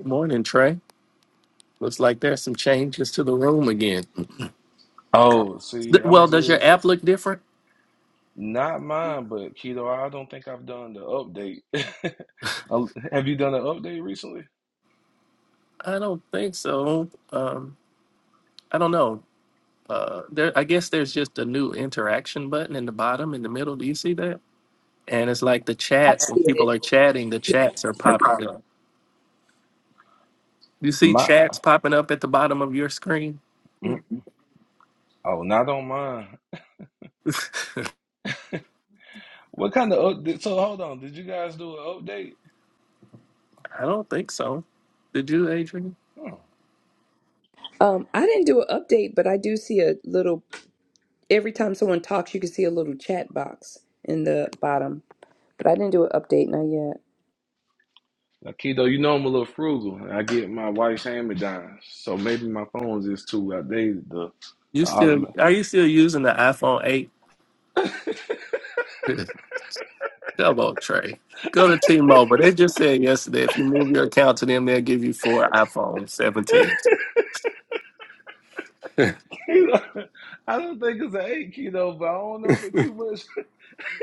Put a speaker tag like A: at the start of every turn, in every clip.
A: Good morning, Trey. Looks like there's some changes to the room again.
B: Oh, see,
A: Th-
B: I'm
A: Well, does your
B: just
A: app look different?
B: not mine, but Keto, I don't think I've done the update. Um, Have you done an update recently?
A: I don't think so. Um, I don't know. Uh, there, I guess there's just a new interaction button in the bottom, in the middle. Do you see that? And it's like the
C: I
A: chats. When
C: see
A: people
C: it.
A: are chatting, the chats are popping up. You see
B: My,
A: chats popping up at the bottom of your screen?
B: mm, oh, not on mine.
A: I
B: What kind of update? So hold on, did you guys do an update?
A: don't think so. Did you, Adrian?
B: Hmm.
C: Um, I didn't do an update, but I do see a little. Every time someone talks, you can see a little chat box in the bottom. But I didn't do an update, not yet.
B: Now, Keto, you know I'm a little frugal. and I get my wife's hand-me-downs, so maybe my phone's just too outdated. The,
A: You
B: the
A: still
B: automatic.
A: are you still using the iPhone eight? Come on, Trey. Go to T Mobile. They just said yesterday if you move your account to them, they'll give you four iPhone 17.
B: Keto, I don't think it's an eight, Keto, but I don't know if it's too much.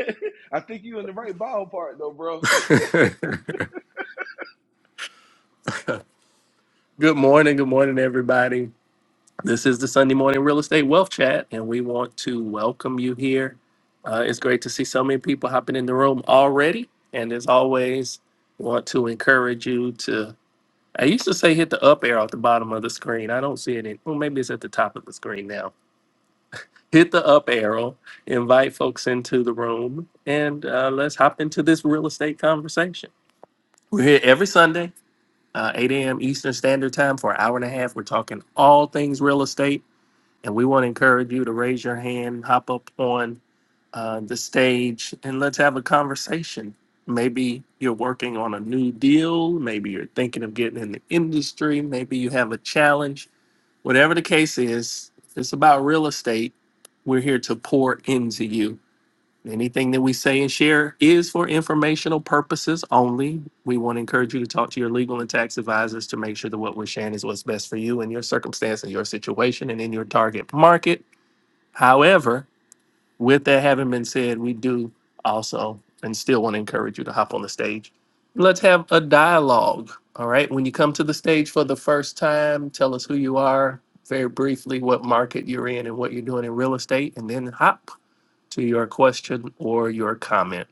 B: I think you in the right ballpark though, bro.
A: good morning. Good morning, everybody. This is the Sunday Morning Real Estate Wealth Chat, and we want to welcome you here. Uh, it's great to see so many people hopping in the room already. And as always, want to encourage you to. I used to say hit the up arrow at the bottom of the screen. I don't see it. In, well, maybe it's at the top of the screen now hit the up arrow, invite folks into the room, and uh, let's hop into this real estate conversation. We're here every Sunday, uh, 8 a.m. Eastern Standard Time for an hour and a half. We're talking all things real estate, and we want to encourage you to raise your hand, hop up on uh, the stage, and let's have a conversation. Maybe you're working on a new deal. Maybe you're thinking of getting in the industry. Maybe you have a challenge Whatever the case is, if it's about real estate. We're here to pour into you. Anything that we say and share is for informational purposes only. We want to encourage you to talk to your legal and tax advisors to make sure that what we're sharing is what's best for you in your circumstance, in your situation, and in your target market. However, with that having been said, we do also and still want to encourage you to hop on the stage. Let's have a dialogue. All right. When you come to the stage for the first time, tell us who you are, very briefly, what market you're in and what you're doing in real estate, and then hop to your question or your comment.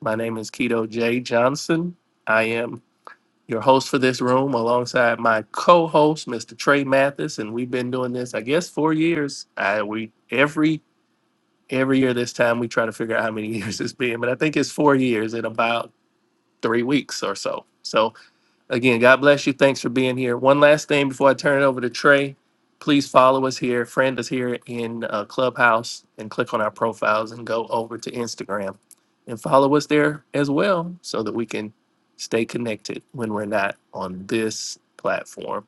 A: My name is Keto J. Johnson. I am your host for this room alongside my co-host, Mr. Trey Mathis, and we've been doing this, I guess, four years. I we every every year this time we try to figure out how many years it's been, but I think it's four years in about three weeks or so. So again, God bless you. Thanks for being here. One last thing before I turn it over to Trey. Please follow us here, friend us here in uh, Clubhouse, and click on our profiles and go over to Instagram and follow us there as well so that we can stay connected when we're not on this platform.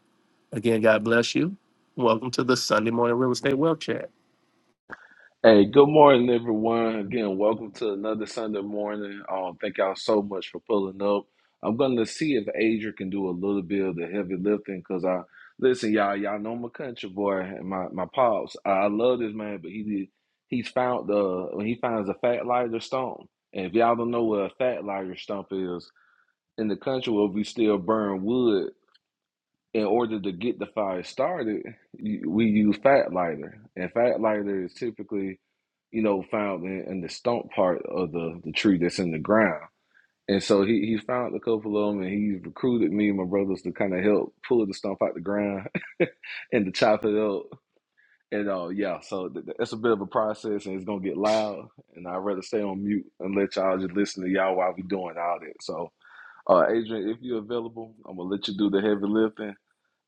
A: Again, God bless you. Welcome to the Sunday Morning Real Estate Wealth Chat.
B: Hey, good morning, everyone. Again, welcome to another Sunday morning. Um, thank y'all so much for pulling up. I'm gonna see if Adrian can do a little bit of the heavy lifting because I listen, y'all. Y'all know my country boy and my my pops. I, I love this man, but he did, he's found the when he finds a fat lighter stump. And if y'all don't know what a fat lighter stump is in the country where we still burn wood, in order to get the fire started, you, we use fat lighter, and fat lighter is typically, you know, found in, in the stump part of the the tree that's in the ground. And so he he found a couple of them, and he recruited me and my brothers to kind of help pull the stump out the ground and to chop it up. And uh, yeah, so th- th- it's a bit of a process, and it's gonna get loud. And I'd rather stay on mute and let y'all just listen to y'all while we doing all that. So, uh, Adrian, if you're available, I'm gonna let you do the heavy lifting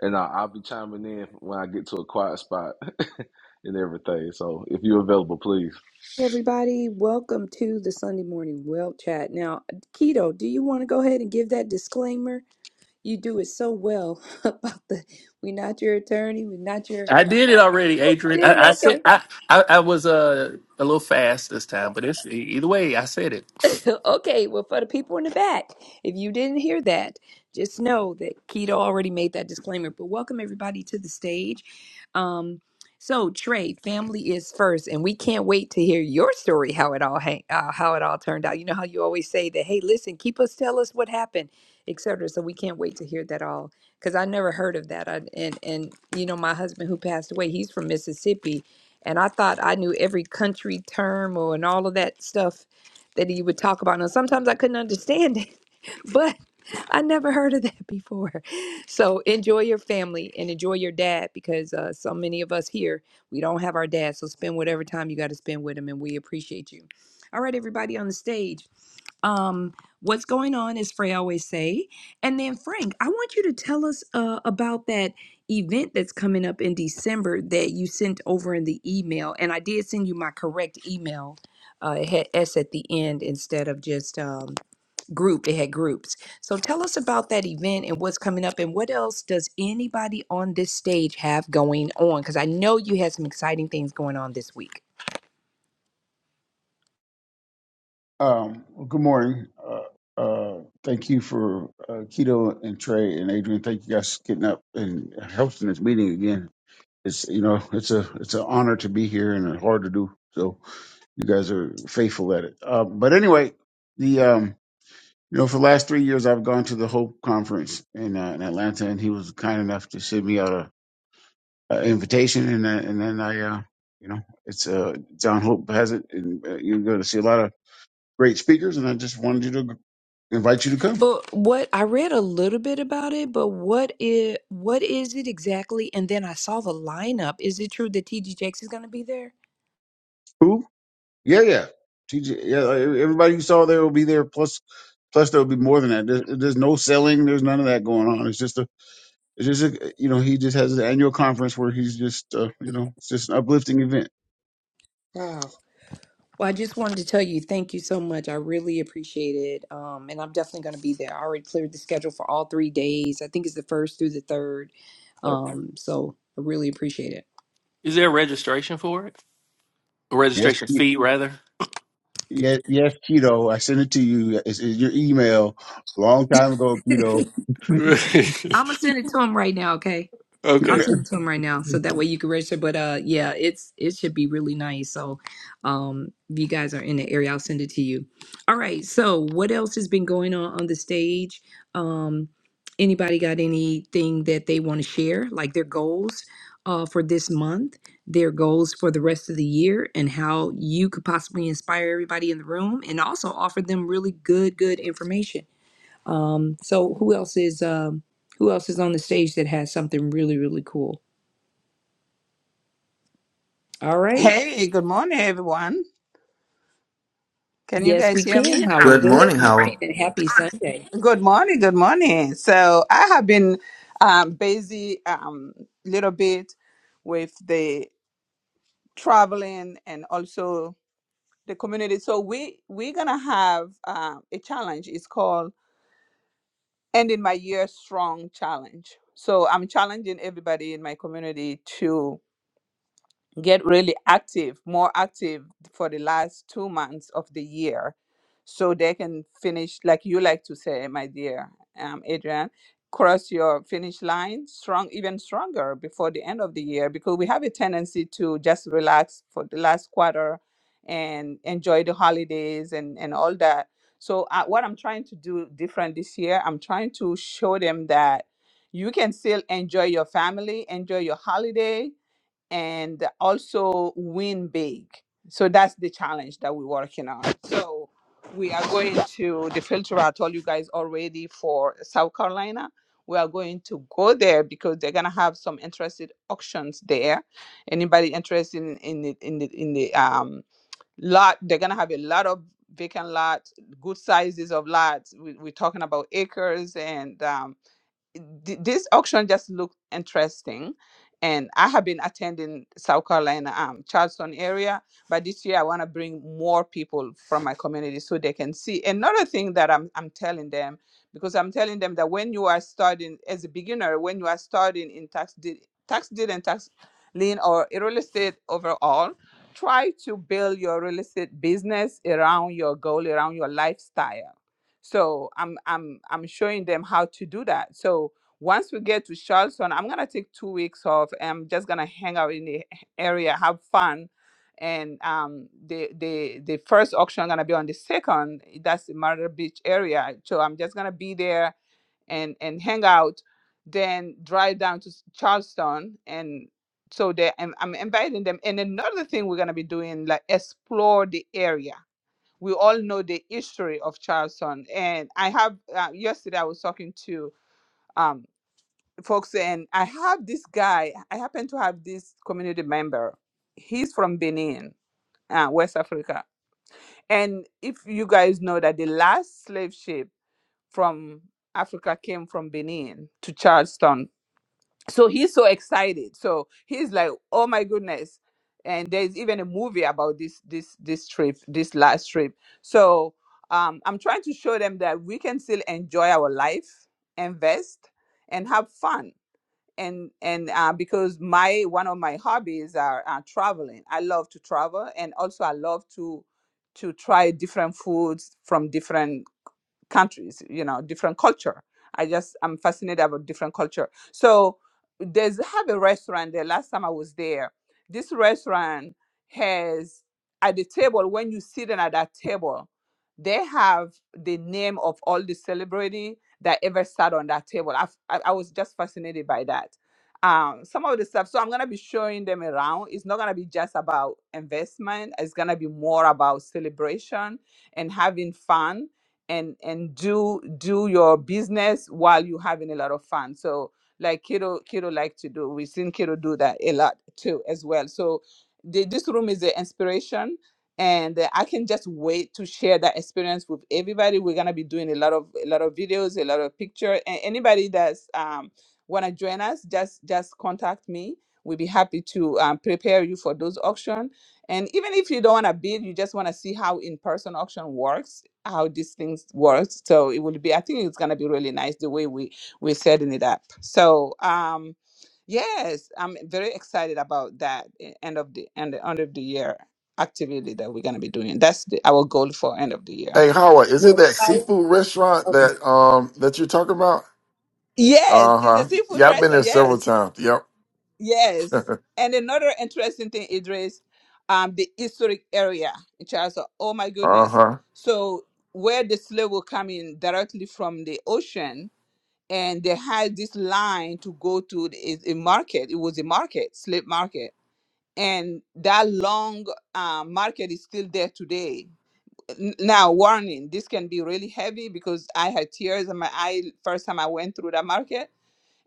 B: and I, I'll be chiming in when I get to a quiet spot and everything. So if you're available, please.
C: Hey, everybody, welcome to the Sunday morning well chat. Now, Keto, do you want to go ahead and give that disclaimer? You do it so well about the we're not your attorney, we're not your.
A: I did it already, Adrian.
C: Did it
A: I, I said
C: okay?
A: I, I, I was uh, a little fast this time, but it's e- either way. I said it.
C: Okay, well, for the people in the back, if you didn't hear that, just know that Keita already made that disclaimer. But welcome everybody to the stage. Um, so Trey, family is first, and we can't wait to hear your story how it all hang, uh, how it all turned out. You know how you always say that, hey, listen, keep us, tell us what happened, etc. So we can't wait to hear that all because I never heard of that. I, and and you know, my husband who passed away, he's from Mississippi, and I thought I knew every country term or and all of that stuff that he would talk about. Now, sometimes I couldn't understand it, but I never heard of that before. So enjoy your family and enjoy your dad because uh, so many of us here, we don't have our dad. So spend whatever time you got to spend with him, and we appreciate you. All right, everybody on the stage um, what's going on, as Frey always say. And then Frank, I want you to tell us uh, about that event that's coming up in December that you sent over in the email. And I did send you my correct email. Uh, it had S at the end instead of just um, group. It had groups. So tell us about that event and what's coming up and what else does anybody on this stage have going on? Because I know you had some exciting things going on this week.
D: Um, well, good morning. Uh, uh, thank you for uh, Keto and Trey and Adrian. Thank you guys for getting up and hosting this meeting again. It's you know it's a it's an honor to be here and hard to do. So you guys are faithful at it. Uh, but anyway, the um, you know for the last three years I've gone to the Hope Conference in uh, in Atlanta, and he was kind enough to send me out a, a invitation, and uh, and then I uh, you know it's uh, John Hope has it, and uh, you're going to see a lot of great speakers, and I just wanted you to invite you to come.
C: But what I read a little bit about it, but what is what is it exactly? And then I saw the lineup. Is it true that TD Jakes is going to be there?
D: Who? Yeah, yeah. TJ, yeah, like, everybody you saw there will be there. Plus, plus there will be more than that. There's, there's no selling. There's none of that going on. It's just a, it's just a, you know, he just has an annual conference where he's just, uh, you know, it's just an uplifting event.
C: Wow. Well, I just wanted to tell you thank you so much. I really appreciate it. Um, and I'm definitely going to be there. I already cleared the schedule for all three days. I think it's the first through the third.
D: But
C: Um, so I really appreciate it.
A: Is there a registration for it? A
D: yes,
A: registration
D: Ke-
A: fee, rather.
D: yes, yes, Keto. I sent it to you. It's in your email. Long time ago, Keto.
C: I'm gonna send it to him right now. I'll
A: okay.
C: send it to him right now so that way you can register. But uh yeah, it's it should be really nice. So um if you guys are in the area, I'll send it to you. All right, so what else has been going on on the stage? Um anybody got anything that they want to share, like their goals uh for this month, their goals for the rest of the year, and how you could possibly inspire everybody in the room and also offer them really good, good information. Um, so who else is um, who else is on the stage that has something really really cool? All right.
E: Hey, good morning, everyone. Can you
C: Yes,
E: guys
C: we
E: hear
C: can.
E: me?
C: Howard.
F: Good
C: Good
F: morning, Howard.
C: morning and happy Sunday.
E: Good morning, good morning. So I have been um, busy um, little bit with the traveling and also the community. So we we're gonna have um, a challenge. It's called Ending My Year Strong Challenge. So I'm challenging everybody in my community to. get really active, more active for the last two months of the year so they can finish, like you like to say, my dear um, Adrian, cross your finish line strong, even stronger before the end of the year because we have a tendency to just relax for the last quarter and enjoy the holidays and, and all that. So, uh, what I'm trying to do different this year, I'm trying to show them that you can still enjoy your family, enjoy your holiday, and also win big. So that's the challenge that we're working on. So we are going to the filter. I told you guys already for South Carolina. We are going to go there because they're gonna have some interested auctions there. Anybody interested in, in the in the in the um lot? They're gonna have a lot of vacant lots, good sizes of lots. We, we're talking about acres and um, th- this auction just looked interesting and i have been attending south carolina um, charleston area but this year i want to bring more people from my community so they can see another thing that I'm, I'm telling them because i'm telling them that when you are starting as a beginner when you are starting in tax deed tax deed and tax lien or real estate overall try to build your real estate business around your goal around your lifestyle so I'm I'm I'm showing them how to do that. So once we get to Charleston, I'm gonna take two weeks off. I'm just gonna hang out in the area, have fun, and um the the the first auction gonna be on the second. eh, That's the Murder Beach area. So I'm just gonna be there and and hang out, then drive down to s- Charleston and. So they, I'm, I'm inviting them, and another thing we're gonna be doing, like explore the area we all know the history of Charleston. And I have uh, yesterday I was talking to um, folks, and I have this guy. I happen to have this community member. He's from Benin, uh, West Africa. And if you guys know that the last slave ship from Africa came from Benin to Charleston so he's so excited so he's like oh my goodness and there's even a movie about this this this trip this last trip so um, i'm trying to show them that we can still enjoy our life invest and have fun and and uh, because my one of my hobbies are, are traveling i love to travel and also i love to to try different foods from different countries you know different culture i just i'm fascinated about different culture so there's have a restaurant there last time i was there this restaurant has at the table when you sit in at that table they have the name of all the celebrity that ever sat on that table i i i was just fascinated by that um, some of the stuff so i'm going to be showing them around it's not going to be just about investment it's going to be more about celebration and having fun and and do do your business while you're having a lot of fun so like Kido Kido like to do we've seen Kido do that a lot too as well so the, this room is the inspiration and uh, i can just wait to share that experience with everybody we're gonna be doing a lot of a lot of videos a lot of picture and anybody that's um want to join us just just contact me we'll be happy to um, prepare you for those auction and even if you don't want to bid you just want to see how in-person auction works how these things work. So it will be, I think it's gonna be really nice the way we we're setting it up. So um yes, I'm very excited about that eh, end of the end end of the year activity that we're gonna be doing. That's the, our goal for end of the year.
G: Hey Howard, is it
C: Well,
G: that seafood restaurant
C: Kyle.
G: that um that you're talking about?
E: Yes,
G: Uh
E: it's a
G: huh.
E: seafood
G: Yeah, I've been
E: restaurant.
G: there several
E: Yes,
G: times. Yep.
E: yes. And another interesting thing, Idris, um, the historic area in Charles. Oh my
G: Uh
E: goodness!
G: huh.
E: So where the slave will come in directly from the ocean, and they had this line to go to the- is a market. It was a market, slave market, and that long uh, market is still there today. N- Now, warning: this can be really heavy because I had tears in my eye first time I went through that market,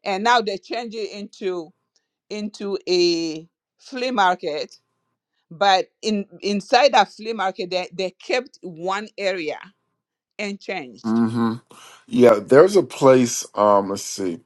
E: and now they change it into into a flea market. But in inside that flea market, they, they kept one area and changed.
G: Mm hmm. Yeah, there's a place. Um, let's see.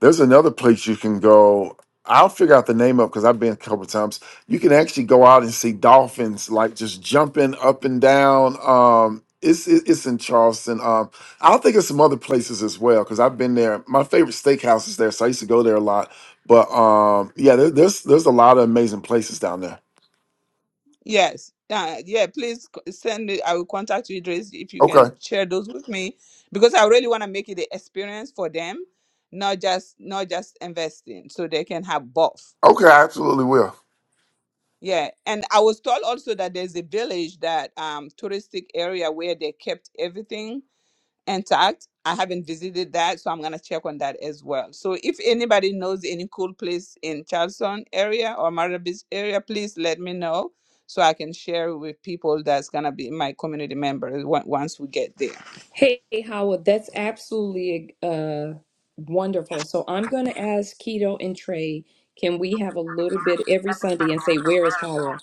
G: There's another place you can go. I'll figure out the name of because I've been a couple times. You can actually go out and see dolphins like just jumping up and down. Um, it's it- it's in Charleston. Um, I don't think it's some other places as well because I've been there. My favorite steakhouse is there, so I used to go there a lot. But um, yeah, there, there's there's a lot of amazing places down there.
E: Yes. Uh, yeah, please c- send me. I will contact you, Idris, if you can
G: Okay,
E: share those with me, because I really want to make it an experience for them, not just not just investing, so they can have both.
G: okay, I absolutely will.
E: Yeah, and I was told also that there's a village that um touristic area where they kept everything intact. I haven't visited that, so I'm gonna check on that as well. So if anybody knows any cool place in Charleston area or Myrtle Beach area, please let me know so I can share with people that's gonna be my community members on- once we get there.
C: Hey, Howard, that's absolutely uh, wonderful. So I'm going to ask Keto and Trey, can we have a little bit every Sunday and say, Where is Hawa?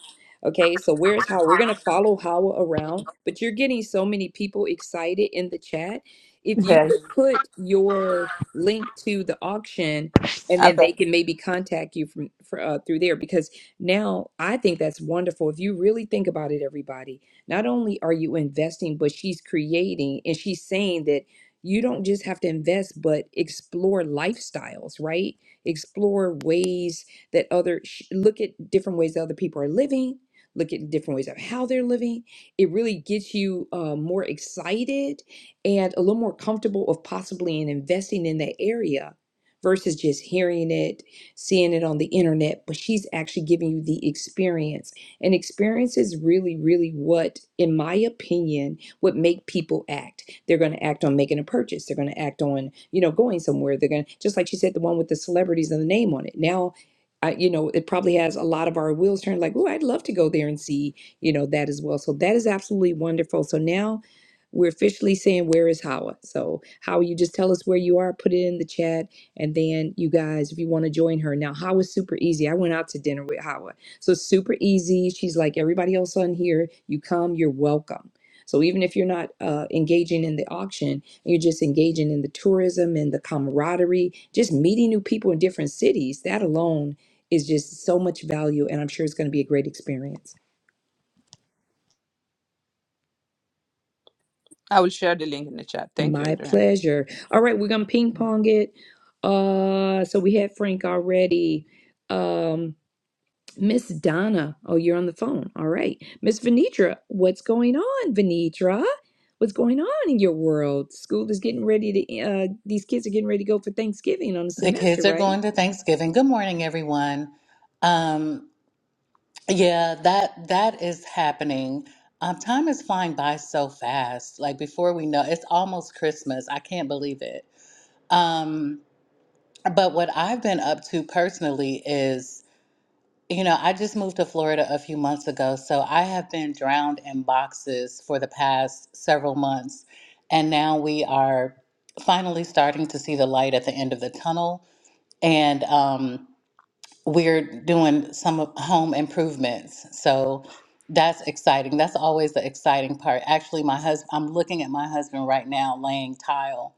C: Okay, so where is Hawa? We're going to follow Hawa around, but you're getting so many people excited in the chat. If you
E: Yes.
C: could put your link to the auction, and then they
E: Okay,
C: can maybe contact you from for, uh, through there because now I think that's wonderful. If you really think about it, everybody, not only are you investing, but she's creating and she's saying that you don't just have to invest, but explore lifestyles, right? Explore ways that other, sh- look at different ways that other people are living, look at different ways of how they're living. It really gets you uh, more excited and a little more comfortable of possibly in investing in that area versus just hearing it, seeing it on the internet, but she's actually giving you the experience and experience is really, really what, in my opinion, would make people act. They're going to act on making a purchase. They're going to act on, you know, going somewhere. They're going to, just like she said, the one with the celebrities and the name on it. Now, I, you know, it probably has a lot of our wheels turned like, oh, I'd love to go there and see, you know, that as well. So that is absolutely wonderful. So now we're officially saying, where is Hawa? So, Hawa, you just tell us where you are, put it in the chat. And then you guys, if you want to join her now, Hawa's super easy. I went out to dinner with Hawa. So it's super easy. She's like everybody else on here. You come, you're welcome. So even if you're not uh, engaging in the auction, you're just engaging in the tourism and the camaraderie, just meeting new people in different cities. That alone is just so much value, and I'm sure it's going to be a great experience.
E: I will share the link in the chat. Thank you,
C: My
E: Adrian.
C: pleasure. All right, we're gonna ping pong it. Uh, so we had Frank already. Um, Miss Donna. Oh, you're on the phone. All right. Miss Venitra, what's going on, Venitra? What's going on in your world? School is getting ready to, uh, these kids are getting ready to go for Thanksgiving on the
H: The
C: semester,
H: kids are
C: right?
H: going to Thanksgiving. Good morning, everyone. Um, yeah, that that is happening. Um, time is flying by so fast. Like before we know, it's almost Christmas. I can't believe it. Um, but what I've been up to personally is, you know, I just moved to Florida a few months ago, so I have been drowned in boxes for the past several months, and now we are finally starting to see the light at the end of the tunnel. And um, we're doing some of- home improvements. So that's exciting. That's always the exciting part. Actually, my husband, I'm looking at my husband right now laying tile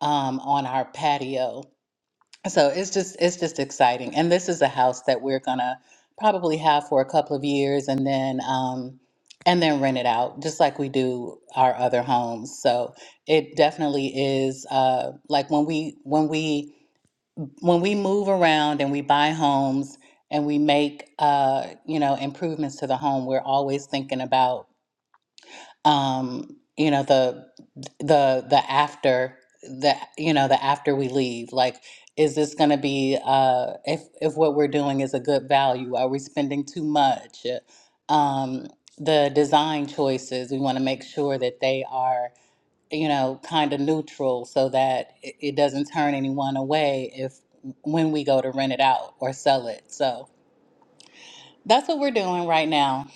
H: um, on our patio. So it's just it's just exciting. And this is a house that we're gonna probably have for a couple of years and then um, and then rent it out, just like we do our other homes. So it definitely is uh, like when we when we when we move around and we buy homes and we make uh, you know improvements to the home, we're always thinking about um, you know the the the after the you know the after we leave. Like, is this going to be uh, if if what we're doing is a good value? Are we spending too much? Um, the design choices we want to make sure that they are you know, kind of neutral so that it, it doesn't turn anyone away if when we go to rent it out or sell it. So that's what we're doing right now.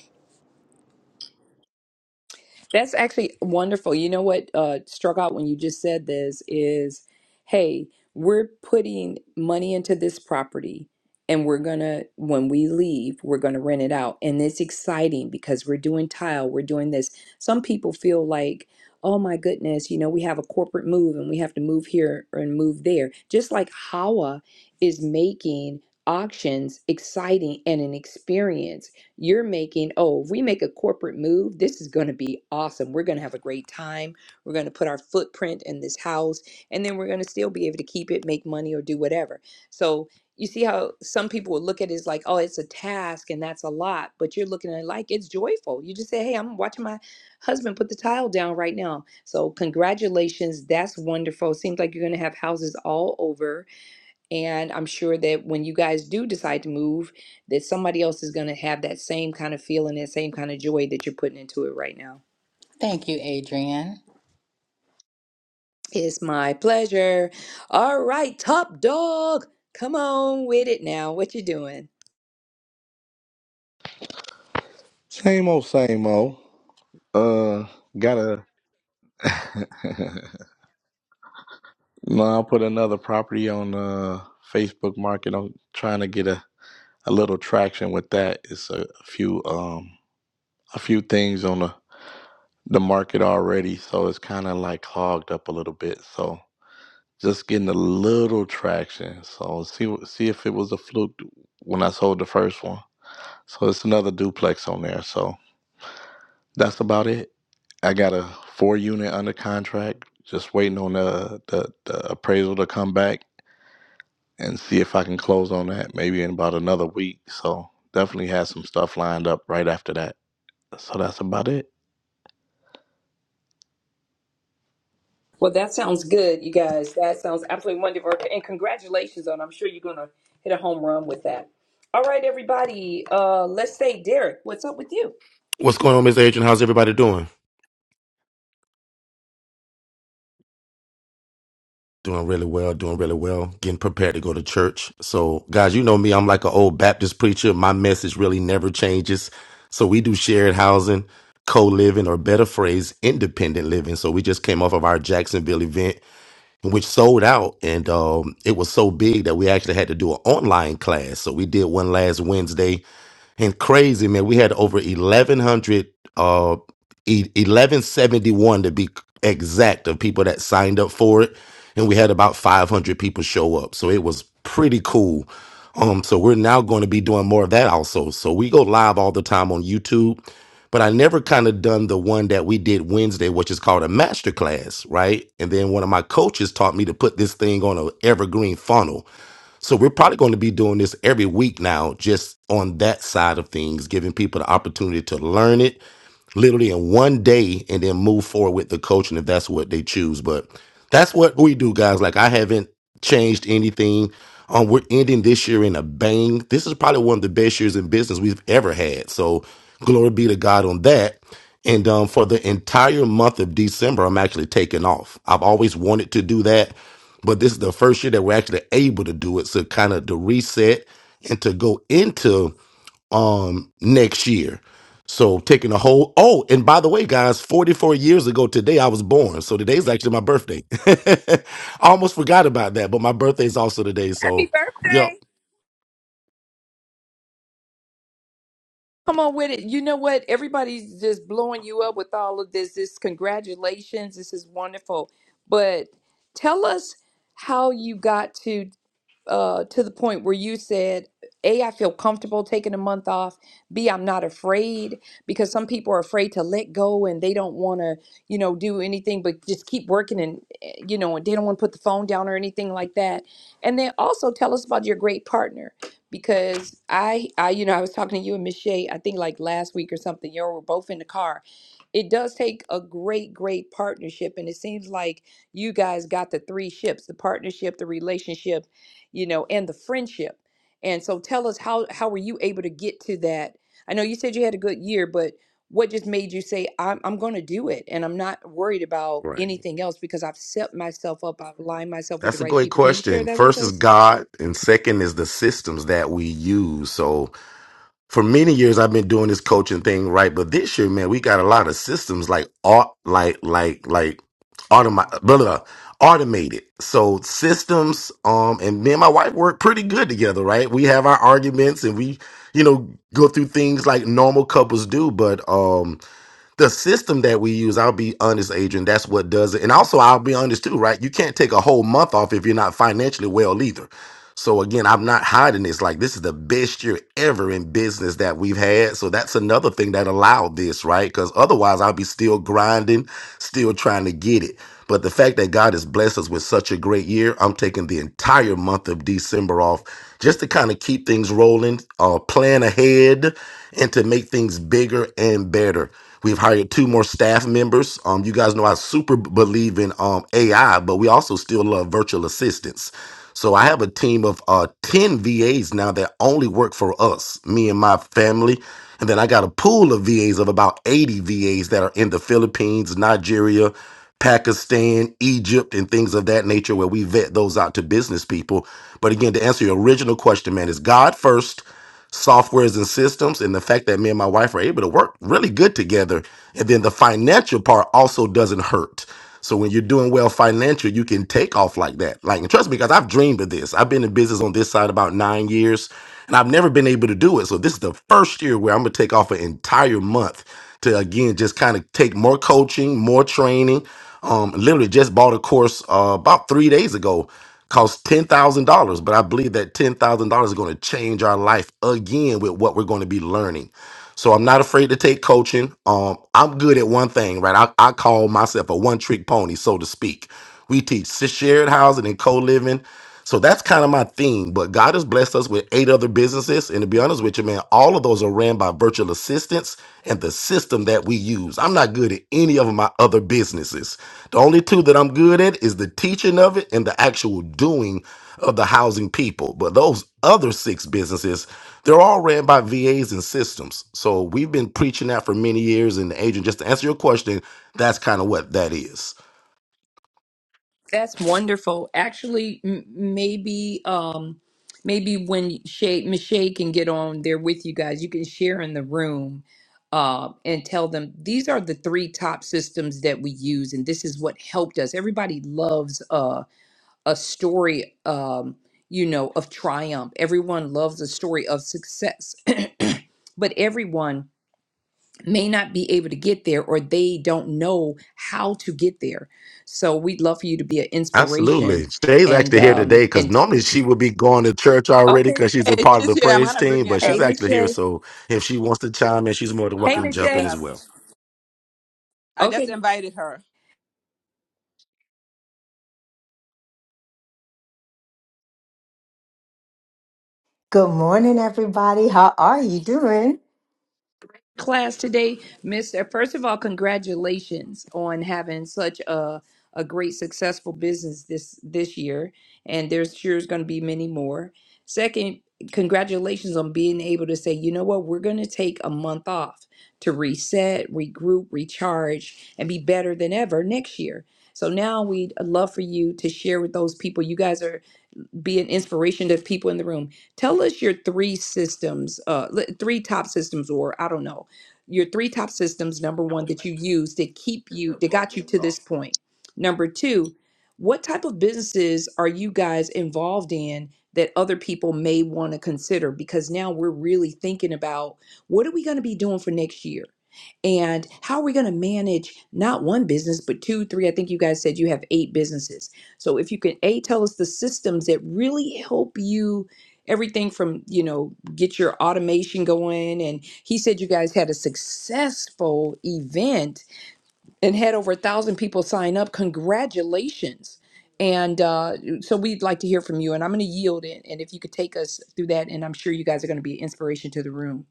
C: That's actually wonderful. You know what uh, struck out when you just said this is, hey, we're putting money into this property and we're gonna, when we leave, we're gonna rent it out. And it's exciting because we're doing tile, we're doing this. Some people feel like, oh my goodness, you know, we have a corporate move and we have to move here and move there. Just like Hawa is making auctions exciting and an experience you're making, oh, if we make a corporate move, this is going to be awesome. We're going to have a great time. We're going to put our footprint in this house, and then we're going to still be able to keep it, make money, or do whatever. So you see how some people would look at it as like, oh, it's a task and that's a lot, but you're looking at it like it's joyful. You just say, hey, I'm watching my husband put the tile down right now. So congratulations, that's wonderful. Seems like you're gonna have houses all over and I'm sure that when you guys do decide to move, that somebody else is going to have that same kind of feeling that same kind of joy that you're putting into it right now.
H: Thank you, Adrian.
C: It's my pleasure. All right, top dog, come on with it now. What you doing?
I: Same old, same old. Uh, gotta. no, I'll put another property on uh Facebook Market. I'm trying to get a, a little traction with that. It's a, few um a few things on the the market already, so it's kind of like clogged up a little bit. So just getting a little traction. So see what- see if it was a fluke when I sold the first one. So it's another duplex on there. So that's about it. I got a four unit under contract. Just waiting on the, the the appraisal to come back and see if I can close on that maybe in about another week. So definitely have some stuff lined up right after that. So that's about it.
C: Well, that sounds good, you guys. That sounds absolutely wonderful. And congratulations on, I'm sure you're going to hit a home run with that. All right, everybody. Uh, let's say, Derek, what's up with you?
J: What's going on, Miss Adrian? How's everybody doing? Doing really well, doing really well, getting prepared to go to church. So, guys, you know me, I'm like an old Baptist preacher. My message really never changes. So, we do shared housing, co living, or better phrase, independent living. So, we just came off of our Jacksonville event, which sold out. And um, it was so big that we actually had to do an online class. So, we did one last Wednesday and crazy man we had over 1100 uh e- 1171 to be exact of people that signed up for it and we had about 500 people show up so it was pretty cool um so we're now going to be doing more of that also so we go live all the time on youtube but i never kind of done the one that we did wednesday which is called a master class right and then one of my coaches taught me to put this thing on an evergreen funnel so we're probably going to be doing this every week now, just on that side of things, giving people the opportunity to learn it literally in one day and then move forward with the coaching if that's what they choose. But that's what we do, guys. Like I haven't changed anything. Um, we're ending this year in a bang. This is probably one of the best years in business we've ever had. So glory be to God on that. And um, for the entire month of December, I'm actually taking off. I've always wanted to do that, but this is the first year that we're actually able to do it. So kind of to reset and to go into um next year. So taking a whole oh, and by the way, guys, 44 years ago today I was born. So today's actually my birthday. I almost forgot about that, but my birthday is also today.
C: Happy
J: So
C: birthday.
J: yep.
C: Come on with it. You know what? Everybody's just blowing you up with all of this. This congratulations. This is wonderful. But tell us how you got to uh, to the point where you said, A, I feel comfortable taking a month off. B, I'm not afraid because some people are afraid to let go and they don't want to, you know, do anything but just keep working and, eh, you know, and they don't want to put the phone down or anything like that. And then also tell us about your great partner because I, I, you know, I was talking to you and Miss Shay, I think like last week or something, you all were both in the car it does take a great, great partnership. And it seems like you guys got the three ships the partnership, the relationship, you know, and the friendship. And so tell us how, how were you able to get to that? I know you said you had a good year, but what just made you say, I'm, I'm going to do it and I'm not worried about
J: Right.
C: anything else because I've set myself up, I've lined myself with the
J: That's a
C: right
J: great
C: people. Can you share
J: question.
C: that with
J: First is
C: us?
J: God, and second is the systems that we use. So for many years I've been doing this coaching thing, right? But this year, man, we got a lot of systems like au- like like like automi- blah, blah, blah, automated. So systems, um, and me and my wife work pretty good together, right? We have our arguments and we, you know, go through things like normal couples do, but um the system that we use, I'll be honest, Adrian, that's what does it. And also, I'll be honest too, right? You can't take a whole month off if you're not financially well either. So, again, I'm not hiding this. Like, this is the best year ever in business that we've had. So, that's another thing that allowed this, right? Because otherwise, I'll be still grinding, still trying to get it. But the fact that God has blessed us with such a great year, I'm taking the entire month of December off just to kind of keep things rolling, uh, plan ahead, and to make things bigger and better. We've hired two more staff members. Um, you guys know I super believe in um, AI, but we also still love virtual assistants. So I have a team of uh, 10 VAs now that only work for us, me and my family. And then I got a pool of VAs of about 80 VAs that are in the Philippines, Nigeria, Pakistan, Egypt, and things of that nature where we vet those out to business people. But again, to answer your original question, man, is God first softwares and systems and the fact that me and my wife are able to work really good together and then the financial part also doesn't hurt so when you're doing well financially you can take off like that like and trust me because i've dreamed of this i've been in business on this side about nine years and i've never been able to do it so this is the first year where i'm gonna take off an entire month to again just kind of take more coaching more training um literally just bought a course uh, about three days ago costs ten thousand dollars, but I believe that ten thousand dollars is going to change our life again with what we're going to be learning. So I'm not afraid to take coaching. Um, I'm good at one thing, right? I, I call myself a one trick pony, so to speak. We teach s- shared housing and co living. So that's kind of my theme. But God has blessed us with eight other businesses. And to be honest with you, man, all of those are ran by virtual assistants and the system that we use. I'm not good at any of my other businesses. The only two that I'm good at is the teaching of it and the actual doing of the housing people. But those other six businesses, they're all ran by VAs and systems. So we've been preaching that for many years. And agent, just to answer your question, that's kind of what that is.
C: That's wonderful. Actually, m- maybe um maybe when Shay Michelle can get on there with you guys, you can share in the room uh, and tell them these are the three top systems that we use, and this is what helped us. Everybody loves uh, a story, um, you know, of triumph. Everyone loves a story of success, but everyone may not be able to get there or they don't know how to get there. So we'd love for you to be an
J: Absolutely.
C: inspiration
J: Shay's
C: and
J: actually here today
C: um
J: because
C: and
J: normally she would be going to church already
C: Okay.
J: because she's a
E: Hey,
J: part of
E: she's
J: the
E: here. I'm
J: praise
E: gonna bring
J: team,
E: her
J: but she's
C: Hey
E: up.
C: Miss
J: actually here.
C: Shay.
J: So if she wants to chime in, she's more than
E: I'm
C: Hey
E: gonna
J: welcome to
C: Miss
E: bring
J: jump in
C: Shay.
E: her
J: as
E: up.
J: well.
E: I
C: Okay.
E: just invited her.
K: Good morning, everybody. How are you doing?
C: class today, Mister. First of all, congratulations on having such a a great successful business this this year, and there's sure is going to be many more. Second, congratulations on being able to say, you know what, we're going to take a month off to reset, regroup, recharge, and be better than ever next year. So now we'd love for you to share with those people. You guys are be an inspiration to people in the room. Tell us your three systems, uh, li- three top systems, or I don't know, your three top systems. Number one, that you use to keep you that got you to this point. Number two, what type of businesses are you guys involved in that other people may want to consider? Because now we're really thinking about what are we going to be doing for next year and how are we going to manage not one business but two three i think you guys said you have eight businesses so if you can a tell us the systems that really help you everything from you know get your automation going and he said you guys had a successful event and had over a thousand people sign up congratulations and uh, so we'd like to hear from you and i'm going to yield it and if you could take us through that and i'm sure you guys are going to be an inspiration to the room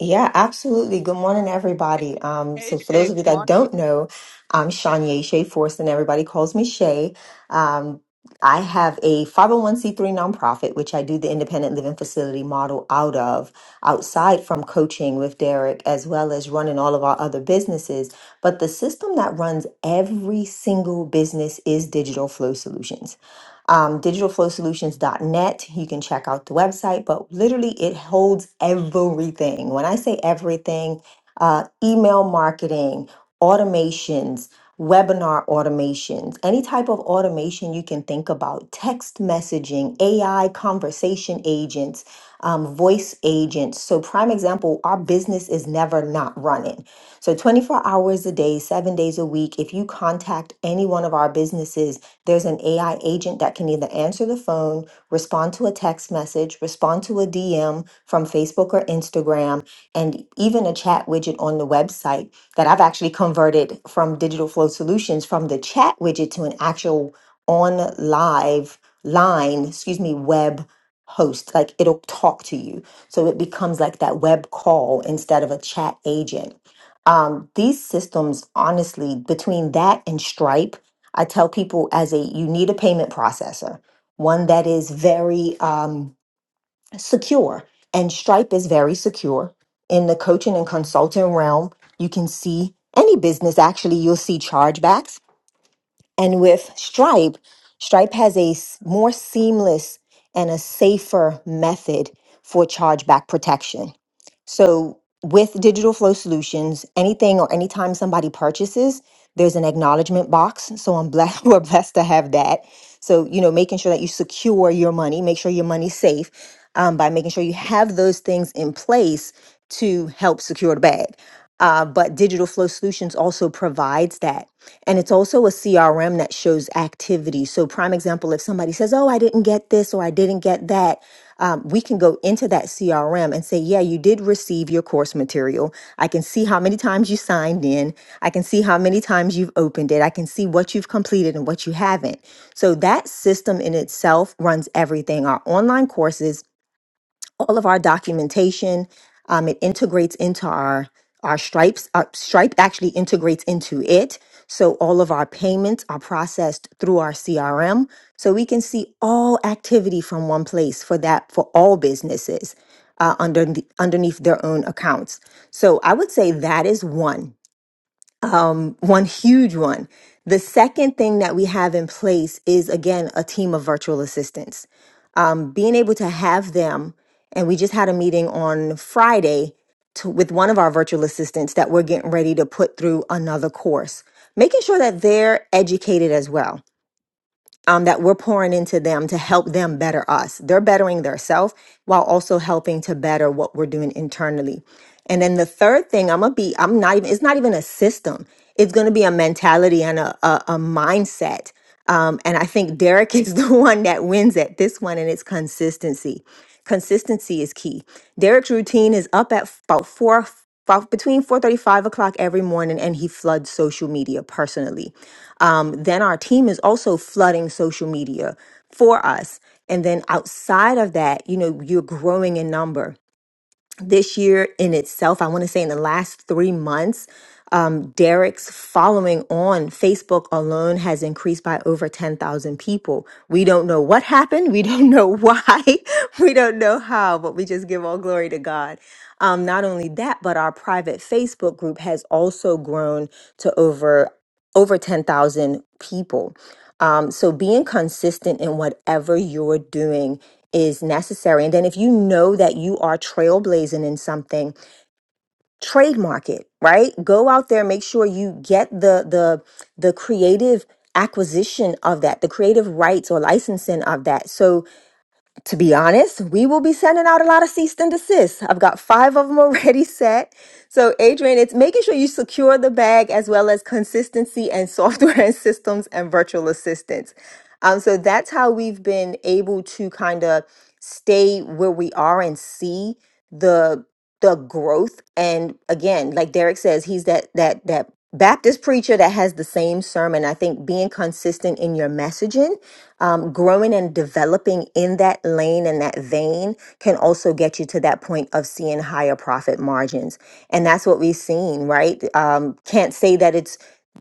K: Yeah, absolutely. Good morning, everybody. Um,
E: Hey,
K: so for those
E: Shay.
K: of you
E: Good
K: that
E: morning.
K: don't know, I'm Shanye Shea Force, and everybody calls me Shay. Um, I have a 501c3 nonprofit, which I do the independent living facility model out of, outside from coaching with Derek, as well as running all of our other businesses. But the system that runs every single business is Digital Flow Solutions. um, digitalflowsolutions.net. You can check out the website, but literally it holds everything. When I say everything, uh, email marketing, automations, webinar automations, any type of automation you can think about, text messaging, AI conversation agents, um, voice agents. So, prime example, our business is never not running. So, 24 hours a day, seven days a week, if you contact any one of our businesses, there's an AI agent that can either answer the phone, respond to a text message, respond to a DM from Facebook or Instagram, and even a chat widget on the website that I've actually converted from Digital Flow Solutions from the chat widget to an actual on live line, excuse me, web host. Like it'll talk to you. So it becomes like that web call instead of a chat agent. Um, these systems, honestly, between that and Stripe, I tell people as a you need a payment processor, one that is very um, secure, and Stripe is very secure in the coaching and consulting realm. You can see any business actually, you'll see chargebacks, and with Stripe, Stripe has a s- more seamless and a safer method for chargeback protection so with Digital Flow Solutions, anything or anytime somebody purchases, there's an acknowledgement box. So I'm blessed. We're blessed to have that. So you know, making sure that you secure your money, make sure your money's safe um, by making sure you have those things in place to help secure the bag. Uh, but Digital Flow Solutions also provides that. And it's also a CRM that shows activity. So, prime example if somebody says, Oh, I didn't get this or I didn't get that, um, we can go into that CRM and say, yeah, you did receive your course material. I can see how many times you signed in. I can see how many times you've opened it. I can see what you've completed and what you haven't. So that system in itself runs everything our online courses, all of our documentation. Um, it integrates into our our stripes. Our Stripe actually integrates into it, so all of our payments are processed through our CRM, so we can see all activity from one place for that for all businesses uh, under the, underneath their own accounts. So I would say that is one one huge one. The second thing that we have in place is again a team of virtual assistants. Um, being able to have them, and we just had a meeting on Friday to, with one of our virtual assistants that we're getting ready to put through another course, making sure that they're educated as well um, that we're pouring into them to help them better us. They're bettering themselves while also helping to better what we're doing internally. And then the third thing, I'm gonna be, I'm not even, it's not even a system. It's gonna be a mentality and a, a, a mindset. Um, and I think Derek is the one that wins at this one, and it's consistency. Consistency is key. Derek's routine is up at about four about between four thirty five o'clock every morning and he floods social media personally um, then our team is also flooding social media for us and then outside of that you know you're growing in number this year in itself, I want to say in the last three months, um, Derek's following on Facebook alone has increased by over 10,000 people. We don't know what happened. We don't know why. we don't know how, but we just give all glory to God. Um, not only that, but our private Facebook group has also grown to over over 10,000 people. Um, so being consistent in whatever you're doing is necessary. And then if you know that you are trailblazing in something, trademark it, right? Go out there, make sure you get the the the creative acquisition of that, the creative rights or licensing of that. So to be honest, we will be sending out a lot of cease and desist. I've got five of them already set. So, Adrian, it's making sure you secure the bag as well as consistency and software and systems and virtual assistants. Um, so that's how we've been able to kind of stay where we are and see the the growth. And again, like Derek says, he's that that that Baptist preacher that has the same sermon. I think being consistent in your messaging um, growing and developing in that lane and that vein can also get you to that point of seeing higher profit margins. And that's what we've seen, right? Um, can't say that it's,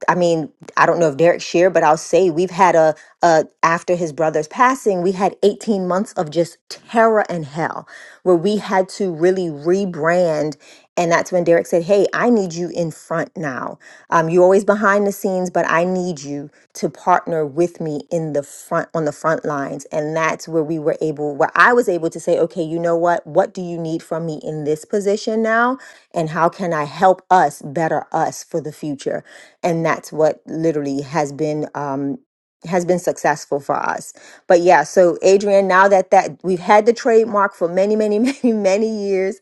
K: I mean, I don't know if Derek shared, but I'll say we've had a, a after his brother's passing, we had 18 months of just terror and hell where we had to really rebrand. And that's when Derek said, Hey, I need you in front now. Um, you're always behind the scenes, but I need you to partner with me in the front on the front lines. And that's where we were able, where I was able to say, okay, you know what? What do you need from me in this position now? And how can I help us better us for the future? And that's what literally has been um, has been successful for us. But yeah, so Adrian, now that that we've had the trademark for many, many, many, many years,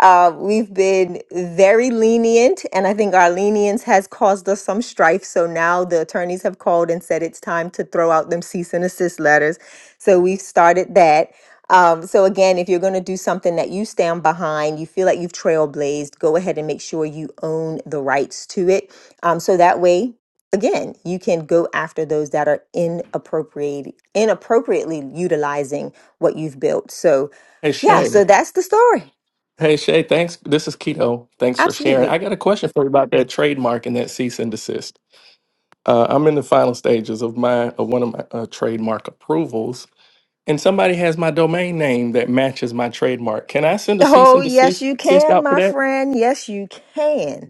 K: uh, we've been very lenient, and I think our lenience has caused us some strife. So now the attorneys have called and said it's time to throw out them cease and assist letters. So we've started that. Um, so again, if you're going to do something that you stand behind, you feel like you've trailblazed, go ahead and make sure you own the rights to it. Um, so that way, again, you can go after those that are inappropriate, inappropriately utilizing what you've built. So,
A: Hey
K: yeah,
A: Shay.
K: so that's the story.
A: Hey Shay. Thanks. This is Keto. Thanks for sharing. I
K: Absolutely.
A: got a question for you about that trademark and that cease and desist. Uh, I'm in the final stages of my of one of my uh, trademark approvals, and somebody has my domain name that matches my trademark. Can I send a cease
K: Oh,
A: and
K: yes,
A: desist?
K: you can, my friend. Yes, you can.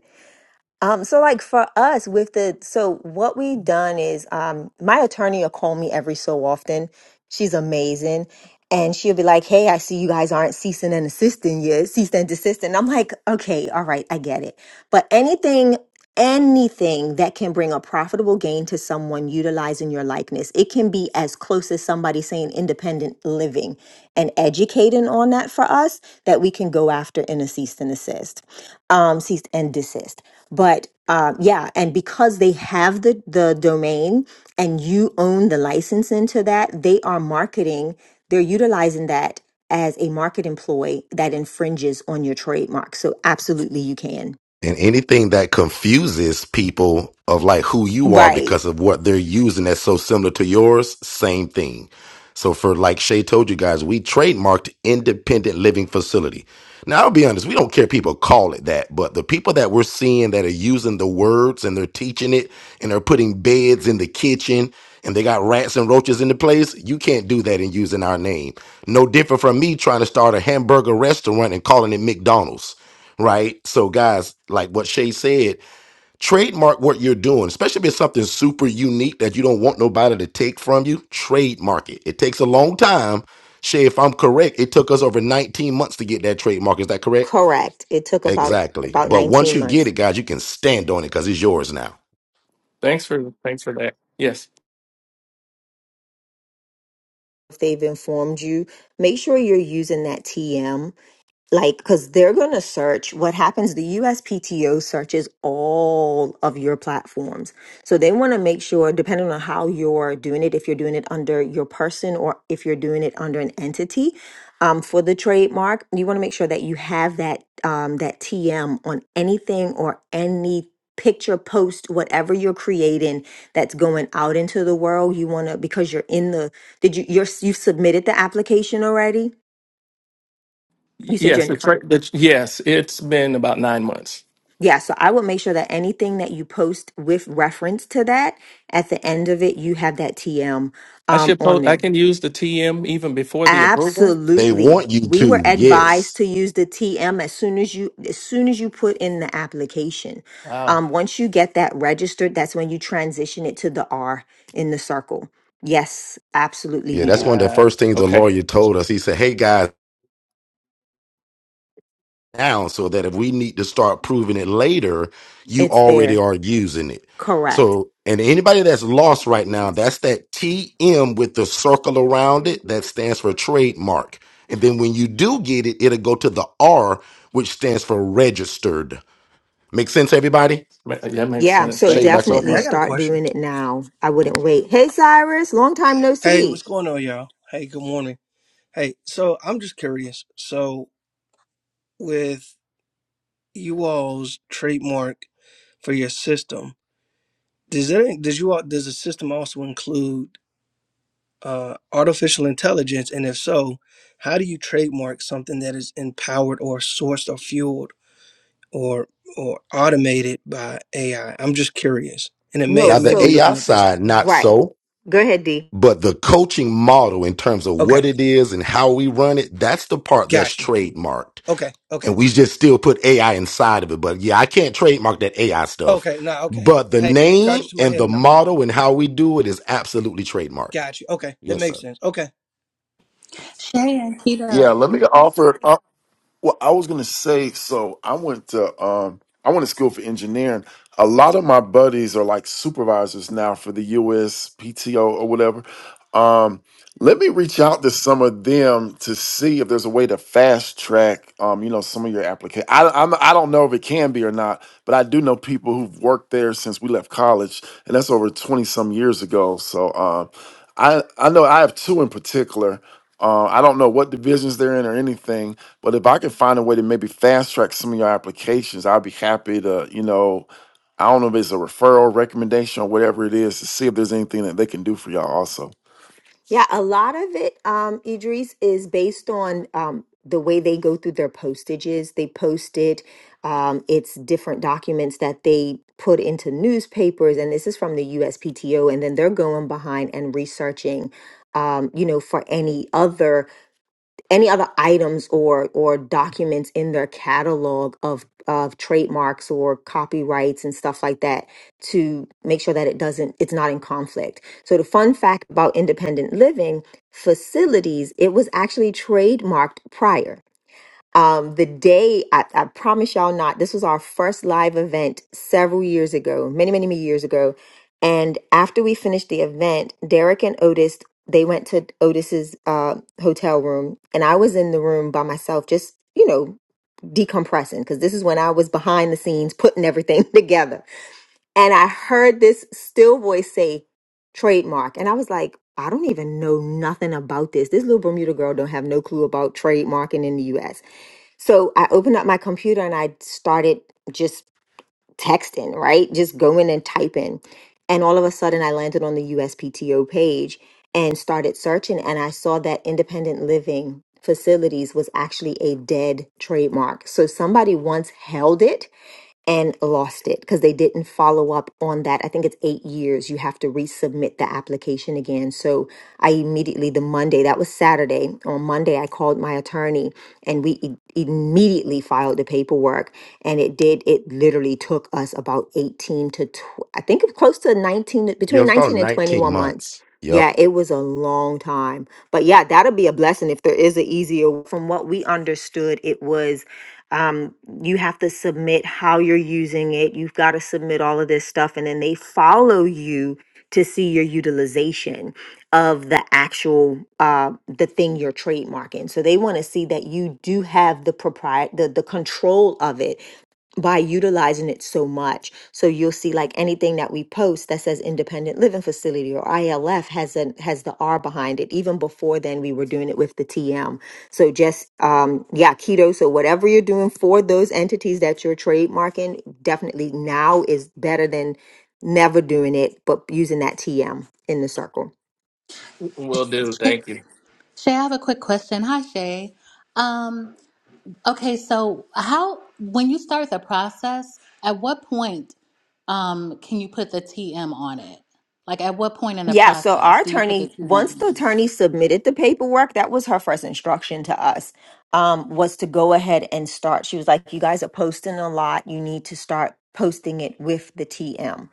K: Um, so like for us with the so what we done is um my attorney will call me every so often. She's amazing. And she'll be like, Hey, I see you guys aren't ceasing and assisting yet, cease and desist. And I'm like, okay, all right, I get it. But anything, anything that can bring a profitable gain to someone utilizing your likeness, it can be as close as somebody saying independent living and educating on that for us that we can go after in a cease and assist, um, cease and desist but uh, yeah and because they have the the domain and you own the license into that they are marketing they're utilizing that as a market employee that infringes on your trademark so absolutely you can
J: and anything that confuses people of like who you are
K: right
J: because of what they're using that's so similar to yours, same thing. So for like Shay told you guys, we trademarked independent living facility. Now I'll be honest, we don't care if people call it that, but the people that we're seeing that are using the words and they're teaching it and they're putting beds in the kitchen and they got rats and roaches in the place, you can't do that in using our name. No different from me trying to start a hamburger restaurant and calling it McDonald's right? So, guys, like what Shay said, trademark what you're doing, especially if it's something super unique that you don't want nobody to take from you. Trademark it. It takes a long time. Shay, if I'm correct, it took us over 19 months to get that trademark. Is that correct?
K: correct it took about
J: Exactly.
K: about
J: But once
K: 19
J: you get
K: months
J: it, guys, you can stand on it because it's yours now.
A: Thanks for thanks for that. Yes.
K: if they've informed you make sure you're using that tm like because they're going to search what happens the uspto searches all of your platforms so they want to make sure depending on how you're doing it if you're doing it under your person or if you're doing it under an entity um, for the trademark you want to make sure that you have that um, that tm on anything or any picture post whatever you're creating that's going out into the world you want to because you're in the did you you're you've submitted the application already you said you're
A: Yes,
K: in
A: the
K: the
A: tra- the, yes, it's been about nine months.
K: Yeah, so I would make sure that anything that you post with reference to that at the end of it, you have that TM
A: I
K: um,
A: should
K: on
A: post. I
K: there.
A: can use the TM even before the approval.
J: They
K: Absolutely.
J: want you
K: We were
J: to,
K: advised
J: yes.
K: to use the TM as soon as you as soon as you put in the application.
A: Wow.
K: Um, once you get that registered, that's when you transition it to the R in the circle. Yes, absolutely
J: Yeah,
K: you
J: that's one
K: do.
J: of the
A: Uh,
J: first things the
A: okay.
J: lawyer told us. He said, Hey guys, now so that if we need to start proving it later, you
K: It's
J: already
K: there.
J: are using it.
K: Correct.
J: So, and anybody that's lost right now, that's that TM with the circle around it that stands for trademark. And then when you do get it, it'll go to the R, which stands for registered. Make sense, everybody?
A: Ma- yeah, That makes
K: Yeah,
A: sense.
K: so
A: Thank
J: Shade
A: you
J: back on
A: so
J: you.
L: Hey,
K: definitely
L: I
A: much.
L: got a
K: start
L: question.
K: doing it now. I wouldn't wait. Hey Cyrus, long time no
L: Hey, what's
K: see.
L: going on, y'all? Hey, good morning. Hey, so I'm just curious. So, with you all's trademark for your system, does it does you all does the system also include uh, artificial intelligence? And if so, how do you trademark something that is empowered or sourced or fueled or or automated by AI? I'm just curious, and it may
K: No,
L: I
J: Now,
L: may
J: the
L: be
K: so
L: looking
J: AI
L: at this.
J: side, not
K: Right.
J: so,
K: Go ahead, Dee.
J: but the coaching model in terms of
L: Okay,
J: what it is and how we run it, that's the part that's
L: got you.
J: trademarked.
L: Okay, okay.
J: and we just still put AI inside of it. But yeah, I can't trademark that AI stuff.
L: Okay, nah, okay.
J: But the
L: Hey, charge
J: name
L: it to my
J: and
L: head
J: the
L: and not my heart.
J: model and how we do it is absolutely trademarked.
L: Got you. Okay, that
J: Yes,
L: makes
J: sir.
L: sense. Okay.
G: Yeah, let me offer. uh, Well, I was gonna say, so I went to um I went to school for engineering. A lot of my buddies are like supervisors now for the USPTO or whatever. Um, let me reach out to some of them to see if there's a way to fast track, um, you know, some of your application. I, I'm, I don't know if it can be or not, but I do know people who've worked there since we left college, and that's over twenty some years ago. So, um, I, I know I have two in particular. Uh, I don't know what divisions they're in or anything, but if I could find a way to maybe fast track some of your applications, I'd be happy to, you know, I don't know if it's a referral recommendation or whatever it is to see if there's anything that they can do for y'all also.
K: Yeah, a lot of it, um, Idris, is based on um, the way they go through their postages. They post it. Um, it's different documents that they put into newspapers, and this is from the USPTO. And then they're going behind and researching, um, you know, for any other any other items or or documents in their catalog of of trademarks or copyrights and stuff like that to make sure that it doesn't it's not in conflict. So the fun fact about independent living facilities, it was actually trademarked prior um, the day I, I promise y'all not this was our first live event several years ago many many many years ago and after we finished the event derek and otis they went to otis's uh, hotel room and i was in the room by myself just you know decompressing because this is when i was behind the scenes putting everything together and i heard this still voice say trademark and i was like i don't even know nothing about this this little bermuda girl don't have no clue about trademarking in the us so I opened up my computer and I started just texting, right? Just going and typing. And all of a sudden, I landed on the USPTO page and started searching. And I saw that independent living facilities was actually a dead trademark. So somebody once held it and lost it because they didn't follow up on that. I think it's eight years. You have to resubmit the application again. So I immediately, the Monday, that was Saturday, on Monday, I called my attorney and we i- immediately filed the paperwork. And it did, it literally took us about 18 to, tw- I think it was close to 19,
J: Yeah,
K: between
J: it's about
K: 19 and
J: 19
K: 21 months.
J: months. Yep.
K: Yeah, it was a long time. But yeah, that'll be a blessing if there is an easier. From what we understood, it was um, you have to submit how you're using it. You've got to submit all of this stuff, and then they follow you to see your utilization of the actual uh, the thing you're trademarking. So they want to see that you do have the propriet the the control of it by utilizing it so much. So you'll see like anything that we post that says independent living facility or ILF has an has the R behind it. Even before then we were doing it with the TM. So just um yeah, keto. So whatever you're doing for those entities that you're trademarking, definitely now is better than never doing it, but using that TM in the circle.
A: Will do.
H: Shay,
A: Thank you.
H: I have a quick question. Hi, Shay. Um, okay, so how when you start the process, at what point um, can you put the TM on it? Like, at what point in the
K: Yeah, so our
H: process do you put the
K: attorney,
H: TM
K: once
H: on?
K: the
H: it?
K: attorney submitted the paperwork, that was her first instruction to us, um, was to go ahead and start. She was like, You guys are posting a lot. You need to start posting it with the TM.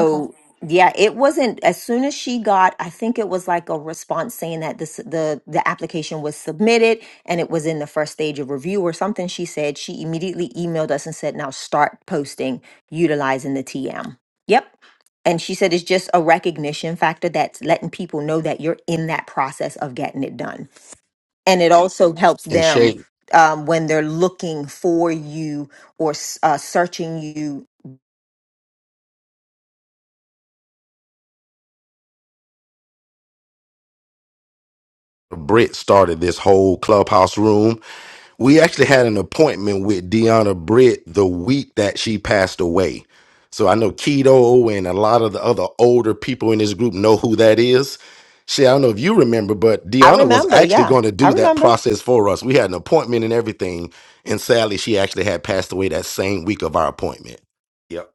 H: Okay.
K: yeah, it wasn't as soon as she got, I think it was like a response saying that this, the, the application was submitted and it was in the first stage of review or something. She said she immediately emailed us and said, Now start posting utilizing the TM. Yep and she said it's just a recognition factor that's letting people know that you're in that process of getting it done and it also helps
J: And
K: them
J: Shay
K: um, when they're looking for you or s- uh, searching you
J: Britt started this whole clubhouse room we actually had an appointment with Deanna Britt the week that she passed away. So I know Keto and a lot of the other older people in this group know who that is. Shit, I don't know if you remember, but
K: i
J: Deanna was
K: remember
J: actually
K: yeah
J: going to
K: i
J: do that
K: remember
J: process for us. We had an appointment and everything, and sadly, she actually had passed away that same week of our appointment. Yep.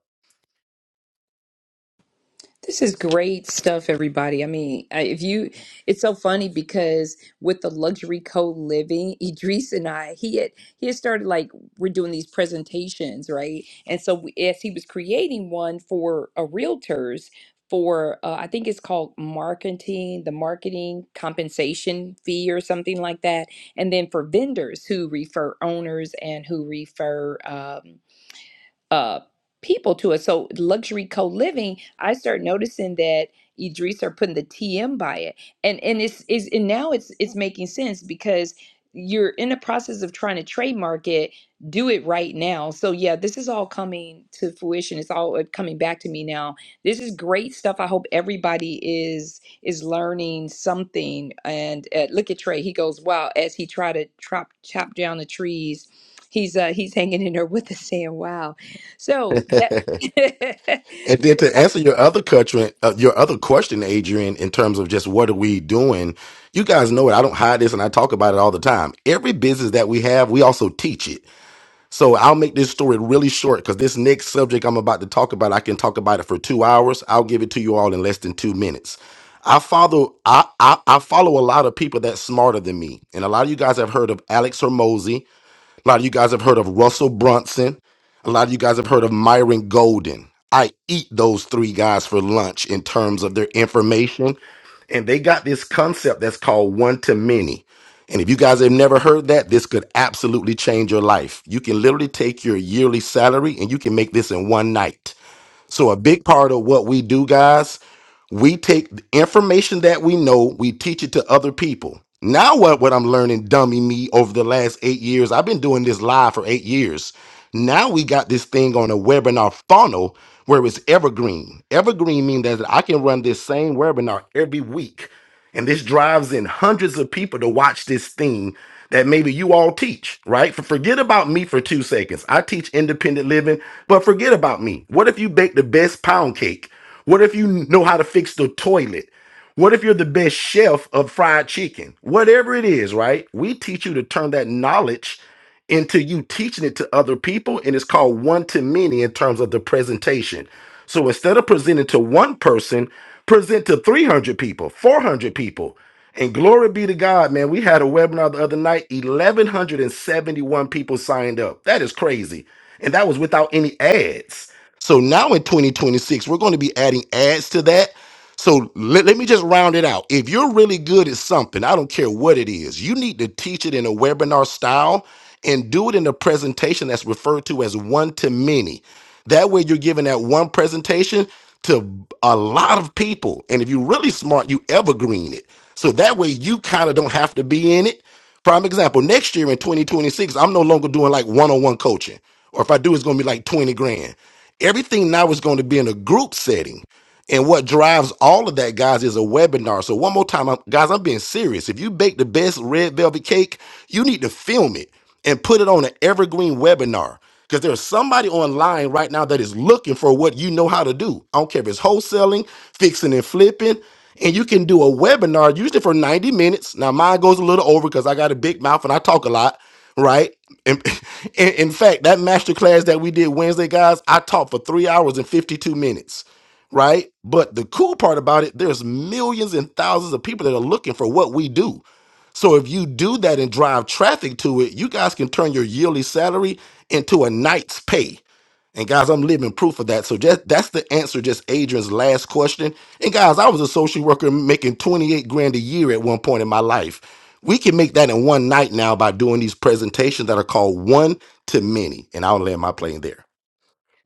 C: This is great stuff, everybody. I mean, I- if you, it's so funny because with the luxury co-living, Idris and I, he had he had started like we're doing these presentations, right? And so we, as he was creating one for a realtors for, uh, I think it's called marketing, the marketing compensation fee or something like that, and then for vendors who refer owners and who refer. um, uh people to it. So luxury co-living, I start noticing that Idris are putting the TM by it. And and it's is and now it's it's making sense because you're in the process of trying to trademark it, do it right now. So yeah, this is all coming to fruition. It's all uh, coming back to me now. This is great stuff. I hope everybody is is learning something. And uh, look at Trey. He goes, "Wow!" As he try to chop chop down the trees, he's uh, he's hanging in there with us saying, "Wow." So that so
J: And then
C: that's
J: to answer
C: absolutely
J: your
C: right,
J: other question, uh, your other question, Adrian, in terms of just what are we doing? You guys know it. I don't hide this, and I talk about it all the time. Every business that we have, we also teach it. So I'll make this story really short because this next subject I'm about to talk about, I can talk about it for two hours. I'll give it to you all in less than two minutes. I follow I, I I follow a lot of people that's smarter than me, and a lot of you guys have heard of Alex Hermosi. A lot of you guys have heard of Russell Brunson. A lot of you guys have heard of Myron Golden. I eat those three guys for lunch in terms of their information. And they got this concept that's called one to many. And if you guys have never heard that, this could absolutely change your life. You can literally take your yearly salary and you can make this in one night. So a big part of what we do, guys, we take the information that we know, we teach it to other people. Now what what I'm learning, dummy me, over the last eight years, I've been doing this live for eight years. Now we got this thing on a webinar funnel where it's evergreen. Evergreen means that I can run this same webinar every week and this drives in hundreds of people to watch this thing that maybe you all teach, right? For, forget about me for two seconds. I teach independent living, but forget about me. What if you bake the best pound cake? What if you know how to fix the toilet? What if you're the best chef of fried chicken? Whatever it is, right? We teach you to turn that knowledge into you teaching it to other people and it's called one to many in terms of the presentation so instead of presenting to one person present to 300 people 400 people and glory be to god man we had a webinar the other night 1171 people signed up that is crazy and that was without any ads so now in 2026 we're going to be adding ads to that so let, let me just round it out. If you're really good at something, I don't care what it is, you need to teach it in a webinar style and do it in a presentation that's referred to as one to many. That way, you're giving that one presentation to a lot of people. And if you're really smart, you evergreen it. So that way, you kind of don't have to be in it. Prime example, next year in 2026, I'm no longer doing like one on one coaching. Or if I do, it's going to be like 20 grand. Everything now is going to be in a group setting. And what drives all of that, guys, is a webinar. So, one more time, I'm, guys, I'm being serious. If you bake the best red velvet cake, you need to film it and put it on an evergreen webinar because there's somebody online right now that is looking for what you know how to do. I don't care if it's wholesaling, fixing and flipping, and you can do a webinar usually for 90 minutes. Now mine goes a little over because I got a big mouth and I talk a lot, right? And, in in fact, that master class that we did Wednesday, guys, I taught for three hours and 52 minutes, right? But the cool part about it, there's millions and thousands of people that are looking for what we do. So if you do that and drive traffic to it, you guys can turn your yearly salary into a night's pay. And guys, I'm living proof of that. So just that's the answer, just Adrian's last question. And guys, I was a social worker making 28 grand a year at one point in my life. We can make that in one night now by doing these presentations that are called one to many. And I'll land my plane there.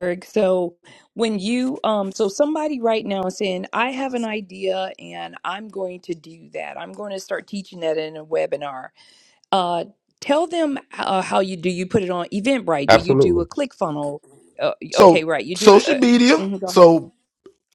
C: Eric. So when you um so somebody right now is saying, I have an idea and I'm going to do that. I'm going to start teaching that in a webinar. Uh tell them uh, how you do you put it on Eventbrite? Do you do a
J: Absolutely.
C: ClickFunnel? Uh, okay,
J: So
C: right. You do it
J: social
C: uh,
J: media.
C: mhm, go ahead.
J: So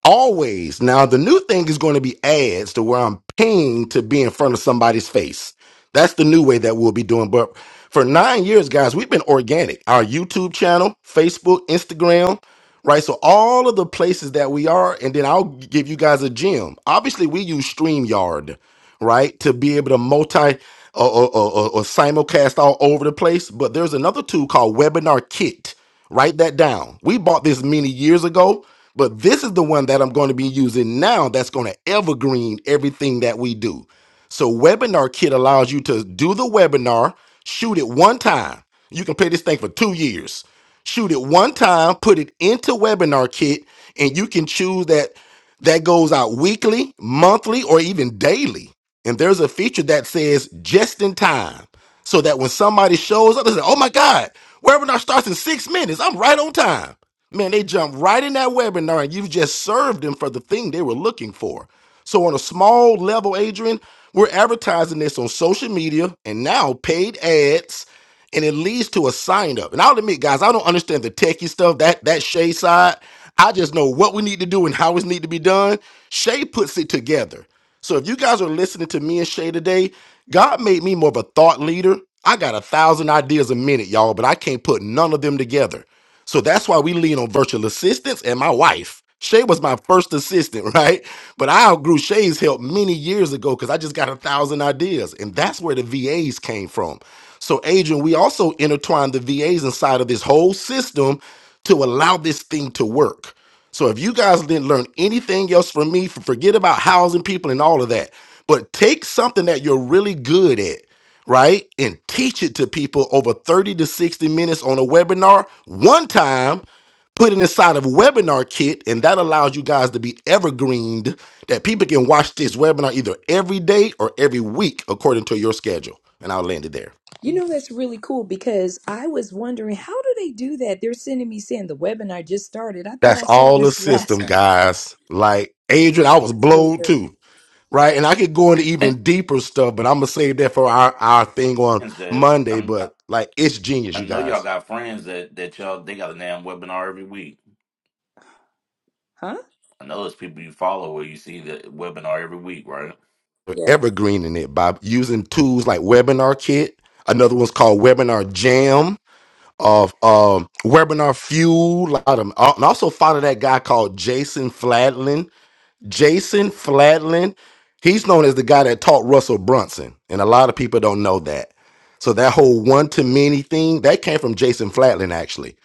J: Always. Now the new thing is going to be ads to where I'm paying to be in front of somebody's face. That's the new way that we'll be doing. But for nine years, guys, we've been organic. Our YouTube channel, Facebook, Instagram, right? So all of the places that we are, and then I'll give you guys a gem. Obviously, we use StreamYard, right? To be able to multi or, or, or, or simulcast all over the place. But there's another tool called Webinar Kit Write that down. We bought this many years ago, but this is the one that I'm going to be using now that's going to evergreen everything that we do. So, Webinar Kit allows you to do the webinar, shoot it one time. You can play this thing for two years. Shoot it one time, put it into Webinar Kit, and you can choose that that goes out weekly, monthly, or even daily. And there's a feature that says just in time. So that when somebody shows up, they say, oh my God, webinar starts in six minutes. I'm right on time. Man, they jump right in that webinar and you've just served them for the thing they were looking for. So on a small level, Adrian, we're advertising this on social media and now paid ads and it leads to a sign up. And I'll admit, guys, I don't understand the techie stuff, that that Shay side. I just know what we need to do and how it need to be done. Shay puts it together. So if you guys are listening to me and Shay today, God made me more of a thought leader. I got a thousand ideas a minute, y'all, but I can't put none of them together. So that's why we lean on virtual assistants and my wife. Shay was my first assistant, right? But I outgrew Shay's help many years ago because I just got a thousand ideas. And that's where the VAs came from. So, Adrian, we also intertwined the VAs inside of this whole system to allow this thing to work. So, if you guys didn't learn anything else from me, f- forget about housing people and all of that, but take something that you're really good at right? And teach it to people over 30 to 60 minutes on a webinar one time, put it inside of a webinar kit, and that allows you guys to be evergreened that people can watch this webinar either every day or every week according to your schedule. And I'll land it there.
C: You know that's really cool because I was wondering how do they do that? They're sending me saying the webinar just started. I thought
J: That's
C: I saw
J: all the
C: this last
J: system,
C: week.
J: guys. Like Adrian, I was
C: It's really
J: blown
C: good.
J: too. Right. And I could go into
M: and
J: even deeper stuff, but I'm gonna save that for our, our thing on
M: friends that
J: Monday.
M: I'm I
J: But like it's genius,
M: I
J: you
M: know y'all
J: guys.
M: got friends that that y'all they got a damn webinar every week.
C: Huh?
M: I know there's people you follow where you see the webinar every week, right?
J: evergreening it by using tools like Webinar Kit. Another one's called Webinar Jam of um, Webinar Fuel. A lot of 'em. Uh, and also follow that guy called Jason Fladlin. Jason Flatlin, he's known as the guy that taught Russell Brunson, and a lot of people don't know that. So that whole one to many thing that came from Jason Flatlin actually.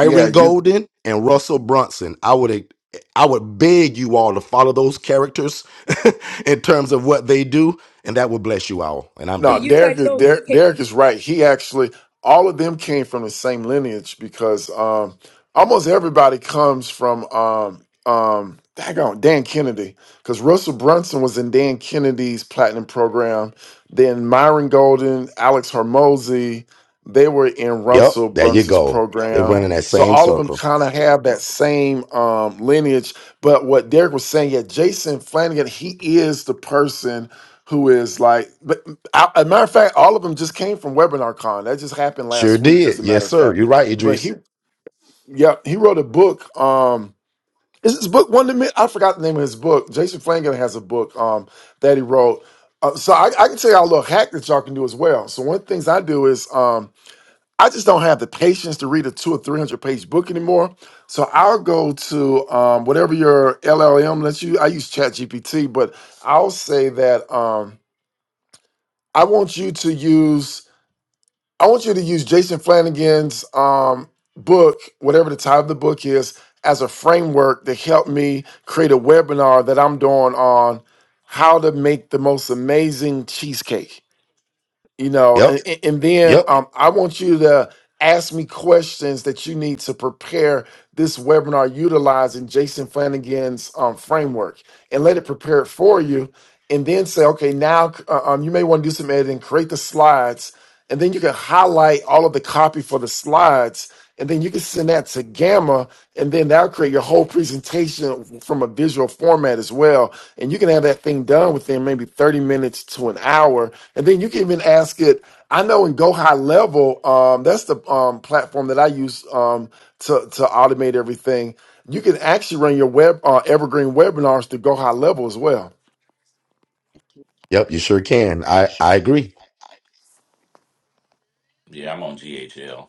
G: Yeah, you.
J: Golden and Russell Brunson. I would I would beg you all to follow those characters in terms of what they do, and that will bless you all. And I'm
C: Can
G: No,
C: you
J: done.
G: Derek
C: type
G: is
C: those?
G: Derek,
C: Hey,
G: Derek is right. He actually all of them came from the same lineage because um, almost everybody comes from um, um, daggone, Dan Kennedy because Russell Brunson was in Dan Kennedy's platinum program. Then Myron Golden, Alex Hormozy, they were in
J: Yep,
G: Russell
J: there you
G: Brunson's
J: go. They
G: program.
J: run in that
G: So
J: same
G: all of them
J: circle.
G: kind of have that same um, lineage. But what Derek was saying, yeah, Jason Flanagan, he is the person who is like. I, As a matter of fact, all of them just came from WebinarCon. That just happened
J: Sure
G: last week,
J: did.
G: as a matter
J: Yes,
G: of
J: sir. You're
G: fact.
J: right,
G: But
J: Idris.
G: he, yeah, he wrote a book. Um, is his book one to me? I forgot the name of his book. Jason Flanagan has a book um, that he wrote. Uh, so I, I can tell y'all a little hack that y'all can do as well. So one of the things I do is um, I just don't have the patience to read a two or three hundred page book anymore. So I'll go to um, whatever your LLM lets you. I use ChatGPT, but I'll say that um, I want you to use. I want you to use Jason Flanagan's um, book, whatever the title of the book is, as a framework to help me create a webinar that I'm doing on how to make the most amazing cheesecake. You know,
J: Yep,
G: and, and and then
J: yep,
G: um, I want you to ask me questions that you need to prepare this webinar utilizing Jason Flanagan's um, framework and let it prepare it for you. And then say, okay, now uh, um, you may want to do some editing, create the slides, and then you can highlight all of the copy for the slides. And then you can send that to Gamma, and then that'll create your whole presentation from a visual format as well. And you can have that thing done within maybe 30 minutes to an hour. And then you can even ask it. I know in Go High Level, um, that's the um, platform that I use um, to, to automate everything. You can actually run your web uh, evergreen webinars to go high level as well.
J: yep. You sure can. I I agree.
M: Yeah, I'm on GHL.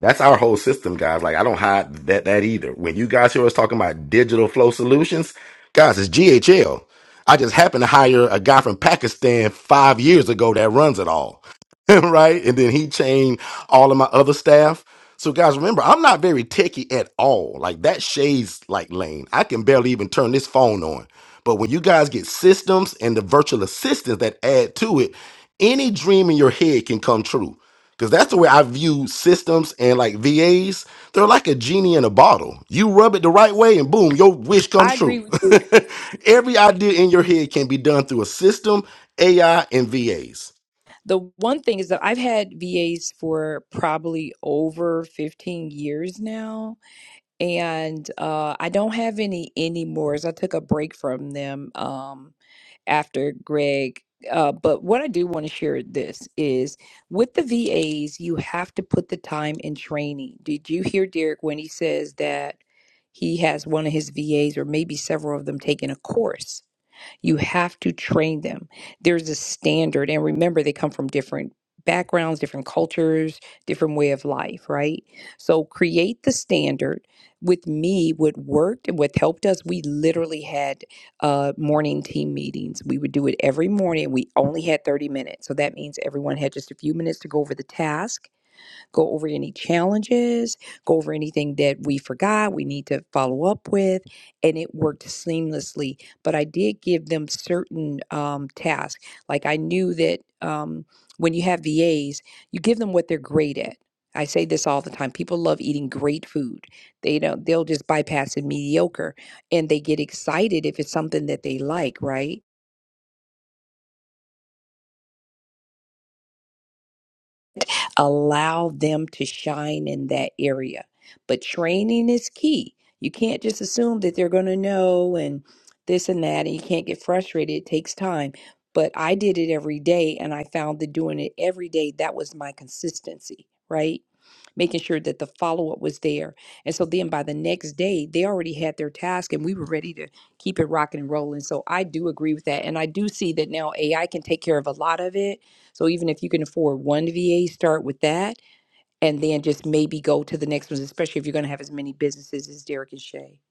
J: That's our whole system, guys. Like I don't hide that that either. When you guys hear us talking about digital flow solutions, guys, it's GHL. I just happened to hire a guy from Pakistan five years ago that runs it all, right? And then he chained all of my other staff. So, guys, remember, I'm not very techie at all. Like that shades like lane. I can barely even turn this phone on. But when you guys get systems and the virtual assistants that add to it, any dream in your head can come true. Because that's the way I view systems and like VAs. They're like a genie in a bottle. You rub it the right way and boom, your wish comes
C: I agree
J: true.
C: with you.
J: Every idea in your head can be done through a system, AI, and VAs.
C: The one thing is that I've had VAs for probably over 15 years now, and uh, I don't have any anymore. As I took a break from them um, after Greg. Uh, but what I do want to share this is with the VAs, you have to put the time in training. Did you hear Derek when he says that he has one of his VAs or maybe several of them taking a course? You have to train them. There's a standard. And remember, they come from different backgrounds, different cultures, different way of life, right? So create the standard. With me, what worked and what helped us, we literally had uh, morning team meetings. We would do it every morning. We only had 30 minutes. So that means everyone had just a few minutes to go over the task go over any challenges, go over anything that we forgot, we need to follow up with. And it worked seamlessly. But I did give them certain um, tasks. Like I knew that um, when you have VAs, you give them what they're great at. I say this all the time. People love eating great food. They don't they'll just bypass the mediocre and they get excited if it's something that they like, right? allow them to shine in that area. But training is key. You can't just assume that they're going to know and this and that, and you can't get frustrated. It takes time. But I did it every day, and I found that doing it every day, that was my consistency, right? Making sure that the follow up was there. And so then by the next day, they already had their task, and we were ready to keep it rocking and rolling. So I do agree with that. And I do see that now AI can take care of a lot of it so even if you can afford one VA, start with that and then just maybe go to the next ones, especially if you're going to have as many businesses as Derek and Shay.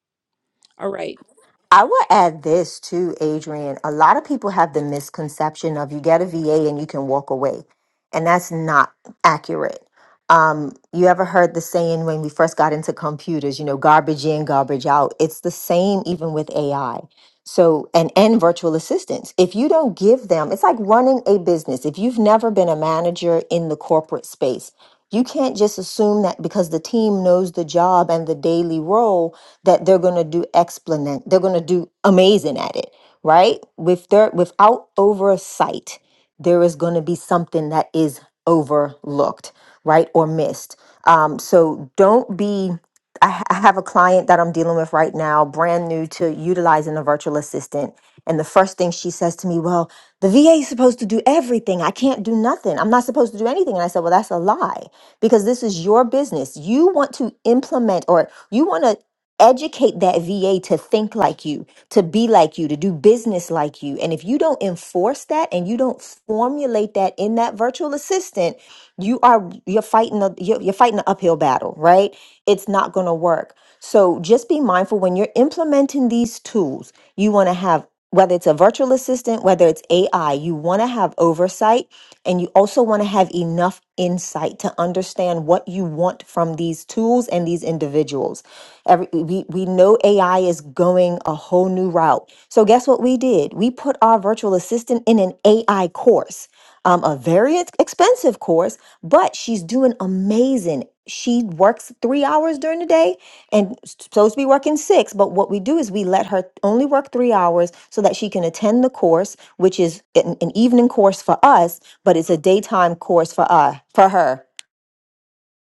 C: All right.
K: I will add this too, Adrian. A lot of people have the misconception of you get a VA and you can walk away, and that's not accurate. Um, you ever heard the saying when we first got into computers, you know, garbage in, garbage out? It's the same even with AI. So, and, and virtual assistants. If you don't give them, it's like running a business. If you've never been a manager in the corporate space, you can't just assume that because the team knows the job and the daily role that they're going to do explanant, they're going to do amazing at it, right? With their without oversight, there is going to be something that is overlooked, right, or missed. Um, so don't be. I ha- I have a client that I'm dealing with right now, brand new to utilizing a virtual assistant. And the first thing she says to me, Well, the VA is supposed to do everything. I can't do nothing. I'm not supposed to do anything. And I said, Well, that's a lie because this is your business. You want to implement or you want to educate that VA to think like you, to be like you, to do business like you. And if you don't enforce that and you don't formulate that in that virtual assistant, you are you're fighting a you're, you're fighting an uphill battle, right? It's not going to work. So just be mindful when you're implementing these tools. You want to have whether it's a virtual assistant, whether it's AI, you want to have oversight and you also want to have enough insight to understand what you want from these tools and these individuals. Every, we, we know AI is going a whole new route. So, guess what we did? We put our virtual assistant in an AI course, um, a very ex- expensive course, but she's doing amazing. She works three hours during the day and s- supposed to be working six. But what we do is we let her only work three hours so that she can attend the course, which is an, an evening course for us but it's a daytime course for uh for her.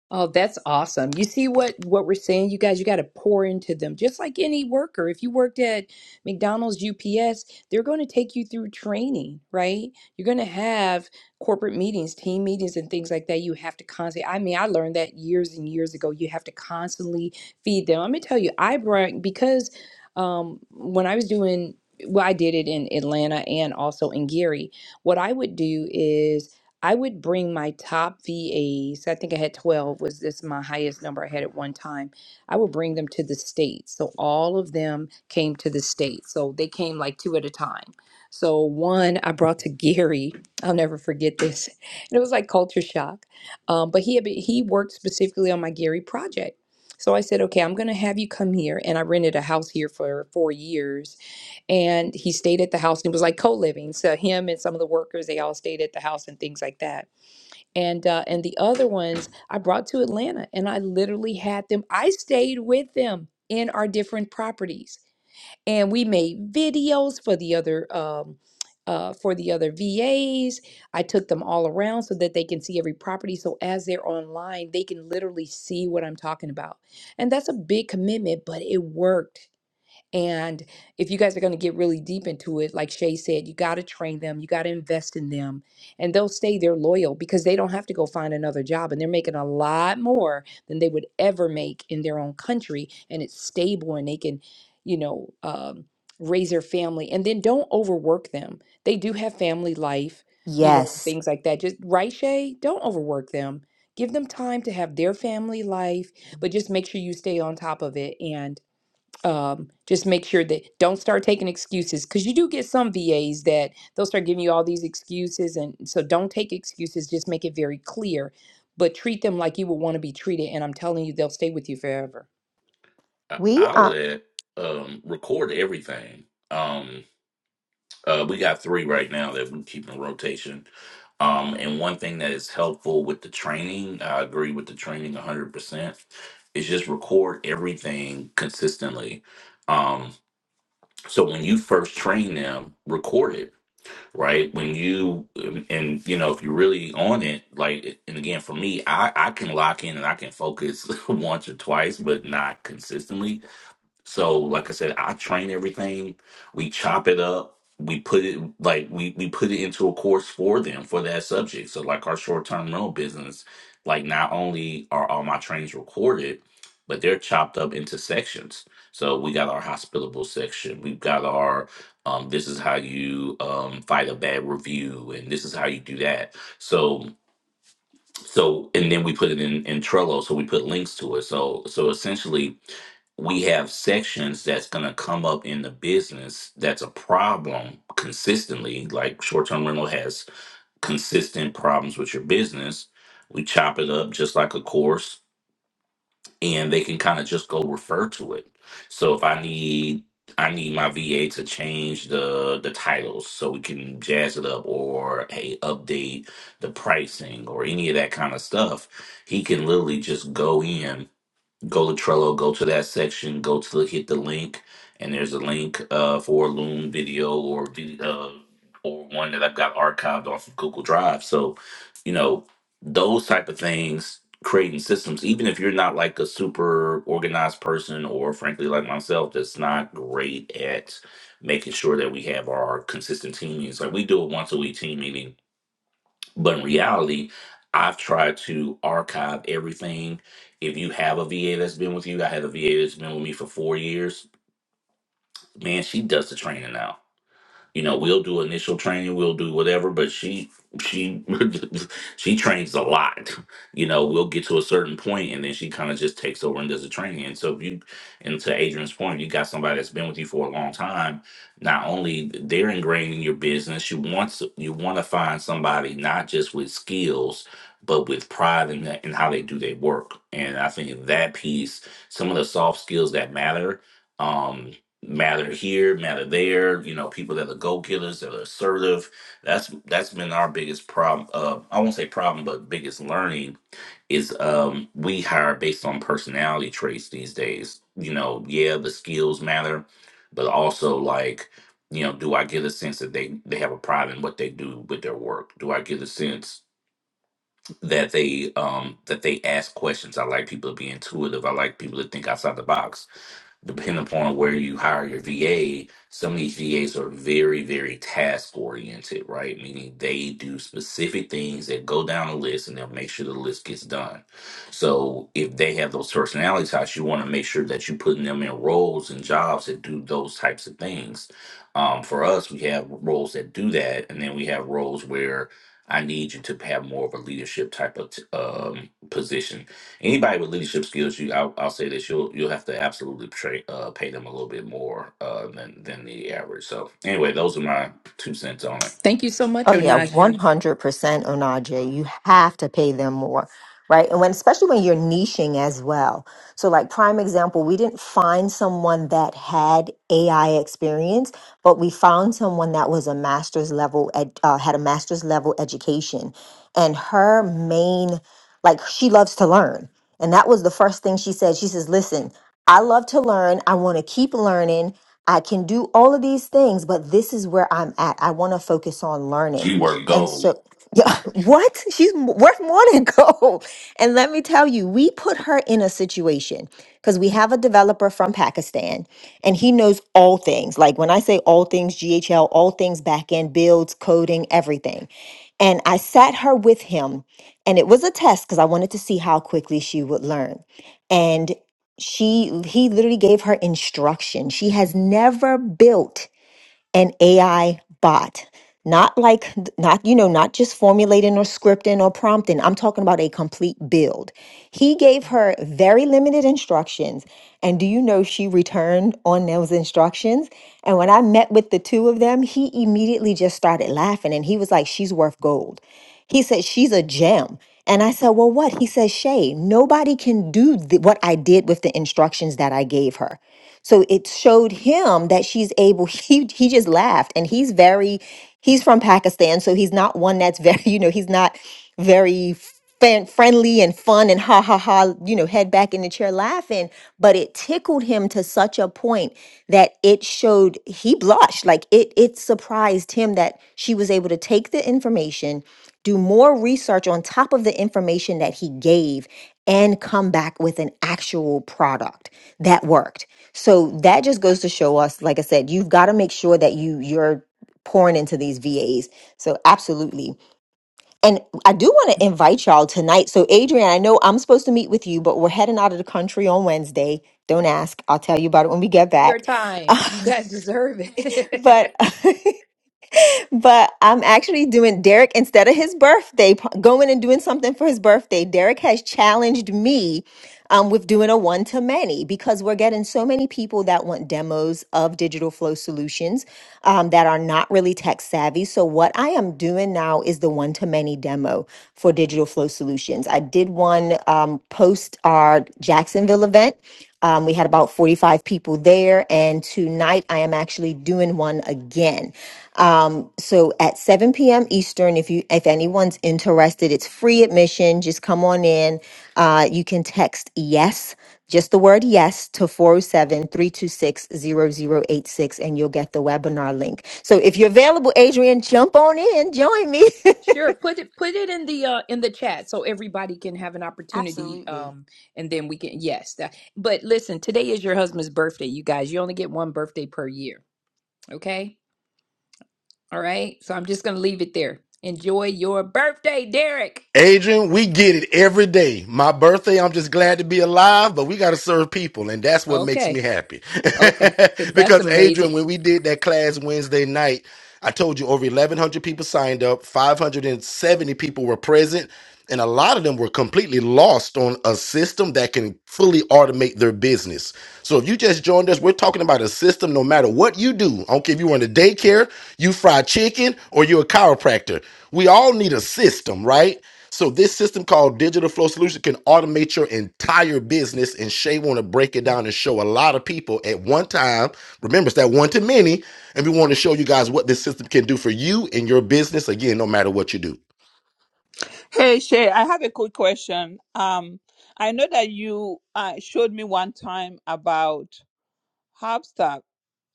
C: Oh, that's awesome. You see what what we're saying, you guys, you got to pour into them. Just like any worker, if you worked at McDonald's, UPS, they're going to take you through training, right? You're going to have corporate meetings, team meetings and things like that. You have to constantly I mean, I learned that years and years ago. You have to constantly feed them. I'm going to tell you, I brought because um when I was doing well, I did it in Atlanta and also in Gary. What I would do is I would bring my top VAs. I think I had 12 was this my highest number I had at one time. I would bring them to the states. So all of them came to the states. So they came like two at a time. So one I brought to Gary. I'll never forget this. And it was like culture shock. Um, but he had been, he worked specifically on my Gary project. So I said, okay, I'm going to have you come here. And I rented a house here for four years and he stayed at the house and it was like co-living so him and some of the workers they all stayed at the house and things like that and uh, and the other ones i brought to atlanta and i literally had them i stayed with them in our different properties and we made videos for the other um, uh, for the other vas i took them all around so that they can see every property so as they're online they can literally see what i'm talking about and that's a big commitment but it worked and if you guys are going to get really deep into it, like Shay said, you got to train them, you got to invest in them, and they'll stay there loyal because they don't have to go find another job. And they're making a lot more than they would ever make in their own country. And it's stable and they can, you know, um, raise their family. And then don't overwork them. They do have family life, you know,
K: Yes.
C: things like that. Just, right, Shay? Don't overwork them. Give them time to have their family life, but just make sure you stay on top of it. And um, just make sure that don't start taking excuses because you do get some VAs that they'll start giving you all these excuses. And so don't take excuses, just make it very clear, but treat them like you would want to be treated. And I'm telling you, they'll stay with you forever.
M: I,
K: We
M: I
K: are
M: would um record everything. Um uh we got three right now that we keep in rotation. Um and one thing that is helpful with the training, I agree with the training 100%, is just record everything consistently. Um so when you first train them, record it right? When you um, and you know, if you're really on it, like and again for me, I I can lock in and I can focus once or twice, but not consistently so, like I said, I train everything. We chop it up. We put it like we we put it into a course for them for that subject. So, like our short term rental business, like not only are all my trains recorded, but they're chopped up into sections. So we got our hospitable section. We've got our um, this is how you um, fight a bad review, and this is how you do that. So so and then we put it in in Trello, so we put links to it. So so essentially, we have sections that's going to come up in the business that's a problem consistently like short-term rental has consistent problems with your business we chop it up just like a course and they can kind of just go refer to it. So if I need I need my VA to change the the titles so we can jazz it up or hey update the pricing or any of that kind of stuff, he can literally just go in go to Trello, go to that section, go to the, hit the link, and there's a link uh, for a Loom video or vid- uh, or one that I've got archived off of Google Drive. So, you know, those type of things, creating systems, even if you're not like a super organized person, or frankly like myself, that's not great at making sure that we have our consistent team meetings. Like we do a once a week team meeting but in reality, I've tried to archive everything. If you have a VA that's been with you, I had a VA that's been with me for four years. Man, she does the training now you know, we'll do initial training, we'll do whatever, but she she she trains a lot. You know, we'll get to a certain point and then she kind of just takes over and does the training. And so if you and to Adrian's point, you got somebody that's been with you for a long time, not only they're ingrained in your business, you want to, you want to find somebody not just with skills, but with pride in, that- in how they do their work. And I think that piece, some of the soft skills that matter, um, matter here, matter there. You know, people that are go killers, that are assertive. That's that's been our biggest problem. Uh, I won't say problem, but biggest learning is um, we hire based on personality traits these days. You know, yeah, the skills matter, but also like you know, do I get a sense that they they have a pride in what they do with their work? Do I get a sense? that they um that they ask questions. I like people to be intuitive. I like people to think outside the box. Depending upon where you hire your VA, some of these VAs are very, very task oriented, right? Meaning they do specific things that go down a list and they'll make sure the list gets done. So if they have those personality types, you want to make sure that you're putting them in roles and jobs that do those types of things. Um, for us, we have roles that do that, and then we have roles where I need you to have more of a leadership type of t- um, position. Anybody with leadership skills, you, I'll, I'll say this, you'll you'll have to absolutely pay uh, pay them a little bit more uh, than than the average. So anyway, those are my two cents on it.
C: Thank you so much,
K: oh yeah, one
C: Onaje.
K: hundred percent Onaje. You have to pay them more. Right. And when especially when you're niching as well. So like prime example, we didn't find someone that had AI experience, but we found someone that was a master's level ed, uh, had a master's level education. And her main Like she loves to learn. And that was the first thing she said. She says, Listen, I love to learn. I want to keep learning. I can do all of these things, but this is where I'm at. I want to focus on learning.
M: She worked
K: And
M: gold.
K: so, yeah, what? She's m- worth more than gold. And let me tell you, we put her in a situation because we have a developer from Pakistan and he knows all things. Like when I say all things, GHL, all things backend, builds, coding, everything. And I sat her with him and it was a test because I wanted to see how quickly she would learn. And she he literally gave her instruction. She has never built an AI bot. Not like, not, you know, not just formulating or scripting or prompting. I'm talking about a complete build. He gave her very limited instructions. And do you know she returned on those instructions? And when I met with the two of them, he immediately just started laughing and he was like, she's worth gold. He said, she's a gem. And I said, well, what? He said, Shay, nobody can do th- what I did with the instructions that I gave her. So it showed him that she's able. He he just laughed, and he's very he's from Pakistan, so he's not one that's very you know he's not very fan, friendly and fun and ha ha ha you know head back in the chair laughing. But it tickled him to such a point that it showed he blushed like it it surprised him that she was able to take the information do more research on top of the information that he gave and come back with an actual product that worked so that just goes to show us, like I said, you've got to make sure that you you're pouring into these VAs. So absolutely. And I do want to invite y'all tonight. So Adrian, I know I'm supposed to meet with you, but we're heading out of the country on Wednesday. Don't ask. I'll tell you about it when we get
C: Your
K: back.
C: time, you guys deserve
K: but
C: it.
K: but I'm actually doing Derek instead of his birthday, p- going and doing something for his birthday. Derek has challenged me um, with doing a one to many because we're getting so many people that want demos of digital flow solutions um, that are not really tech savvy. So, what I am doing now is the one to many demo for digital flow solutions. I did one um, post our Jacksonville event. Um, we had about 45 people there, and tonight I am actually doing one again. Um, so at 7 p.m. Eastern, if you if anyone's interested, it's free admission. Just come on in. Uh, you can text yes, just the word yes to 407 and you'll get the webinar link. So if you're available, Adrian, jump on in, join me.
C: sure, put it put it in the uh, in the chat so everybody can have an opportunity. Um, and then we can yes. That, but listen, today is your husband's birthday, you guys. You only get one birthday per year. Okay. All right. So I'm just going to leave it there. Enjoy your birthday, Derek.
J: Adrian, we get it every day. My birthday, I'm just glad to be alive, but we got to serve people, and that's what makes me
C: Okay.
J: happy.
C: Okay. That's
J: because, Adrian,
C: amazing.
J: when we did that class Wednesday night, I told you over 1,100 people signed up, 570 people were present, and a lot of them were completely lost on a system that can fully automate their business. So, if you just joined us, we're talking about a system no matter what you do. I don't care if you run a daycare, you fry chicken, or you're a chiropractor. We all need a system, right? So this system called Digital Flow Solution can automate your entire business. And Shay want to break it down and show a lot of people at one time. Remember, it's that one to many. And we want to show you guys what this system can do for you and your business. Again, no matter what you do.
E: Hey Shay, I have a quick question. Um, I know that you uh, showed me one time about Hubstack.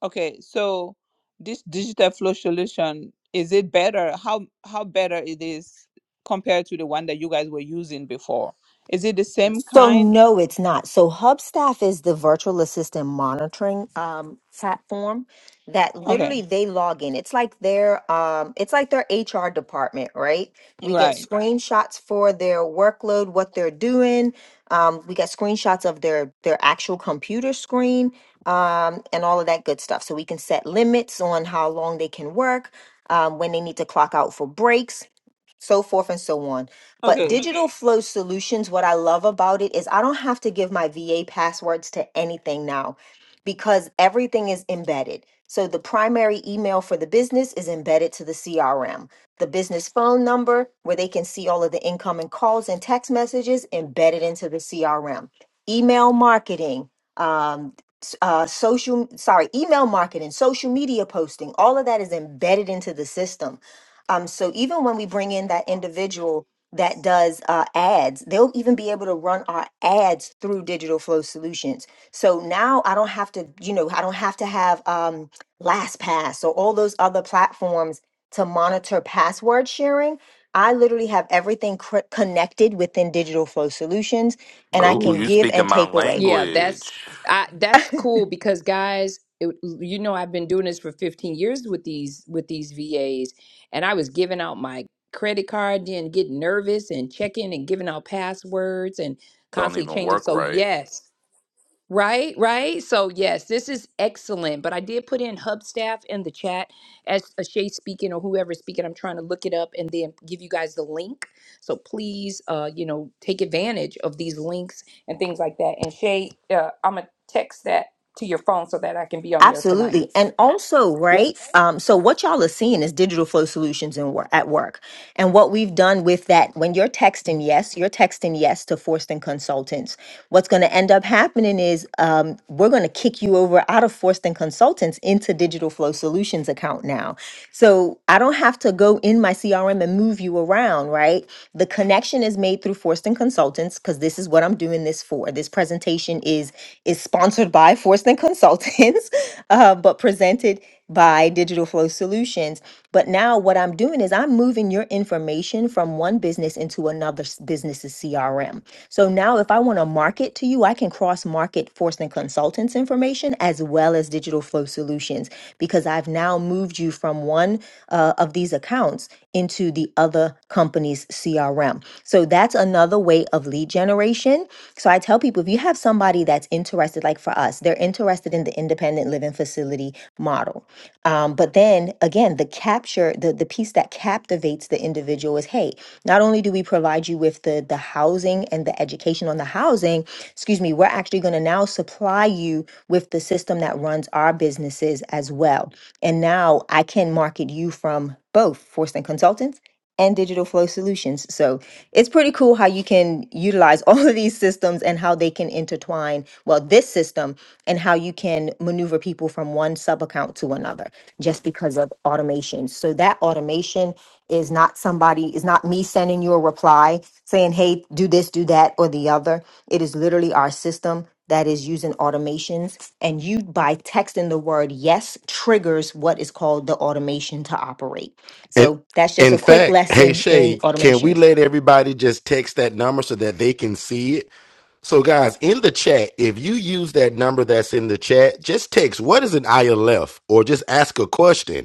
E: Okay, so this digital flow solution is it better? How how better it is compared to the one that you guys were using before? Is it the same
K: So
E: kind?
K: no, it's not. So Hubstaff is the virtual assistant monitoring um, platform that
E: Okay,
K: literally they log in. It's like their um, it's like their HR department, right? We get
E: right.
K: screenshots for their workload, what they're doing. Um, we get screenshots of their their actual computer screen um, and all of that good stuff. So we can set limits on how long they can work. Um, when they need to clock out for breaks, so forth and so on. But
E: Okay,
K: Digital Flow Solutions, what I love about it is I don't have to give my VA passwords to anything now because everything is embedded. So the primary email for the business is embedded to the CRM. The business phone number, where they can see all of the incoming calls and text messages, embedded into the CRM. Email marketing, um, s- uh, social, sorry, email marketing, social media posting, all of that is embedded into the system. Um, so even when we bring in that individual that does uh, ads, they'll even be able to run our ads through Digital Flow Solutions. So now I don't have to, you know, I don't have to have um, LastPass or all those other platforms to monitor password sharing. I literally have everything cr- connected within Digital Flow Solutions, and I
M: Oh,
K: can
M: you
K: give and
M: speaking my
K: take away.
C: Yeah,
M: language.
C: that's I that's cool because guys, it, you know I've been doing this for 15 years with these with these VAs and I was giving out my credit card then getting nervous and checking and giving out passwords and
M: Don't
C: constantly
M: even
C: changing.
M: work
C: So
M: right.
C: yes. Right, right. So yes, this is excellent. But I did put in Hub staff in the chat as a Shay speaking or whoever's speaking. I'm trying to look it up and then give you guys the link. So please, uh, you know, take advantage of these links and things like that. And Shay, uh, I'm gonna text that to your phone so that I can be on there tonight.
K: Absolutely. And also,
C: Yep,
K: right? Um, so what y'all are seeing is digital flow solutions in wor- at work. And what we've done with that, when you're texting yes, you're texting yes to Forston Consultants. What's going to end up happening is um, we're going to kick you over out of Forston Consultants into Digital Flow Solutions account now. So I don't have to go in my CRM and move you around, right? The connection is made through Forston Consultants because this is what I'm doing this for. This presentation is is sponsored by Forston Consultants, uh, but presented by Digital Flow Solutions. But now what I'm doing is I'm moving your information from one business into another s- business's CRM. So now if I want to market to you, I can cross market Forston Consultants information as well as Digital Flow Solutions because I've now moved you from one uh, of these accounts into the other company's CRM. So that's another way of lead generation. So I tell people if you have somebody that's interested, like for us, they're interested in the independent living facility model. Um, but then again, the capture, the, the piece that captivates the individual is hey, not only do we provide you with the, the housing and the education on the housing, excuse me, we're actually going to now supply you with the system that runs our businesses as well and now I can market you from both Forston Consultants and Digital Flow Solutions. So it's pretty cool how you can utilize all of these systems and how they can intertwine, well, this system and how you can maneuver people from one sub account to another just because of automation. So that automation is not somebody, is not me sending you a reply saying, hey, do this, do that, or the other. It is literally our system that is using automations and you by texting the word yes triggers what is called the automation to operate.
J: And
K: So that's just a
J: in
K: quick
J: fact, hey
K: lesson in
J: Shay, can we
K: automations.
J: let everybody just text that number so that they can see it? So guys, in the chat, if you use that number that's in the chat, just text what is an ILF or just ask a question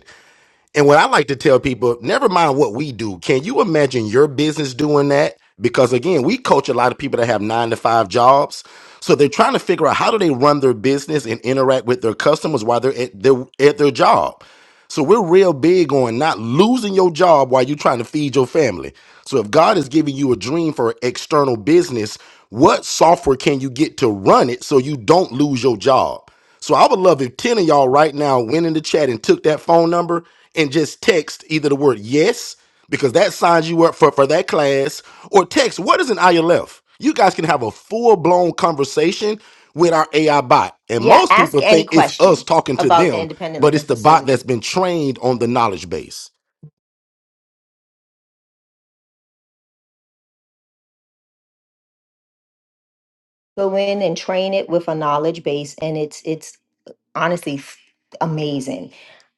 J: And what I like to tell people, never mind what we do, can you imagine your business doing that? Because again, we coach a lot of people that have nine to five jobs. So they're trying to figure out how do they run their business and interact with their customers while they're at their, at their job. So we're real big on not losing your job while you're trying to feed your family. So if God is giving you a dream for external business, what software can you get to run it so you don't lose your job? So I would love if 10 of y'all right now went in the chat and took that phone number and just text either the word yes, because that signs you up for, for that class, or text what is an ILF? You guys can have a full blown conversation with our AI bot. And
K: Yeah,
J: most
K: ask
J: people
K: any
J: think it's us
K: question
J: talking to
K: about the
J: them,
K: independent
J: but
K: living
J: it's the bot that's
K: facility.
J: been trained on the knowledge base.
K: Go in and train it with a knowledge base and it's it's honestly f- amazing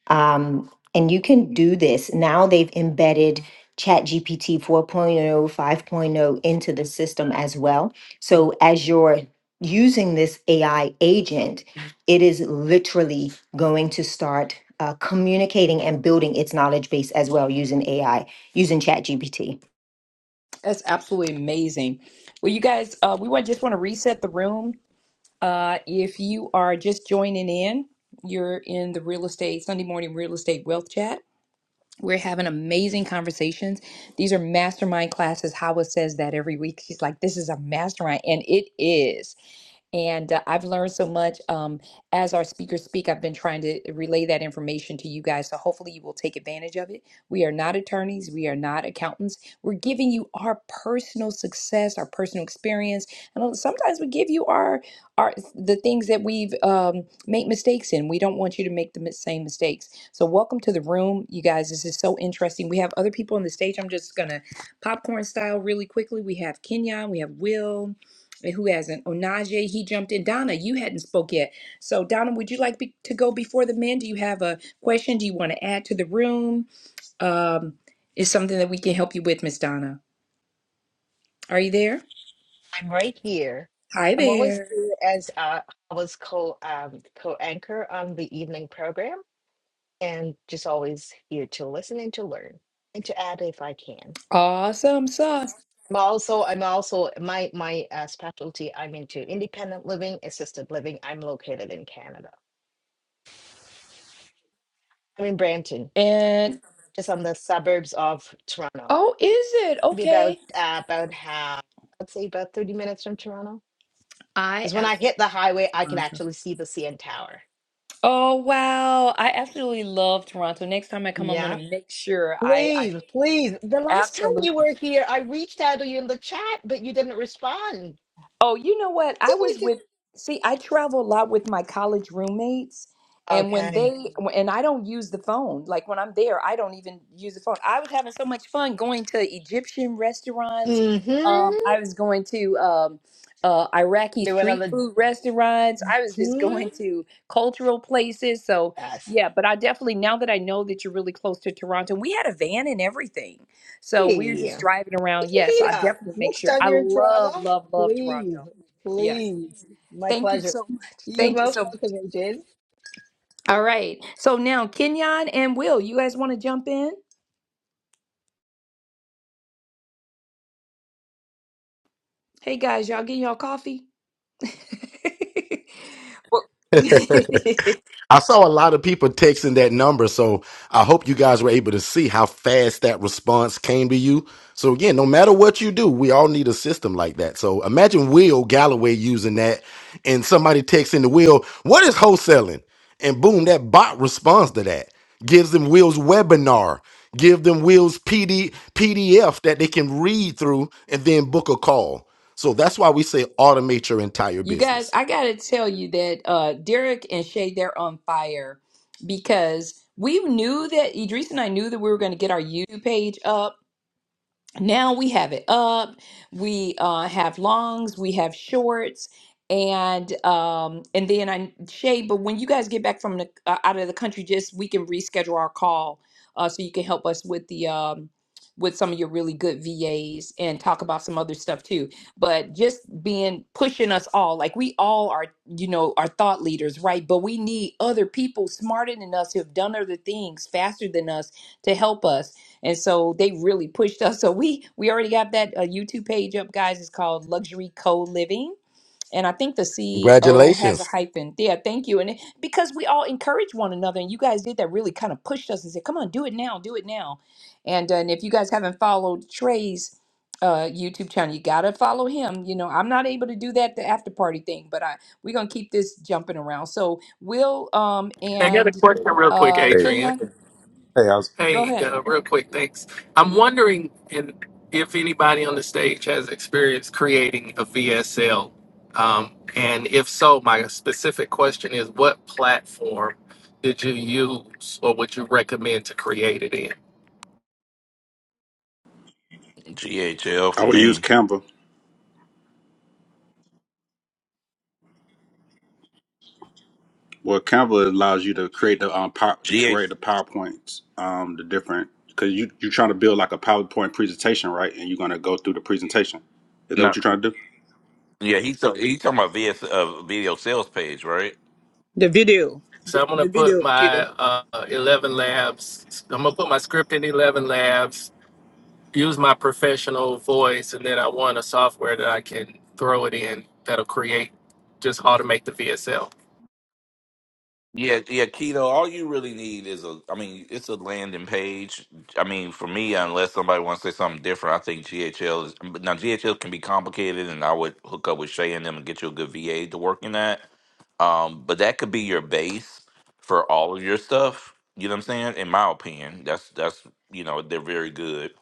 K: Um, and you can do this. Now they've embedded ChatGPT four point oh, five point oh into the system as well. So as you're using this AI agent, it is literally going to start uh, communicating and building its knowledge base as well using AI, using ChatGPT.
C: that's absolutely amazing. Well, you guys, uh, we want just want to reset the room. Uh, if you are just joining in, you're in the real estate Sunday morning real estate wealth chat. We're having amazing conversations. These are mastermind classes. Hawa says that every week. She's like, this is a mastermind. And it is. And uh, I've learned so much. Um, as our speakers speak, I've been trying to relay that information to you guys. So hopefully you will take advantage of it. We are not attorneys, we are not accountants. We're giving you our personal success, our personal experience. And sometimes we give you our our the things that we've um, made mistakes in. We don't want you to make the same mistakes. So welcome to the room, you guys. This is so interesting. We have other people on the stage. I'm just gonna popcorn style really quickly. We have Kenyon, we have Will. And Who hasn't? Onaje, he jumped in. Donna, you hadn't spoke yet. So, Donna, would you like be, to go before the men? Do you have a question? Do you want to add to the room? Um, is something that we can help you with, Miss Donna? Are you there?
N: I'm right here.
C: Hi
N: I'm always
C: there.
N: here as uh, I was co um, co-anchor on the evening program, and just always here to listen and to learn and to add if I can.
C: Awesome sauce.
N: I'm also I'm also my my uh, specialty. I'm into independent living, assisted living. I'm located in Canada. I'm in Brampton,
C: And
N: just on the suburbs of Toronto.
C: oh, is it
N: Be
C: okay?
N: about uh, about half, I'd say about thirty minutes from Toronto.
C: I
N: Because when I
C: absolutely.
N: hit the highway, I can
C: Toronto.
N: actually see the CN Tower.
C: Oh wow! I absolutely love Toronto. Next time I come, I'm
N: Yeah.
C: gonna make sure I I
N: Please, please. The last time
C: absolutely.
N: you were here, I reached out to you in the chat, but you didn't respond.
C: Oh, you know
N: I
C: what? I was
N: did.
C: with, see, I travel a lot with my college roommates, and when
N: Okay.
C: they, and I don't use the phone. Like when I'm there, I don't even use the phone. I was having so much fun going to Egyptian restaurants. Um,
N: Mm-hmm.
C: I was going to um, uh, Iraqi
N: Do
C: street
N: another.
C: food restaurants. I was just
N: Hmm.
C: going to cultural places. So,
N: Yes.
C: yeah, but I definitely, now that I know that you're really close to Toronto, we had a van and everything. So we're
N: Hey,
C: just
N: put
C: driving around.
N: your
C: Yes, I
N: feet up.
C: definitely make
N: Next
C: sure.
N: time
C: I
N: you're in
C: love,
N: Toronto,
C: love, love
N: please,
C: Toronto. Yes.
N: please. My
C: Thank you
N: pleasure.
C: so much.
N: You're
C: Thank you
N: most
C: so much.
N: welcome, Jin.
C: All right. So now Kenyon and Will, you guys want to jump in? Hey guys, y'all getting y'all coffee? Well- you
J: I saw a lot of people texting that number, so I hope you guys were able to see how fast that response came to you. So again, no matter what you do, we all need a system like that. So imagine Will Galloway using that, and somebody texting the Will, "What is wholesaling?" And boom, that bot responds to that, gives them Will's webinar, give them Will's PD, PDF that they can read through, and then book a call. So that's why we say automate your entire
C: guys,
J: business.
C: I gotta tell you that uh Derek and Shay, they're on fire because we knew that Idris and I knew that we were gonna get our YouTube page up now we have it up we uh, have longs we have shorts and um and then i shay but when you guys get back from the uh, out of the country just we can reschedule our call uh so you can help us with the um with some of your really good vas and talk about some other stuff too but just being pushing us all like we all are you know are thought leaders right but we need other people smarter than us who have done other things faster than us to help us and so they really pushed us. So we we already have that uh, YouTube page up, guys. It's called Luxury Co Living, and I think the CEO has a
J: Congratulations.
C: hyphen. Yeah, thank you. And it, because we all encourage one another, and you guys did that, really kind of pushed us and said, "Come on, do it now, do it now." And uh, and if you guys haven't followed Trey's uh, YouTube channel, you gotta follow him. You know, I'm not able to do that the after party thing, but I we're gonna keep this jumping around. So Will um
A: A
C: and
A: question, real quick,
C: uh
O: Hey,
A: Adrian.
C: Kenya,
O: hey, how's
C: go
A: Hey,
C: ahead.
A: uh, real quick, thanks. I'm wondering in, if anybody on the stage has experience creating a VSL. Um, and if so, my specific question is what platform did you use or would you recommend to create it in?
M: GHL for
P: I would use
M: me.
P: Canva. Well, Canva allows you to create the um pow-
M: GH.
P: create the PowerPoints, um, the different because you you're trying to build like a PowerPoint presentation, right? And you're gonna go through the presentation. Is that
M: No.
P: what you're trying to do?
M: Yeah, he's, he's talking about VS, uh, video sales page, right?
E: the video,
A: So
E: the
A: I'm going to
E: the video,
A: put my
E: kiddo.
A: uh, 11 labs, I'm going to put my script in 11 labs, use my professional voice, and then I want a software that I can throw it in that'll create, just automate the VSL.
M: Yeah, yeah, keto. All you really need is a. I mean, it's a landing page. I mean, for me, unless somebody wants to say something different, I think GHL is. but Now, GHL can be complicated, and I would hook up with Shay and them and get you a good VA to work in that. Um, but that could be your base for all of your stuff. You know what I'm saying? In my opinion, that's that's you know they're very good.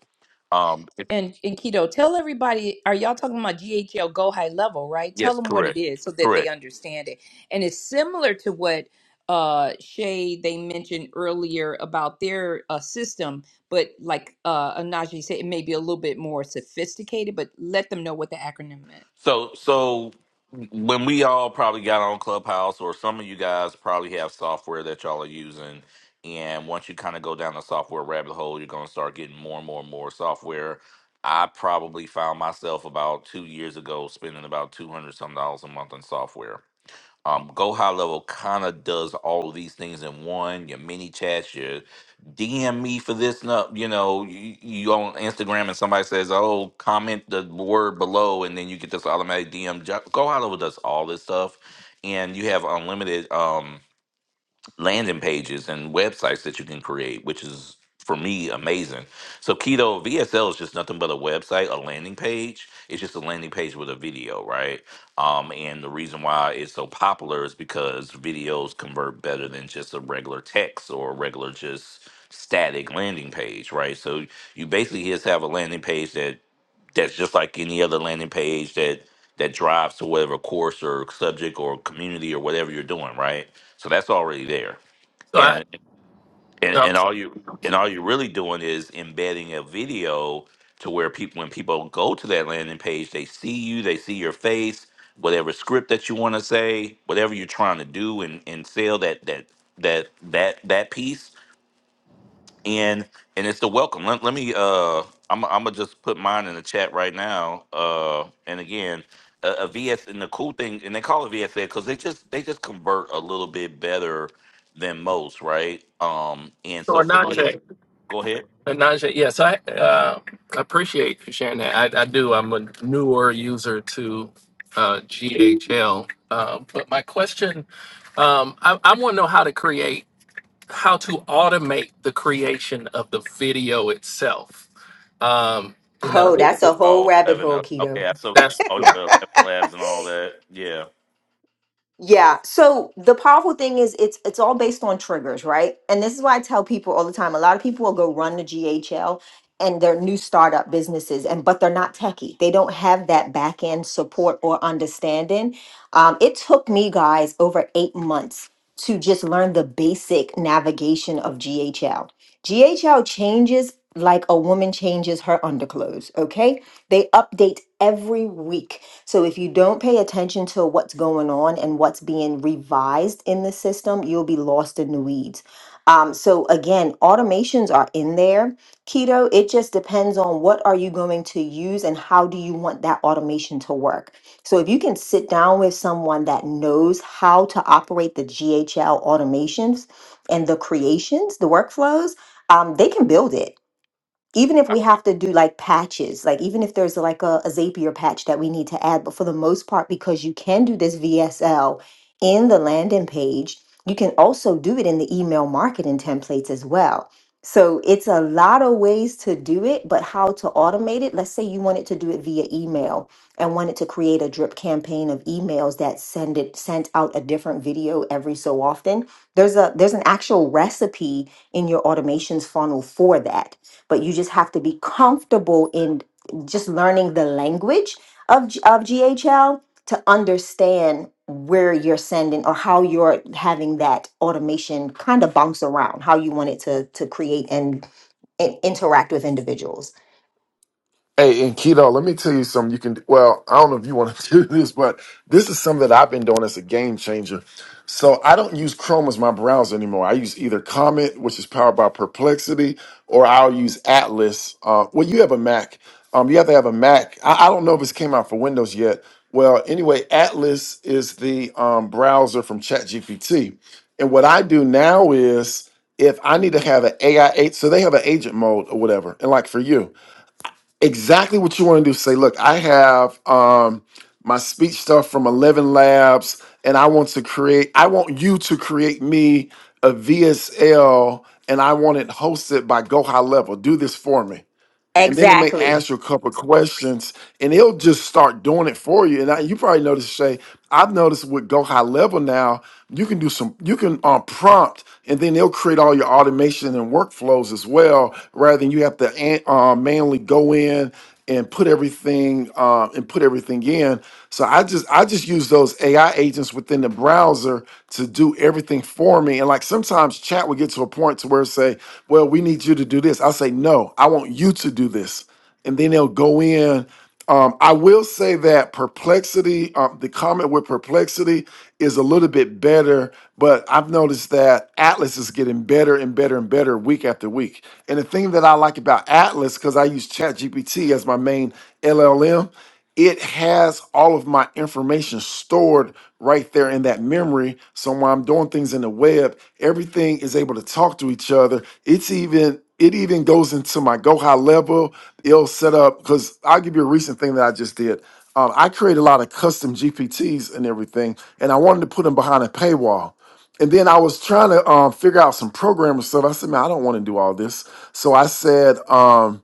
M: Um, if,
C: And and keto, tell everybody, are y'all talking about GHL Go High Level, right? Tell
M: yes,
C: them what it
M: correct,
C: is so that
M: correct.
C: they understand it. And it's similar to what uh Shay they mentioned earlier about their uh, system, but like uh Anaji said, it may be a little bit more sophisticated, but let them know what the acronym meant.
M: So so when we all probably got on Clubhouse or some of you guys probably have software that y'all are using and once you kind of go down the software rabbit hole, you're going to start getting more and more and more software. I probably found myself about 2 years ago spending about 200 some dollars a month on software. Um, Go High Level kind of does all of these things in one. Your mini chats, your DM me for this and up. You know, you, you on Instagram and somebody says, "Oh, comment the word below," and then you get this automatic DM. Jo- Go High Level does all this stuff, and you have unlimited. Um, landing pages and websites that you can create, which is for me amazing. So Keto VSL is just nothing but a website, a landing page. It's just a landing page with a video, right? Um, and the reason why it's so popular is because videos convert better than just a regular text or a regular just static landing page, right? So you basically just have a landing page that that's just like any other landing page that that drives to whatever course or subject or community or whatever you're doing, right? So that's already there
A: So I,
M: and and,
A: no.
M: and all you and all you're really doing is embedding a video to where people when people go to that landing page they see you they see your face whatever script that you want to say whatever you're trying to do and and sell that that that that that piece and and it's the welcome. Let, let me uh I'm I'm gonna just put mine in the chat right now. Uh and again, a, a V S, and the cool thing and they call it VSA because they just they just convert a little bit better than most, right? Um and
A: So
M: so for me,
A: Ananje,
M: go ahead.
A: Ananje, yes, I uh, appreciate you sharing that. I, I do. I'm a newer user to uh, GHL, uh, but my question, um, I, I want to know how to create, how to automate the creation of the video itself. Um, you know,
K: Oh, that's a whole
M: Oh,
K: rabbit
M: 11.
K: hole,
M: uh,
K: Keto.
M: Okay, I saw
A: that's
M: on your 11 labs and all that. Yeah.
K: Yeah. So the powerful thing is it's it's all based on triggers, right? And this is why I tell people all the time. A lot of people will go run the GHL and their new startup businesses, and but they're not techie. They don't have that back end support or understanding. Um, it took me guys over eight months to just learn the basic navigation of GHL. GHL changes like a woman changes her underclothes. Okay, they update every week so if you don't pay attention to what's going on and what's being revised in the system, you'll be lost in the weeds. Um, so again, automations are in there. Keto, it just depends on what are you going to use and how do you want that automation to work. So if you can sit down with someone that knows how to operate the GHL automations and the creations, the workflows, um, they can build it even if
M: I
K: we have to do like patches, like even if there's like a, a Zapier patch that we need to add, but for the most part, because you can do this VSL in the landing page, you can also do it in the email marketing templates as well. So it's a lot of ways to do it, but how to automate it. Let's say you wanted to do it via email and wanted to create a drip campaign of emails that send it sent out a different video every so often. There's a there's an actual recipe in your automations funnel for that but you just have to be comfortable in just learning the language of G- of GHL to understand where you're sending or how you're having that automation kind of bounce around how you want it to to create and, and interact with individuals
G: Hey, and keto, let me tell you something you can do. Well, I don't know if you want to do this, but this is something that I've been doing as a game changer. So I don't use Chrome as my browser anymore. I use either Comet, which is powered by Perplexity, or I'll use Atlas. Uh, well, you have a Mac. Um, you have to have a Mac. I, I don't know if it's came out for Windows yet. Well, anyway, Atlas is the um, browser from ChatGPT. And what I do now is if I need to have an AI, so they have an agent mode or whatever, and like for you exactly what you want to do. Say, look, I have um, my speech stuff from Eleven Labs, and I want to create. I want you to create me a VSL, and I want it hosted by Go High Level. Do this for me and then it may
K: exactly
G: ask you a couple of questions and it'll just start doing it for you and I, you probably noticed shay i've noticed with go high level now you can do some you can um, prompt and then they'll create all your automation and workflows as well rather than you have to an- uh, manually go in and put everything um, and put everything in. So I just I just use those AI agents within the browser to do everything for me. And like sometimes chat will get to a point to where it say, "Well, we need you to do this." I'll say, "No, I want you to do this," and then they'll go in. Um, I will say that perplexity, um, the comment with perplexity is a little bit better, but I've noticed that Atlas is getting better and better and better week after week. And the thing that I like about Atlas, because I use ChatGPT as my main LLM, it has all of my information stored right there in that memory. So when I'm doing things in the web, everything is able to talk to each other. It's even it even goes into my go high level. It'll set up because I'll give you a recent thing that I just did. Um, I create a lot of custom GPTs and everything, and I wanted to put them behind a paywall. And then I was trying to um, figure out some programming stuff. I said, man, I don't want to do all this. So I said, um,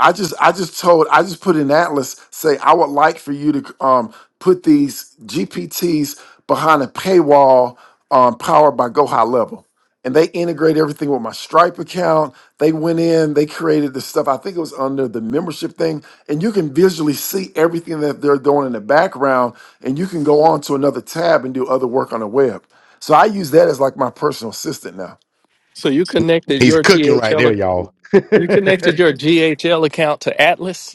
G: I just I just told I just put in Atlas say I would like for you to um put these GPTs behind a paywall um powered by Go High Level. And they integrate everything with my Stripe account. They went in, they created the stuff. I think it was under the membership thing. And you can visually see everything that they're doing in the background. And you can go on to another tab and do other work on the web. So I use that as like my personal assistant now.
A: so you connected
J: He's
A: your
J: cooking right there,
A: GHL,
J: y'all. yeah,
A: you connected your GHL account to Atlas.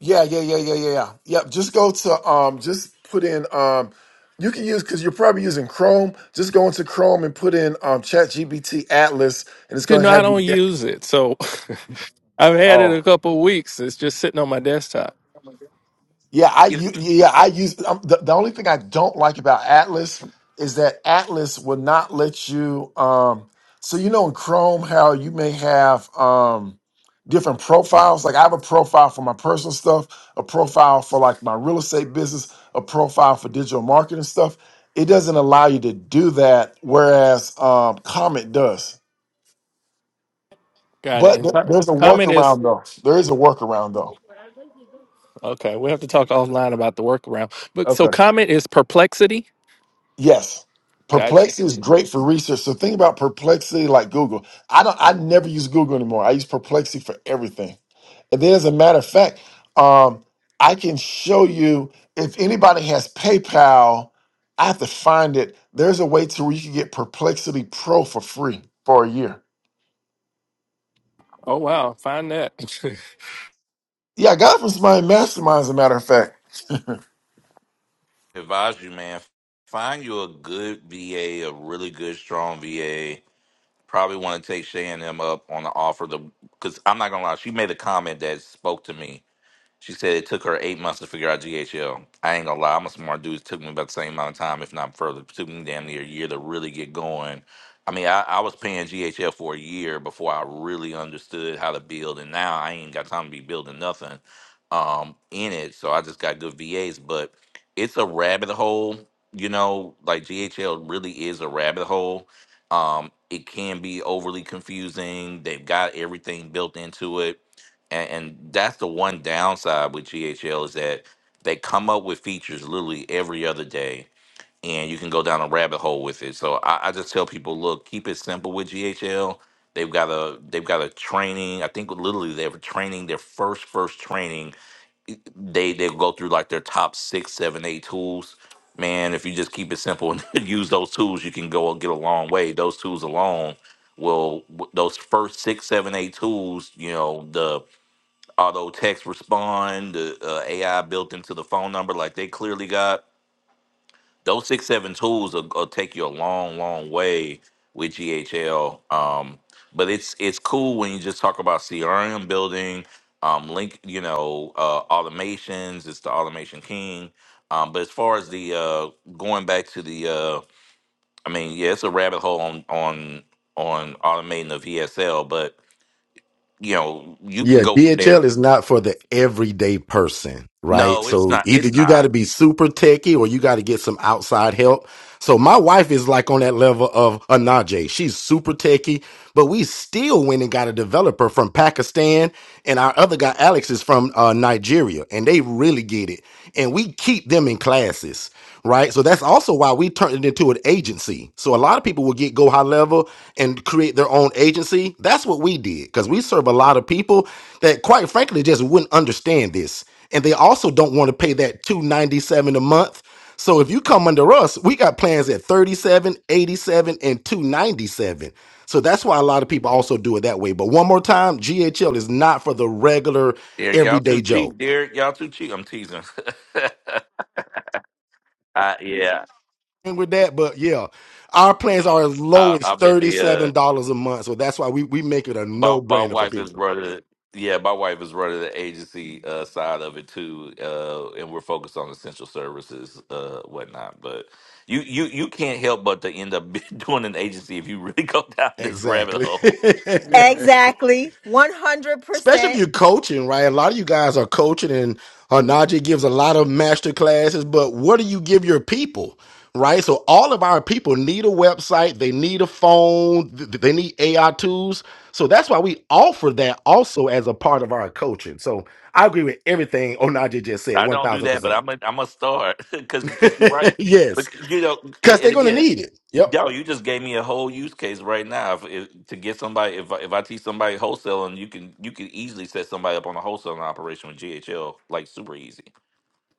G: Yeah, yeah, yeah, yeah, yeah, yeah. Yep. Just go to um, just put in um, you can use because you're probably using Chrome. Just go into Chrome and put in um, ChatGPT Atlas, and it's
A: You
G: gonna
A: know, I
G: have you.
A: don't
G: Get,
A: use it, so I've had
G: oh,
A: it a couple weeks. It's just sitting on my desktop.
G: Yeah, I
M: I
G: u- yeah I use um, the, the only thing I don't like about Atlas is that Atlas will not let you. Um, so you know in Chrome how you may have um, different profiles. Like I have a profile for my personal stuff, a profile for like my real estate business, a profile for digital marketing stuff. It doesn't allow you to do that, whereas um, Comet does.
A: Got it.
G: But
A: And
G: th-
A: co-
G: there's a
A: comment is
G: workaround though. There is a workaround though.
A: okay. We have to talk offline about the workaround. But so
G: Okay.
A: comment is perplexity.
G: Yes.
A: Gotcha.
G: Perplexity is great for research. So think about perplexity like Google. I don't I never use Google anymore. I use perplexity for everything. And then as a matter of fact, um, I can show you if anybody has PayPal, I have to find it. There's a way to where you can get Perplexity Pro for free for a year.
A: Oh wow, find that.
G: Yeah, I got it from somebody in mastermind, as a matter of fact.
M: advise you, man, find you a good VA, a a really good, strong VA Probably want to take Shay and him up on the offer. The because I'm not gonna lie, she made a comment that spoke to me she said it took her eight months to figure out GHL. I ain't gonna lie, I'm a smart dude. It took me about the same amount of time, if not further. It took me damn near a year to really get going. I mean, I, I was paying GHL for a year before I really understood how to build, and now I ain't got time to be building nothing um, in it. So I just got good VAs, but it's a rabbit hole. You know, like GHL really is a rabbit hole. Um, it can be overly confusing. They've got everything built into it and, and that's the one downside with GHL is that they come up with features literally every other day, and you can go down a rabbit hole with it. So I, I just tell people, look, keep it simple with GHL. They've got a they've got a training. I think literally they were training their first first training. They they go through like their top six, seven, eight tools. Man, if you just keep it simple and use those tools, you can go and get a long way. Those tools alone will w- those first six, seven, eight tools, you know, the auto text respond, the uh, AI built into the phone number, like they clearly got those six seven tools will, will take you a long, long way with GHL. Um, but it's it's cool when you just talk about CRM building, um, link, you know, uh, automations. It's the automation king. Um, but as far as the uh, going back to the, uh, I mean, yeah, it's a rabbit hole on on on automating the VSL, but you know, you can go from there.
J: DHL is not for the everyday person, right?
M: No, it's
J: So
M: not.
J: either
M: It's
J: you got
M: not.
J: to be super techie or you got to get some outside help. So my wife is like on that level of a Najee. She's super techie, but we still went and got a developer from Pakistan, and our other guy Alex is from uh, Nigeria, and they really get it. And we keep them in classes. right? So that's also why we turned it into an agency. So a lot of people will get go high level and create their own agency. That's what we did because we serve a lot of people that, quite frankly, just wouldn't understand this, and they also don't want to pay that two ninety seven a month. So if you come under us, we got plans at 37, 87, and 297. So that's why a lot of people also do it that way. But one more time, GHL is not for the regular
M: Derek, y'all too
J: everyday Joe.
M: cheap. Derek, y'all too cheap. I'm teasing. I, yeah,
J: with that, but yeah, our plans are as low
M: I,
J: as
M: I've been
J: thirty
M: the uh,
J: seven dollars a month, so that's why we we make it a
M: my
J: no
M: my
J: brainer for
M: wife is
J: people.
M: running. Yeah, my wife is running the agency uh, side of it too, uh, and we're focused on essential services, uh, whatnot. But you you you can't help but to end up doing an agency if you really go down this rabbit
J: Exactly,
M: hole.
L: Yeah.
K: exactly
J: especially if
K: 100%
J: you're coaching, right? A lot of you guys are coaching, and uh, Najee gives a lot of master classes, but what do you give your people? Right, so all of our people need a website, they need a phone, th- they need AI tools. So that's why we offer that also as a part of our coaching. So I agree with everything Onaje just said,
M: I don't do that, but
J: 1000%.
M: I'm a, I'm a start because because you're right. But
J: yes,
M: you know, and,
J: because
M: and
J: they're going to
M: again,
J: need it. Yep.
M: Yo, you just gave me a whole use case right now. If, if to get somebody, if I, if I teach somebody wholesaling, you can you can easily set somebody up on a wholesaling operation with GHL, like super easy,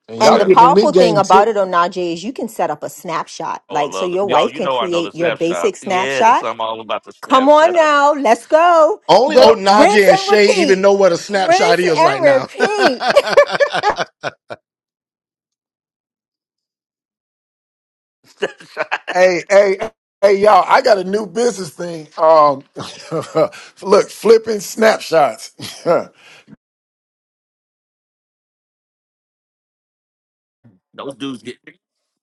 G: And
M: like
K: And
G: y'all
K: the
M: that.
G: getting in me
K: powerful thing
G: game too.
K: about it, Onaje, is you can set up a snapshot.
M: Oh, I
K: Like, so
M: love it.
K: your
M: Yo,
K: wife
M: you
K: can
M: know I know the
K: create your
M: snap
K: basic
M: shots. Yes,
K: snapshot.
M: I'm all about the
K: Come
M: snap
K: on
M: shots.
K: now, let's go.
J: Only
K: Re-
G: Yep.
J: old
K: rinse
J: Najee and
K: and
J: Shay even
K: repeat.
J: know what a snapshot
K: Rinse
J: is
K: and
J: right now.
K: repeat.
M: Snap shots.
G: Hey, hey, hey, y'all! I got a new business thing. Um, look, flipping snapshots. yep.
M: Those dudes get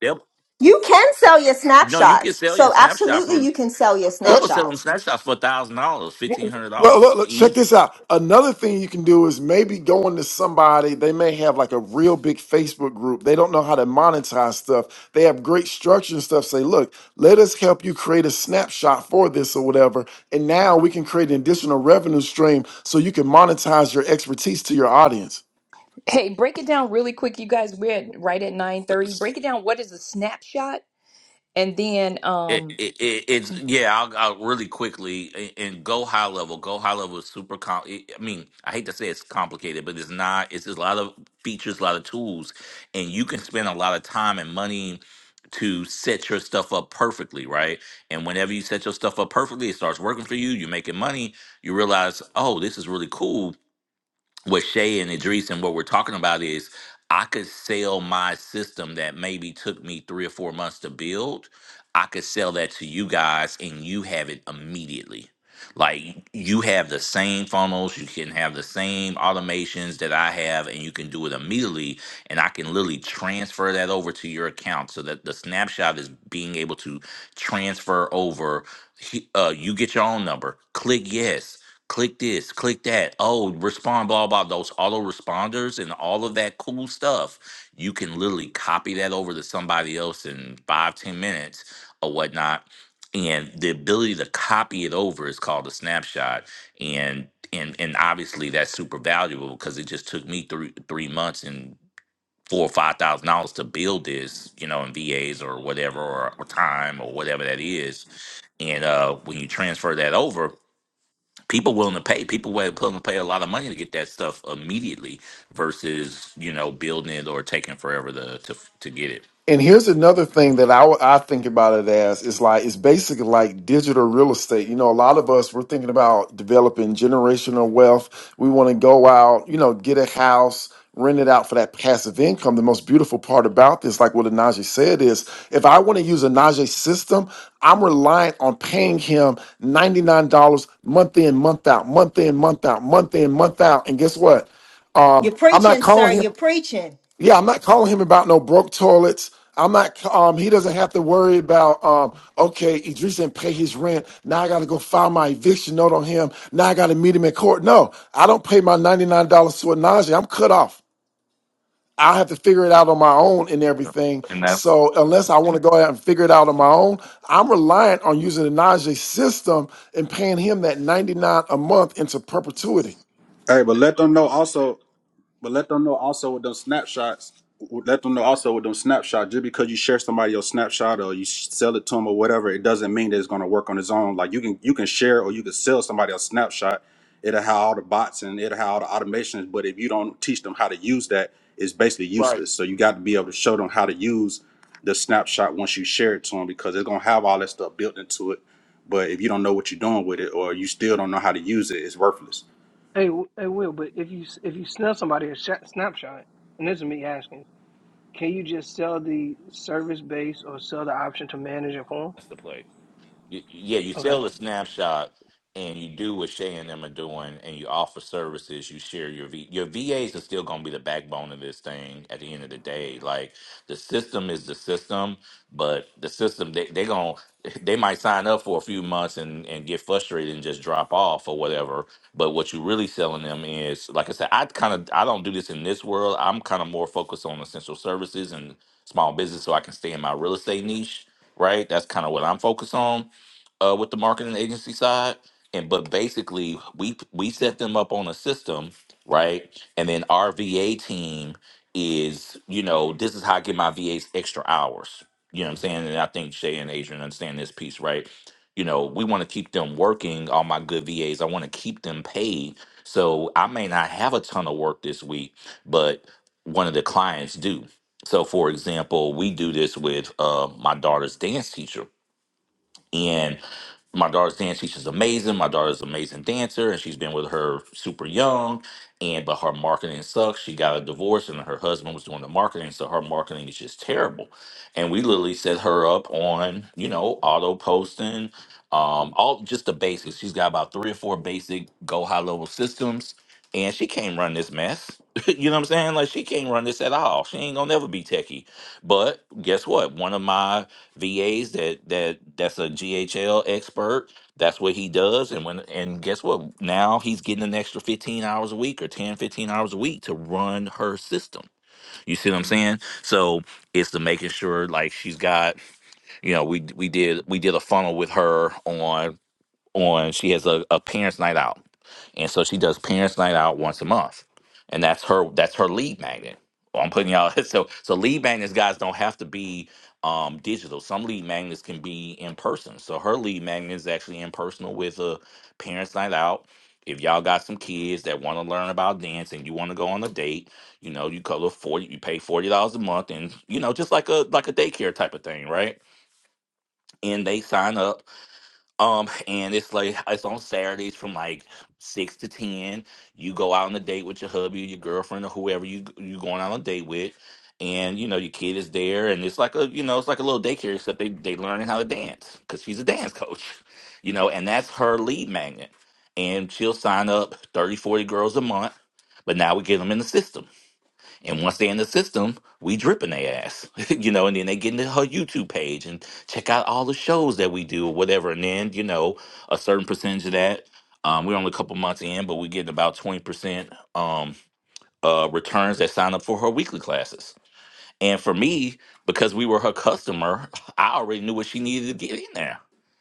M: them.
K: You can sell your
M: No, you can
K: snapshots.
M: sell your
K: So,
M: snapshot
K: absolutely,
M: for
K: you can sell your
M: people sell them
K: snapshots.
M: snapshots for a thousand dollars, fifteen hundred
G: Well, look,
M: dollars,
G: look, check
M: easy.
G: this out. Another thing you can do is maybe going to somebody. They may have like a real big Facebook group. They don't know how to monetize stuff. They have great structure and stuff. Say, look, let us help you create a snapshot for this or whatever. And now we can create an additional revenue stream so you can monetize your expertise to your audience.
C: Hey, break it down really quick, you guys. We're at, right at nine thirty. Break it down. What is a snapshot? And then,
M: It,
C: um,
M: it, it, it's yeah. I'll, I'll really quickly a- and go high level. Go high level is super. Com- it- I mean, I hate to say it's complicated, but it's not. It's just a lot of features, a lot of tools, and you can spend a lot of time and money to set your stuff up perfectly, right? And whenever you set your stuff up perfectly, it starts working for you. You're making money. You realize, oh, this is really cool what Shay and Idris and what we're talking about is I could sell my system that maybe took me three or four months to build. I could sell that to you guys and you have it immediately. Like you have the same funnels, you can have the same automations that I have, and you can do it immediately. And I can literally transfer that over to your account so that the snapshot is being able to transfer over. He- Uh, you get your own number, click yes click this, click that. Oh, respond, blah, blah. Those auto responders and all of that cool stuff. You can literally copy that over to somebody else in five, ten minutes or whatnot. And the ability to copy it over is called a snapshot. And and and obviously that's super valuable because it just took me three three months and four or five thousand dollars to build this, you know, in VAs or whatever or, or time or whatever that is. And uh when you transfer that over people willing to pay people were willing to pay a lot of money to get that stuff immediately versus you know building it or taking forever to to, to get it
G: And here's another thing that I, I think about it as is like it's basically like digital real estate. You know, a lot of us we're thinking about developing generational wealth. We want to go out, you know, get a house, rent it out for that passive income. The most beautiful part about this, like what Anaje said, is if I want to use a Anaje's system, I'm reliant on paying him ninety nine dollars month in, month out, month in, month out, month in, month out. And guess what? Um,
K: You're
G: I'm not
K: preaching, sir.
G: calling him.
K: You're preaching.
G: Yeah, I'm not calling him about no broke toilets. I'm not. Um, he doesn't have to worry about. Um, okay, Idris didn't pay his rent. Now I got to go file my eviction note on him. Now I got to meet him in court. No, I don't pay my ninety nine dollars to a Najee. I'm cut off. I have to figure it out on my own and everything.
M: and that's
G: So unless I want to go out and figure it out on my own, I'm reliant on using the Najee system and paying him that ninety nine a month into perpetuity.
P: Hey, but let them know also. But let them know also with those snapshots. Let them know also with them snapshots. Just because you share somebody your snapshot or you sell it to them or whatever, it doesn't mean that it's going to work on its own. Like you can you can share or you can sell somebody a snapshot. It'll have all the bots and it'll have all the automations. But if you don't teach them how to use that, it's basically
G: Right.
P: useless. So you got to be able to show them how to use the snapshot once you share it to them because it's going to have all that stuff built into it. But if you don't know what you're doing with it or you still don't know how to use it, it's worthless.
L: Hey, w- hey, Will. But if you s- if you snap somebody a shot, snapshot, and this is me asking, can you just sell the service base or sell the option to manage your phone?
M: that's the play you, yeah, you
L: Okay.
M: sell the snapshot and you do what Shay and them are doing and you offer services, you share your V your VAs are still gonna be the backbone of this thing at the end of the day. Like the system is the system, but the system they they gonna they might sign up for a few months and, and get frustrated and just drop off or whatever. But what you really selling them is like I said, I kind of I don't do this in this world. I'm kind of more focused on essential services and small business so I can stay in my real estate niche right? That's kind of what I'm focused on uh, with the marketing agency side. And but basically, we we set them up on a system, right? And then our VA team is, you know, this is how I get my VAs extra hours. You know what I'm saying? And I think Shay and Adrian understand this piece, right? You know, we want to keep them working. All my good VAs, I want to keep them paid. So I may not have a ton of work this week, but one of the clients do. So, for example, we do this with uh, my daughter's dance teacher and my daughter's dance teacher's amazing. My daughter's an amazing dancer, and she's been with her super young. And but her marketing sucks. She got a divorce, and her husband was doing the marketing, so her marketing is just terrible. And we literally set her up on you know auto posting, um, all just the basics. She's got about three or four basic go high level systems, and she can't run this mess. you know what I'm saying? Like she can't run this at all. She ain't gonna never be techie. But guess what? One of my VAs that that that's a GHL expert. That's what he does. And when and guess what? Now he's getting an extra 15 hours a week or 10 15 hours a week to run her system. You see what I'm saying? So it's the making sure like she's got, you know, we we did we did a funnel with her on on she has a, a parents night out and so she does parents night out once a month and that's her that's her lead magnet Well, i'm putting y'all so so lead magnets guys don't have to be um digital some lead magnets can be in person so her lead magnet is actually in personal with a parents night out if y'all got some kids that want to learn about dance and you want to go on a date you know you color 40 you pay $40 a month and you know just like a like a daycare type of thing right and they sign up um, and it's like it's on Saturdays from like six to ten. You go out on a date with your hubby, your girlfriend, or whoever you you going out on a date with, and you know your kid is there, and it's like a you know it's like a little daycare except they they learning how to dance because she's a dance coach, you know, and that's her lead magnet, and she'll sign up 30 40 girls a month, but now we get them in the system and once they're in the system, we dripping their ass, you know. And then they get into her YouTube page and check out all the shows that we do or whatever. And then you know, a certain percentage of that, um, we're only a couple months in, but we get about twenty percent um, uh, returns that sign up for her weekly classes. And for me, because we were her customer, I already knew what she needed to get in there.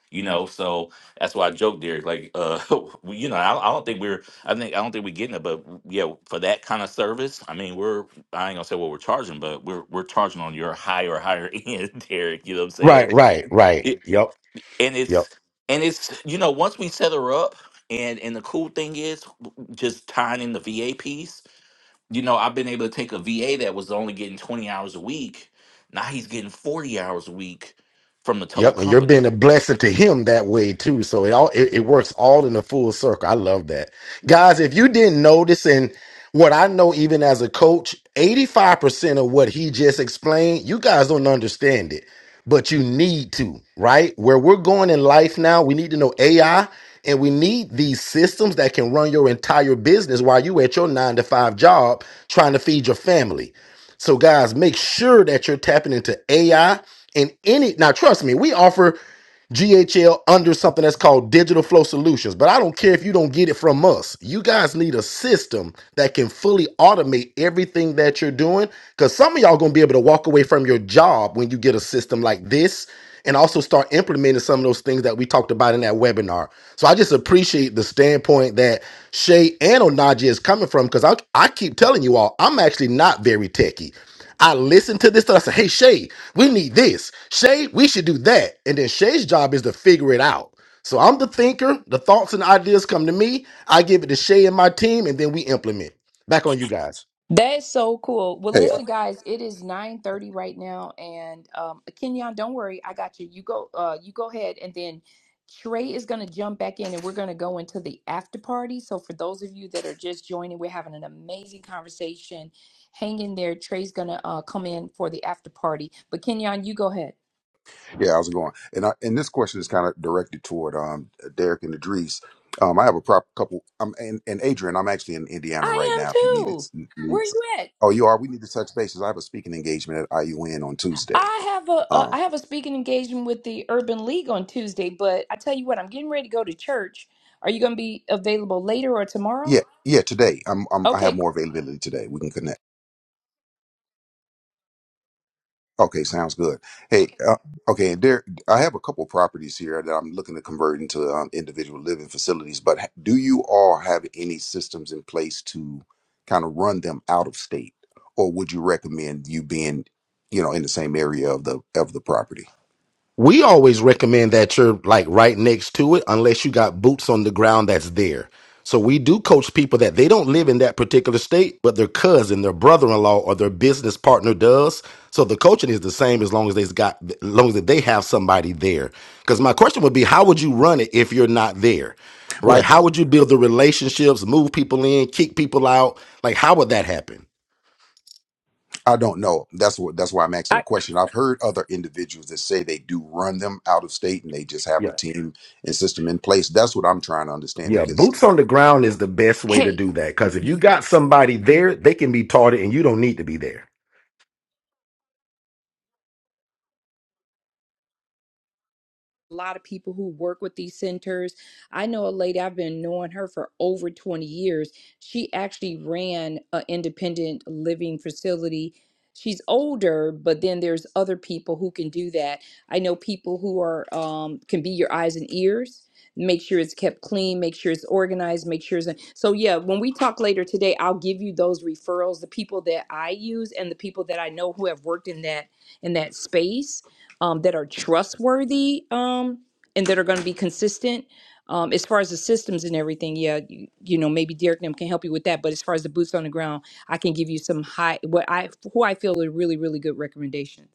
M: You know, so that's why I joked Derek. Like, uh, we- you know, I, I don't think we're, I think, I don't think we're getting it, but w- yeah, for that kind of service, I mean, we're, I ain't gonna say what we're charging, but we're, we're charging on your higher, higher end, Derek. You know what I'm saying?
J: right, right, right.
M: It,
J: Yep,
M: and
J: yep.
M: it's, and it's, you know, once we set her up, and and the cool thing is, w- just tying in the VA piece. You know, I've been able to take a VA that was only getting 20 hours a week. Now he's getting 40 hours a week from the total
J: Yep, and you're
M: company.
J: being a blessing to him that way too. So it all it, it works all in a full circle. I love that. Guys, if you didn't notice and what I know even as a coach, 85% of what he just explained, you guys don't understand it, but you need to, right? Where we're going in life now, we need to know AI and we need these systems that can run your entire business while you at your 9 to 5 job trying to feed your family. So, guys, make sure that you're tapping into AI and any. Now, trust me, we offer GHL under something that's called Digital Flow Solutions, but I don't care if you don't get it from us. You guys need a system that can fully automate everything that you're doing because some of y'all going to be able to walk away from your job when you get a system like this and also start implementing some of those things that we talked about in that webinar. So I just appreciate the standpoint that Shay and Onaji is coming from because I, I keep telling you all, I'm actually not very techy. I listen to this stuff. I say, hey, Shay, we need this. Shay, we should do that. And then Shay's job is to figure it out. So I'm the thinker. The thoughts and ideas come to me. I give it to Shay and my team, and then we implement. Back on you guys.
C: that is so cool. Well,
O: hey, uh,
C: listen, guys, it is nine thirty right now, and um, Kenyon, don't worry, I got you. You go, uh, you go ahead, and then Trey is gonna jump back in, and we're gonna go into the after party. So, for those of you that are just joining, we're having an amazing conversation. Hang in there. Trey's gonna uh, come in for the after party, but Kenyon, you go ahead.
O: yeah, how's it going? And I, and this question is kind of directed toward um Derek and Idris. Um, I have a prop couple. I'm and, and Adrian. I'm actually in Indiana right
C: I am
O: now. If you need it,
C: too.
O: you need
C: Where
O: some-
C: you at?
O: oh, you are. We need to touch bases. I have a speaking engagement at IUN on Tuesday.
C: I have a, a
O: Um,
C: I have a speaking engagement with the Urban League on Tuesday, but I tell you what, I'm getting ready to go to church. Are you going to be available later or tomorrow?
O: yeah, yeah, today. I'm, I'm I have
C: Okay.
O: more availability today. We can connect. Okay, sounds good. Hey, uh, okay, and there, I have a couple properties here that I'm looking to convert into um, individual living facilities, but ha- do you all have any systems in place to kind of run them out of state? Or would you recommend you being, you know, in the same area of the of the property?
J: we always recommend that you're like right next to it unless you got boots on the ground that's there so we do coach people that they don't live in that particular state but their cousin their brother-in-law or their business partner does so the coaching is the same as long as they've got as long as they have somebody there because my question would be how would you run it if you're not there right
O: Well,
J: how would you build the relationships move people in kick people out like how would that happen
O: I don't know. That's what that's why I'm asking the
C: I
O: question. I've heard other individuals that say they do run them out of state and they just have a team and system in place. That's what I'm trying to understand
J: Yeah,
O: because
J: boots on the ground is the best way to
C: hey.
J: do that because if you got somebody there, they can be taught it and you don't need to be there.
C: a lot of people who work with these centers. I know a lady, I've been knowing her for over 20 years. She actually ran an independent living facility. She's older, but then there's other people who can do that. I know people who are um, can be your eyes and ears. Make sure it's kept clean. Make sure it's organized. Make sure it's so. Yeah, when we talk later today, I'll give you those referrals, the people that I use and the people that I know who have worked in that in that space um, that are trustworthy um, and that are going to be consistent. Um, as far as the systems and everything, yeah, you, you know, maybe Derek and them can help you with that. But as far as the boots on the ground, I can give you some high, what I, who I feel are really, really good recommendations.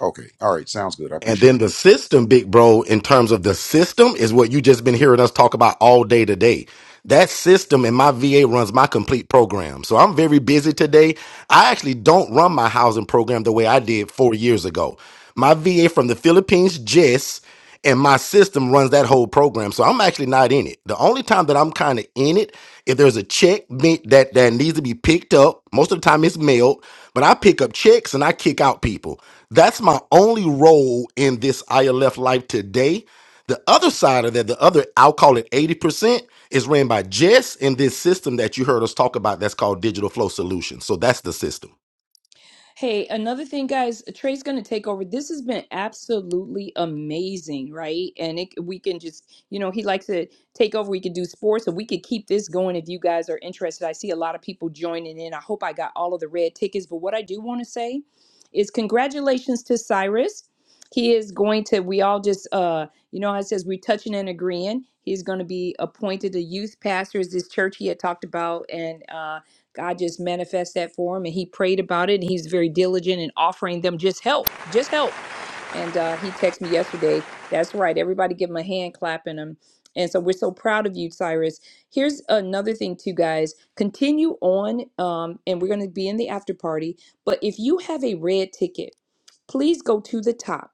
O: okay, all right, sounds good. I
J: And
O: appreciate it.
J: then the system, big bro, in terms of the system, is what you just been hearing us talk about all day today. That system in my VA runs my complete program. So I'm very busy today. I actually don't run my housing program the way I did four years ago. My VA from the Philippines, Jess, and my system runs that whole program. So I'm actually not in it. The only time that I'm kind of in it, if there's a check me- that, that needs to be picked up, most of the time it's mailed, but I pick up checks and I kick out people. That's my only role in this ILF life today. The other side of that, the other, I'll call it 80%. It's ran by Jess and this system that you heard us talk about that's called Digital Flow Solutions. So that's the system.
C: Hey, another thing, guys, Trey's going to take over. This has been absolutely amazing, right? And it, we can just, you know, he likes to take over. We could do sports, and we could keep this going if you guys are interested. I see a lot of people joining in. I hope I got all of the red tickets. But what I do want to say is congratulations to Cyrus. He is going to, we all just, uh, you know, how it says we're touching and agreeing. He's going to be appointed a youth pastor as this church he had talked about. And, uh, God just manifests that for him, and he prayed about it. And he's very diligent in offering them just help, just help. And uh, he texted me yesterday. That's right. Everybody give him a hand clap in him. And so we're so proud of you, Cyrus. Here's another thing, too, guys. Continue on, um, and we're going to be in the after party. But if you have a red ticket, please go to the top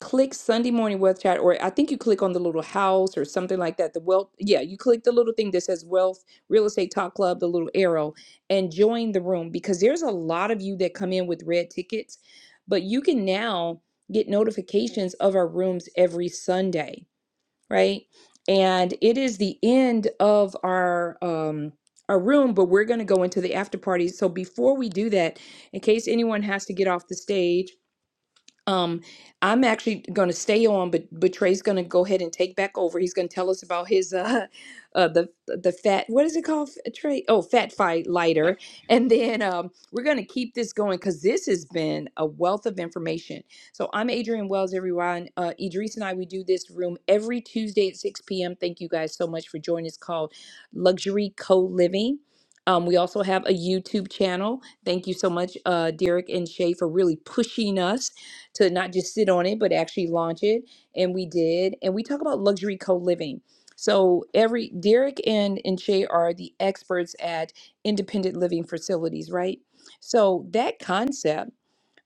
C: click Sunday morning wealth chat, or I think you click on the little house or something like that. The wealth, yeah, you click the little thing that says wealth real estate talk club, the little arrow, and join the room because there's a lot of you that come in with red tickets, but you can now get notifications of our rooms every Sunday, right? And it is the end of our um our room, but we're going to go into the after party. So before we do that, in case anyone has to get off the stage um, I'm actually going to stay on, but but Trey's going to go ahead and take back over. He's going to tell us about his uh, uh the the fat what is it called F- Trey? Oh, fat fight lighter, and then um, we're going to keep this going because this has been a wealth of information. So I'm Adrian Wells, everyone. Uh, Idris and I we do this room every Tuesday at 6 p.m. Thank you guys so much for joining. It's called Luxury Co Living. Um, we also have a YouTube channel. Thank you so much, uh, Derek and Shay, for really pushing us to not just sit on it, but actually launch it. And we did. And we talk about luxury co living. So every Derek and and Shay are the experts at independent living facilities, right? So that concept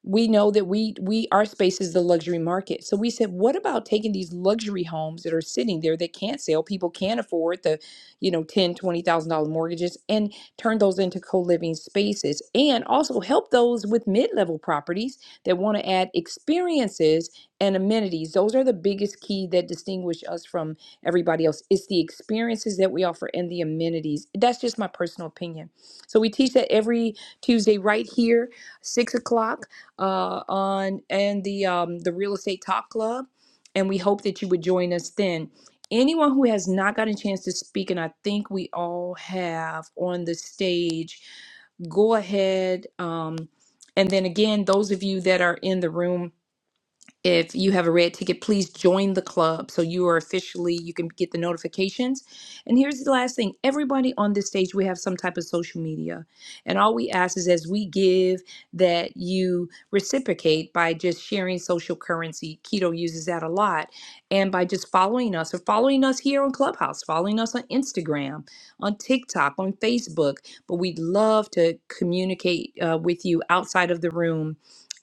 C: we know that we we our space is the luxury market so we said what about taking these luxury homes that are sitting there that can't sell people can't afford the you know ten twenty thousand thousand dollar mortgages and turn those into co-living spaces and also help those with mid-level properties that want to add experiences and amenities those are the biggest key that distinguish us from everybody else it's the experiences that we offer and the amenities that's just my personal opinion so we teach that every tuesday right here six o'clock uh, on and the um, the real estate talk club, and we hope that you would join us then. Anyone who has not gotten a chance to speak, and I think we all have on the stage, go ahead. Um, and then again, those of you that are in the room if you have a red ticket, please join the club so you are officially, you can get the notifications. And here's the last thing everybody on this stage, we have some type of social media. And all we ask is as we give, that you reciprocate by just sharing social currency. Keto uses that a lot. And by just following us or following us here on Clubhouse, following us on Instagram, on TikTok, on Facebook. But we'd love to communicate uh, with you outside of the room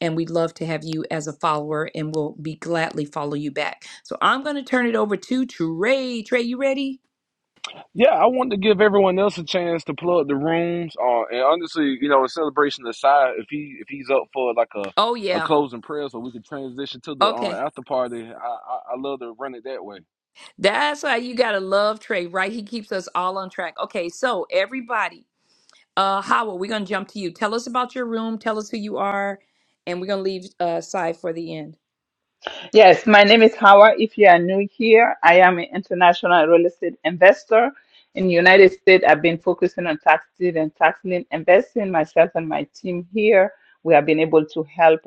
C: and we'd love to have you as a follower and we'll be gladly follow you back. So I'm going to turn it over to Trey. Trey, you ready?
B: Yeah, I wanted to give everyone else a chance to plug the rooms. Uh, and honestly, you know, a celebration aside, if he if he's up for like a
C: Oh
B: a
C: yeah.
B: closing prayer, so we can transition to the uh,
C: Okay.
B: after party. I, I I love to run it that way.
C: That's why you got to love Trey, right? He keeps us all on track. Okay, so everybody, uh Howard, we're going to jump to you. Tell us about your room, tell us who you are, and we're going to leave uh side for the end.
E: Yes, my name is Hawa. If you are new here, I am an international real estate investor. In the United States, I've been focusing on tax deed and tax lien investing. Myself and my team here, we have been able to help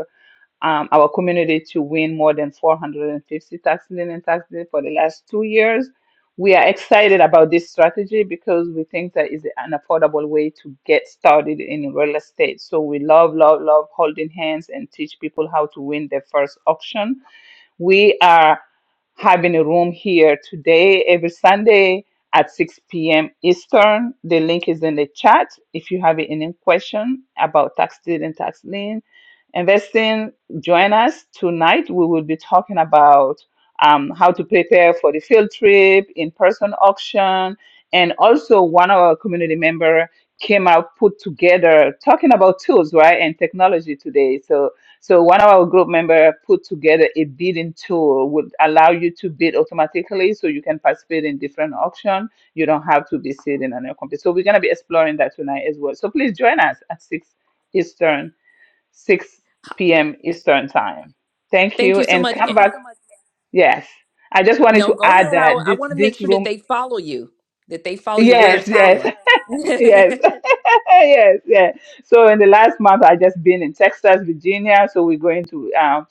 E: um, our community to win more than 450 tax lien and tax deed for the last two years. We are excited about this strategy because we think that is an affordable way to get started in real estate. So we love, love, love holding hands and teach people how to win their first auction we are having a room here today, every Sunday at 6 p.m. Eastern. The link is in the chat. If you have any question about tax deed and tax lien investing, join us tonight. We will be talking about um, how to prepare for the field trip, in-person auction, and also one of our community member came out put together talking about tools, right, and technology today. So so one of our group member put together a bidding tool would allow you to bid automatically so you can participate in different auction. You don't have to be sitting on your computer. So we're gonna be exploring that tonight as well. So please join us at six Eastern, six PM Eastern time. Thank
C: Thank
E: you
C: you so
E: and
C: much.
E: come back. Yes. I just wanted
C: No,
E: to
C: go
E: add
C: ahead. I,
E: that
C: I
E: this
C: want to make
E: this
C: sure that
E: room
C: they follow you, that they follow you. Where
E: yes,
C: is Hawa?
E: yes. Yes, yes, yes. So in the last month, I just been in Texas, Virginia. So we're going to um,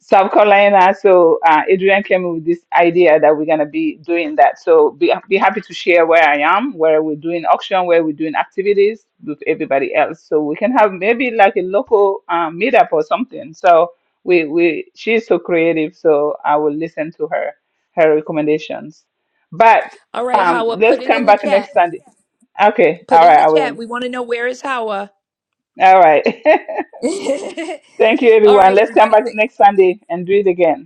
E: South Carolina. So uh, Adrian came up with this idea that we're gonna be doing that. So be, be happy to share where I am, where we're doing auction, where we're doing activities with everybody else. So we can have maybe like a local um, meetup or something. So we we she's so creative. So I will listen to her her recommendations. But
C: All right,
E: um,
C: Hawa, put
E: let's
C: it
E: come
C: in the
E: back
C: chat.
E: next Sunday. Okay,
C: Put
E: all
C: in
E: right,
C: the
E: I
C: chat.
E: will.
C: We want to know where is Hawa.
E: All right. Thank you,
C: All
E: everyone.
C: right,
E: Let's come
C: everybody.
E: back
C: Th-
E: next Sunday and do it again.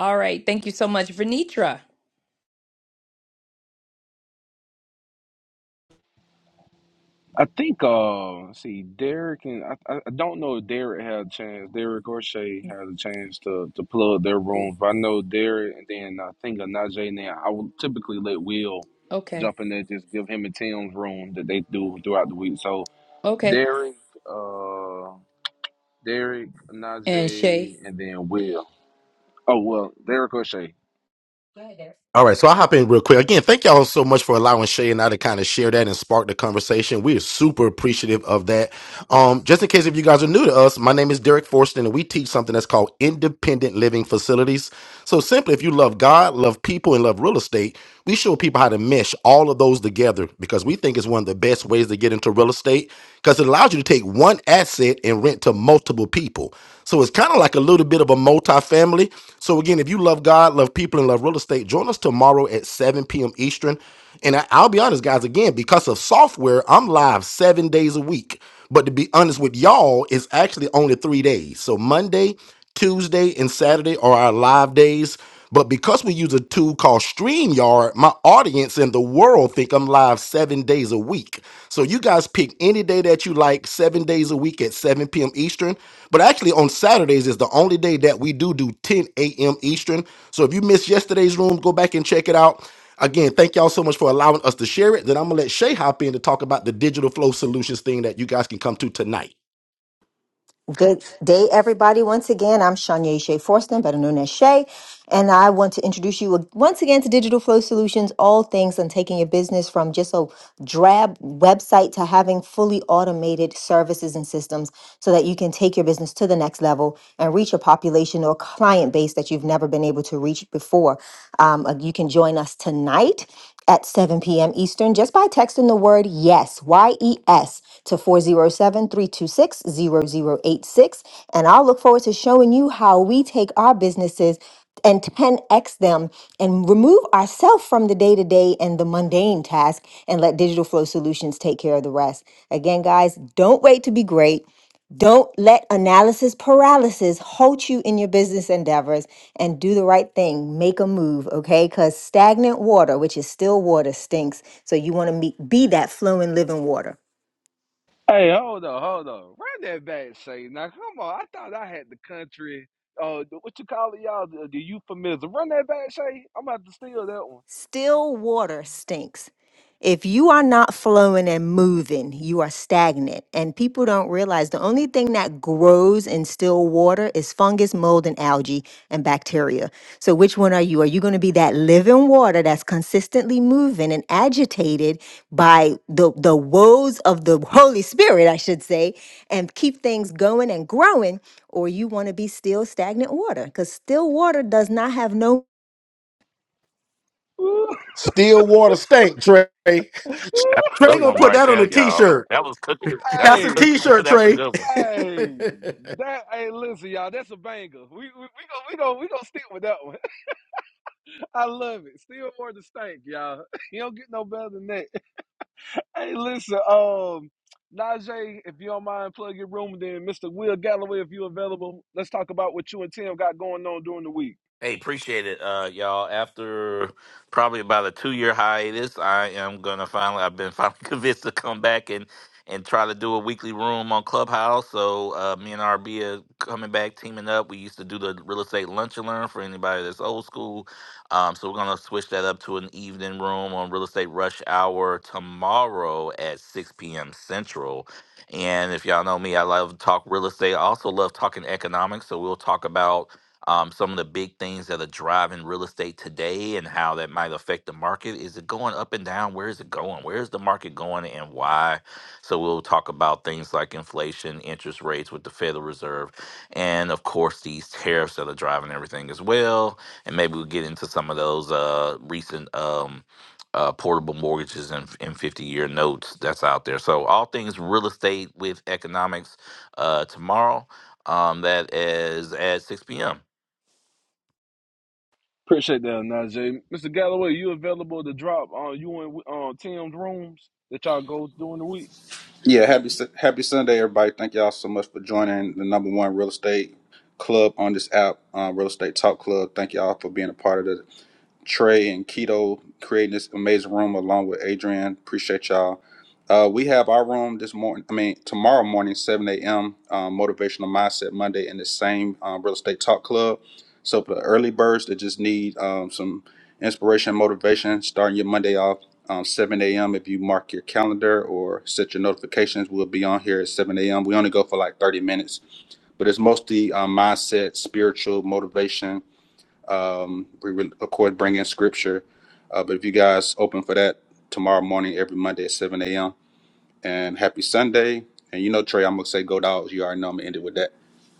C: All right. Thank you so much, Venitra.
B: I think uh let's see Derek and I, I I don't know if Derek had a chance. Derek or Shay had a chance to to plug their
C: Cool.
B: rooms, but I know Derek and then I think of Najee now. I would typically let Will
C: Okay.
B: jump in there, just give him and Tim's room that they do throughout the week. So
C: Okay.
B: Derek, uh Derek,
C: And Shay.
B: Najee, and then Will. Oh well, Derek or Shay.
J: All right, so I'll hop in real quick. Again, thank y'all so much for allowing Shay and I to kind of share that and spark the conversation. We are super appreciative of that. Um, just in case if you guys are new to us, my name is Derek Forston, and we teach something that's called independent living facilities. So simply, if you love God, love people, and love real estate, we show people how to mesh all of those together because we think it's one of the best ways to get into real estate because it allows you to take one asset and rent to multiple people. So it's kind of like a little bit of a multi-family. So again, if you love God, love people, and love real estate, join us tomorrow at 7 p.m. Eastern. And I, I'll be honest, guys, again, because of software, I'm live seven days a week. But to be honest with y'all, it's actually only three days. So Monday Tuesday and Saturday are our live days. But because we use a tool called StreamYard, my audience and the world think I'm live seven days a week. So you guys pick any day that you like, seven days a week at 7 p.m. Eastern. But actually, on Saturdays is the only day that we do do 10 a.m. Eastern. So if you missed yesterday's room, go back and check it out. Again, thank y'all so much for allowing us to share it. Then I'm gonna let Shay hop in to talk about the digital flow solutions thing that you guys can come to tonight.
K: Good day, everybody. Once again, I'm Shanya Shea Forston, better known as Shay, and I want to introduce you once again to Digital Flow Solutions, all things on taking your business from just a drab website to having fully automated services and systems so that you can take your business to the next level and reach a population or client base that you've never been able to reach before. Um, uh, you can join us tonight at 7 p.m. Eastern just by texting the word YES, Y E S, to four zero seven three two six zero zero eight six, And I'll look forward to showing you how we take our businesses and 10x them and remove ourselves from the day to day and the mundane task and let Digital Flow Solutions take care of the rest. Again, guys, don't wait to be great. Don't let analysis paralysis halt you in your business endeavors and do the right thing. Make a move, okay? Because stagnant water, which is still water, stinks. So you want to be that flowing, living water.
B: Hey, hold on, hold on. Run that back, Shay. Now, come on. I thought I had the country. Uh, the- what you call it, y'all? The, the euphemism. Run that back, Shay. I'm about to steal that one.
K: Still water stinks. If you are not flowing and moving, you are stagnant. And people don't realize the only thing that grows in still water is fungus, mold, and algae and bacteria. So, which one are you? Are you going to be that living water that's consistently moving and agitated by the, the woes of the Holy Spirit, I should say, and keep things going and growing? Or you want to be still stagnant water? Because still water does not have no
B: Ooh.
J: Still water stink, Trey. Trey
M: That's a good
J: gonna
M: one
J: put
M: right
J: that on
M: there,
J: a
M: y'all.
J: t-shirt.
M: That was cooking. That's a
J: That's a
B: hey,
M: cooking.
J: t-shirt,
M: That's a
J: Trey.
M: good one.
J: Hit
B: hey, that. Hey, listen, y'all. That's a banger. We we we gonna we gonna we gonna stick with that one. I love it. Still more distinct, y'all. You don't get no better than that. Hey, listen, um, Najee, if you don't mind, plug your room. Then Mr. Will Galloway, if you're available, let's talk about what you and Tim got going on during the week.
M: Hey, appreciate it, uh, y'all. After probably about a two year hiatus, I am gonna finally. I've been finally convinced to come back and and try to do a weekly room on Clubhouse. So uh, me and RB are coming back, teaming up. We used to do the real estate lunch and learn for anybody that's old school. Um, so we're gonna switch that up to an evening room on real estate rush hour tomorrow at six p.m. Central. And if y'all know me, I love to talk real estate. I also love talking economics. So we'll talk about um, some of the big things that are driving real estate today and how that might affect the market. Is it going up and down? Where is it going? Where is the market going and why? So we'll talk about things like inflation, interest rates with the Federal Reserve, and of course these tariffs that are driving everything as well. And maybe we'll get into some of those uh, recent. Um, uh, portable mortgages and, and 50 year notes that's out there. So, all things real estate with economics uh, tomorrow. Um, that is at 6 p.m.
B: Appreciate that, Najee. Mr. Galloway, you available to drop on you and uh, Tim's rooms that y'all go during the week?
P: Yeah, happy Su- happy Sunday, everybody. Thank y'all so much for joining the number one real estate club on this app, uh, Real Estate Talk Club. Thank y'all for being a part of this. Trey and Keto creating this amazing room along with Adrian. Appreciate y'all. Uh, we have our room this morning. I mean, tomorrow morning, 7 a.m. Um, Motivational Mindset Monday in the same um, real estate talk club. So for the early birds that just need um, some inspiration, and motivation, starting your Monday off um, 7 a.m. If you mark your calendar or set your notifications, we'll be on here at 7 a.m. We only go for like 30 minutes, but it's mostly um, mindset, spiritual motivation, um, we will, of course, bring in scripture. Uh, but if you guys open for that tomorrow morning, every Monday at 7 a.m. And happy Sunday. And you know, Trey, I'm gonna say go dogs. You already know I'm gonna end it with that.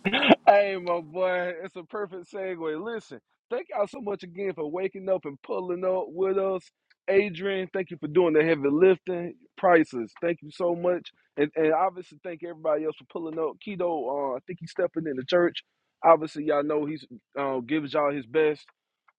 B: Hey, my boy, it's a perfect segue. Listen, thank y'all so much again for waking up and pulling up with us. Adrian, thank you for doing the heavy lifting. Prices, thank you so much. And, and obviously, thank everybody else for pulling up. Keto, uh, I think he's stepping in the church. Obviously, y'all know he's uh, gives y'all his best.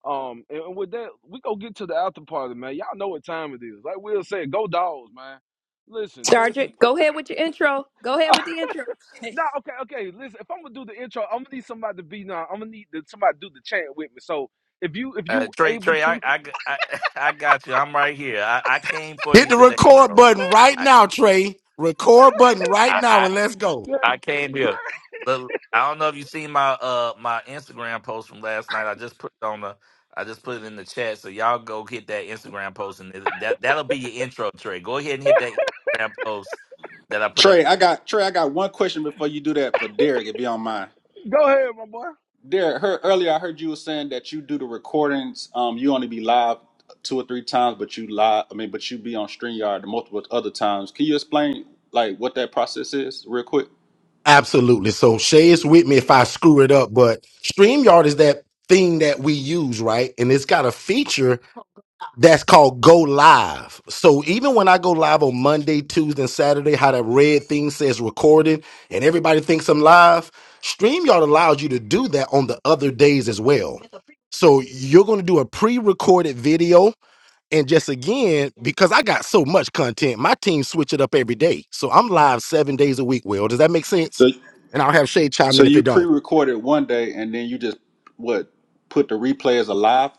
B: Um, and, and with that, we go get to the after party, man. Y'all know what time it is. Like Will said, go dogs, man. Listen, Texas.
C: Sergeant, go ahead with your intro. Go ahead with the intro.
B: No, okay, okay. Listen, if I'm gonna do the intro, I'm gonna need somebody to be now. I'm gonna need the, somebody to do the chant with me. So if you if
M: Uh,
B: you
M: Trey,
B: able
M: Trey, I,
B: to,
M: I, g- I, I got you. I'm right here. I, I came for you
J: the
M: today,
J: record
M: bro.
J: button right
M: I,
J: now, Trey. Record button right
M: I,
J: now
M: I,
J: and let's go.
B: go
M: I came here. Look, I don't know if you seen my uh my Instagram post from last night. I just put it on the, I just put it in the chat. So y'all go hit that Instagram post, and it- that that'll be your intro, Trey. Go ahead and hit that Instagram post that I put
P: Trey,
M: up.
P: I got Trey, I got one question before you do that for Derek, if you don't mind.
B: ahead, my boy.
P: Derek, her, earlier I heard you were saying that you do the recordings. Um, you only be live two or three times, but you live. I mean, but you be on Streamyard multiple other times. Can you explain like what that process is, real quick?
J: Absolutely. So Shay is with me if I screw it up, but StreamYard is that thing that we use, right? And it's got a feature That's called go live. So even when I go live on Monday, Tuesday, and Saturday, how that red thing says recorded and everybody thinks I'm live, StreamYard allows you to do that on the other days as well. So you're going to do a pre-recorded video. And just again, because I got so much content, my team switch it up every day. So I'm live seven days a week, Will. Does that make sense?
P: So
J: And I'll have Shay chime
P: So
J: in if
P: you
J: it don't.
P: pre-recorded one day, and then you just what put the replay as a live,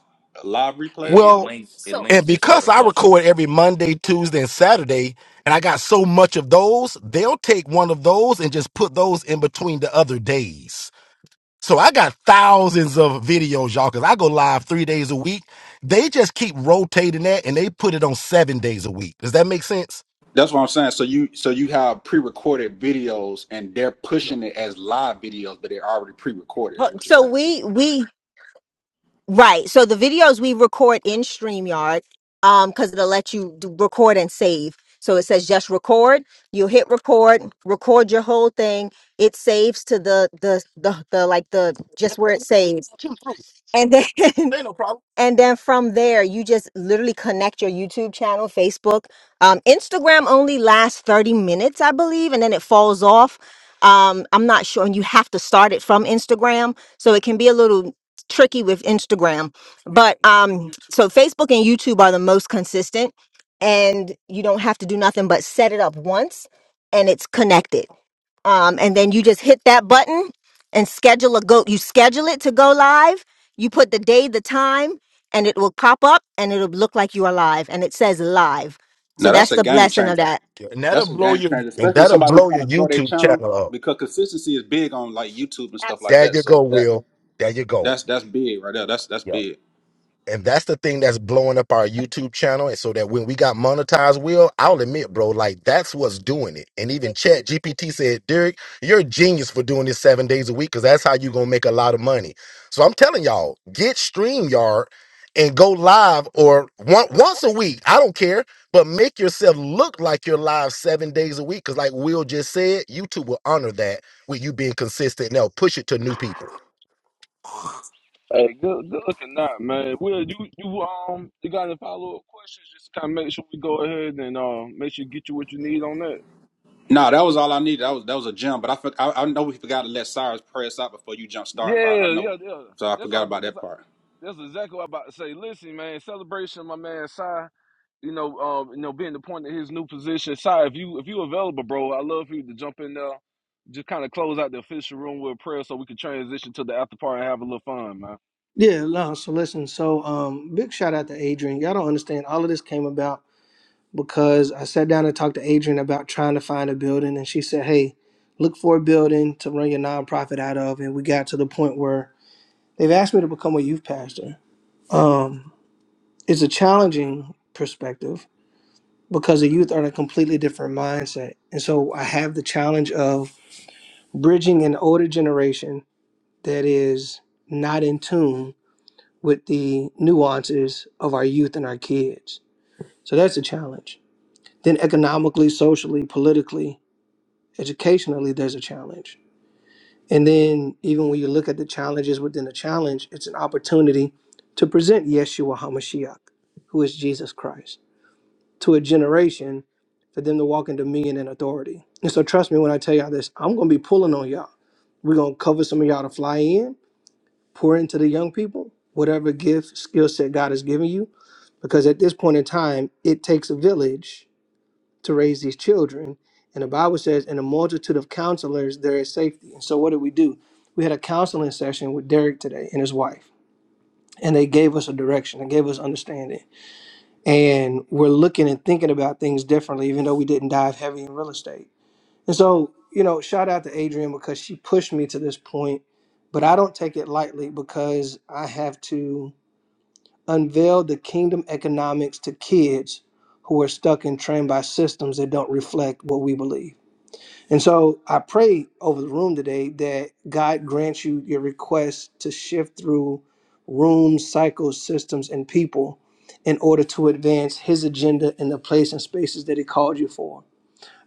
P: a live
M: It,
P: replay.
M: it
J: Well,
M: links it links
J: And
M: to his other
J: because I record
M: socials.
J: every Monday, Tuesday, and Saturday, and I got so much of those, they'll take one of those and just put those in between the other days. So I got thousands of videos, y'all, because I go live three days a week. They just keep rotating that and they put it on seven days a week. Does that make sense?
P: That's what I'm saying. So you so you have pre-recorded videos, and they're pushing it as live videos, but they're already pre-recorded.
J: Well,
P: Is what you're
J: So
P: saying?
J: we we Right. So the videos we record in StreamYard, um, because it'll let you do record and save. So it says just record. You hit record, record your whole thing. It saves to the the the, the like the just where it saves. And then and then from there you just literally connect your YouTube channel, Facebook. Um, Instagram only lasts 30 minutes, I believe, and then it falls off. Um, I'm not sure, and you have to start it from Instagram. So it can be a little tricky with Instagram, but um, so Facebook and YouTube are the most consistent, and you don't have to do nothing but set it up once, and it's connected. Um, and then you just hit that button and schedule a go. You schedule it to go live. You put the day, the time, and it will pop up, and it'll look like you are live, and it says live. So
P: Now that's
J: that's
P: a
J: the
P: game
J: blessing of
P: changer.
J: that. Yeah, And that'll
P: That's a
J: blow
P: game
J: your
P: changer,
J: and
P: especially
J: that'll
P: somebody who's
J: blow
P: trying
J: your
P: to grow their
J: YouTube
P: channel
J: channel up.
P: because consistency is big on like YouTube and stuff like
J: There
P: that.
J: you go,
P: So that
J: Will. There you go.
P: that's that's big right there. That's that's big.
J: and that's the thing that's blowing up our YouTube channel. And so that when we got monetized, Will, I'll admit, bro, like that's what's doing it. And even Chat GPT said, Derek, you're a genius for doing this seven days a week because that's how you're gonna make a lot of money. So I'm telling y'all, get StreamYard and go live or one, once a week. I don't care, but make yourself look like you're live seven days a week. Cause like Will just said, YouTube will honor that with you being consistent and they'll push it to new people.
B: Hey, good, good looking out, man. Will you you um you got any follow up questions? Just kind of make sure we go ahead and uh make sure you get you what you need on that.
P: No, that was all I needed. That was that was a gem, but I for, I, I know we forgot to let Cyrus pray us out before you jump start. But I, I
B: Yeah,
P: know,
B: yeah, yeah.
P: so I
B: That's what I
P: forgot
B: was-
P: about
B: that's,
P: that part.
B: that's exactly what I'm about to say. Listen, man, celebration, my man. Si. you know, um, you know, being appointed his new position. Sorry, if you if you available, bro, I love for you to jump in there. Just kind of close out the official room with a prayer so we can transition to the after party and have a little fun, man.
L: Yeah, no, so listen, so um big shout out to Adrian. Y'all don't understand. All of this came about because I sat down and talked to Adrian about trying to find a building and she said, Hey, look for a building to run your nonprofit out of and we got to the point where They've asked me to become a youth pastor. Um, it's a challenging perspective because the youth are in a completely different mindset. And so I have the challenge of bridging an older generation that is not in tune with the nuances of our youth and our kids. So that's a challenge. Then economically, socially, politically, educationally, there's a challenge And then, even when you look at the challenges within the challenge, it's an opportunity to present Yeshua HaMashiach, who is Jesus Christ, to a generation for them to walk in dominion and authority. And so, trust me when I tell y'all this, I'm going to be pulling on y'all. We're going to cover some of y'all to fly in, pour into the young people, whatever gift, skill set God has given you. Because at this point in time, it takes a village to raise these children. And the Bible says, in a multitude of counselors, there is safety. And so, what did we do? We had a counseling session with Derek today and his wife, and they gave us a direction and gave us understanding. And we're looking and thinking about things differently, even though we didn't dive heavy in real estate. And so, you know, shout out to Adrienne because she pushed me to this point, but I don't take it lightly because I have to unveil the kingdom economics to kids who are stuck and trained by systems that don't reflect what we believe. And so I pray over the room today that God grants you your request to shift through rooms, cycles, systems, and people in order to advance his agenda in the place and spaces that he called you for.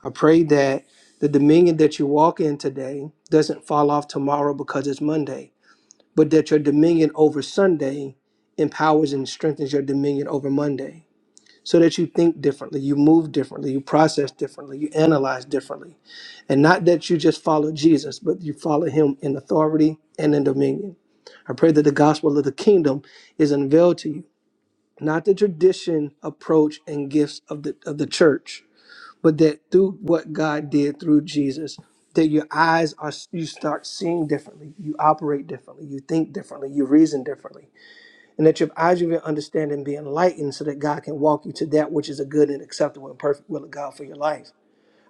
L: I pray that the dominion that you walk in today doesn't fall off tomorrow because it's Monday, but that your dominion over Sunday empowers and strengthens your dominion over Monday so that you think differently, you move differently, you process differently, you analyze differently. And not that you just follow Jesus, but you follow him in authority and in dominion. I pray that the gospel of the kingdom is unveiled to you, not the tradition, approach, and gifts of the of the church, but that through what God did through Jesus, that your eyes are you start seeing differently, you operate differently, you think differently, you reason differently and that your eyes of your understanding be enlightened so that God can walk you to that which is a good and acceptable and perfect will of God for your life.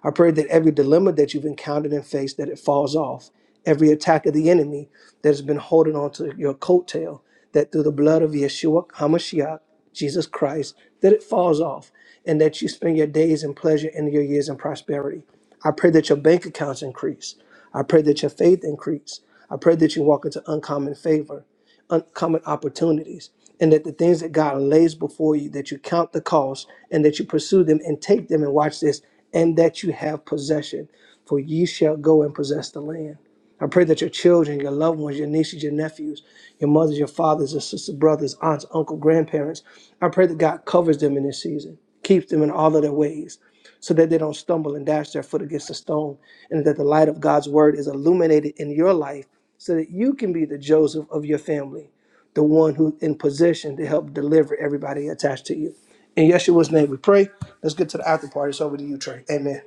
L: I pray that every dilemma that you've encountered and faced, that it falls off. Every attack of the enemy that has been holding on to your coattail, that through the blood of Yeshua HaMashiach, Jesus Christ, that it falls off and that you spend your days in pleasure and your years in prosperity. I pray that your bank accounts increase. I pray that your faith increase. I pray that you walk into uncommon favor uncommon opportunities and that the things that God lays before you, that you count the cost and that you pursue them and take them and watch this, and that you have possession, for ye shall go and possess the land. I pray that your children, your loved ones, your nieces, your nephews, your mothers, your fathers, your sisters, brothers, aunts, uncle, grandparents, I pray that God covers them in this season, keeps them in all of their ways, so that they don't stumble and dash their foot against a stone, and that the light of God's word is illuminated in your life so that you can be the Joseph of your family, the one who in position to help deliver everybody attached to you. In Yeshua's name we pray. Let's get to the after party. It's over to you, Trey. Amen.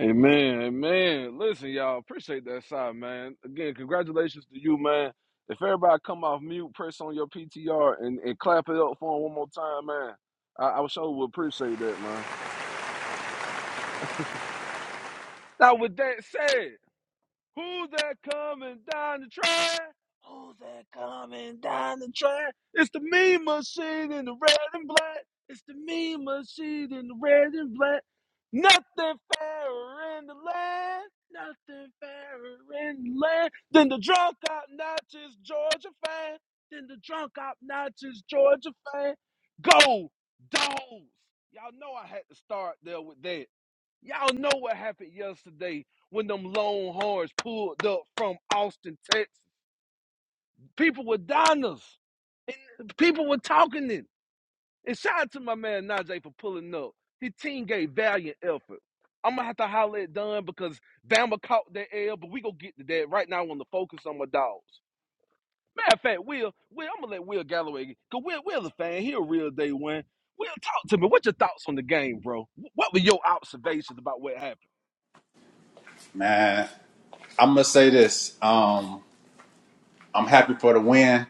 B: Amen, amen. Listen, y'all, appreciate that side, man. Again, congratulations to you, man. If everybody come off mute, press on your PTR and, and clap it up for him one more time, man. I, I sure would appreciate that, man. Now, with that said, Who's that coming down the track? Who's that coming down the track? It's the meme machine in the red and black. It's the meme machine in the red and black. Nothing fairer in the land. Nothing fairer in the land than the drunk obnoxious Georgia fan. Than the drunk obnoxious Georgia fan. Go, dogs. Y'all know I had to start there with that. Y'all know what happened yesterday when them Longhorns pulled up from Austin, Texas. People were diners. And people were talking then. And shout out to my man Najee for pulling up. His team gave valiant effort. I'm gonna have to holler at Dunn because Bama caught that L, but we gonna get to that. Right now I wanna focus on my dogs. Matter of fact, Will, Will, I'm gonna let Will Galloway get- cause Will Will's a fan, he a real day one. Will, talk to me. What your thoughts on the game, bro? What were your observations about what happened?
P: Man, I'm gonna say this. Um, I'm happy for the win,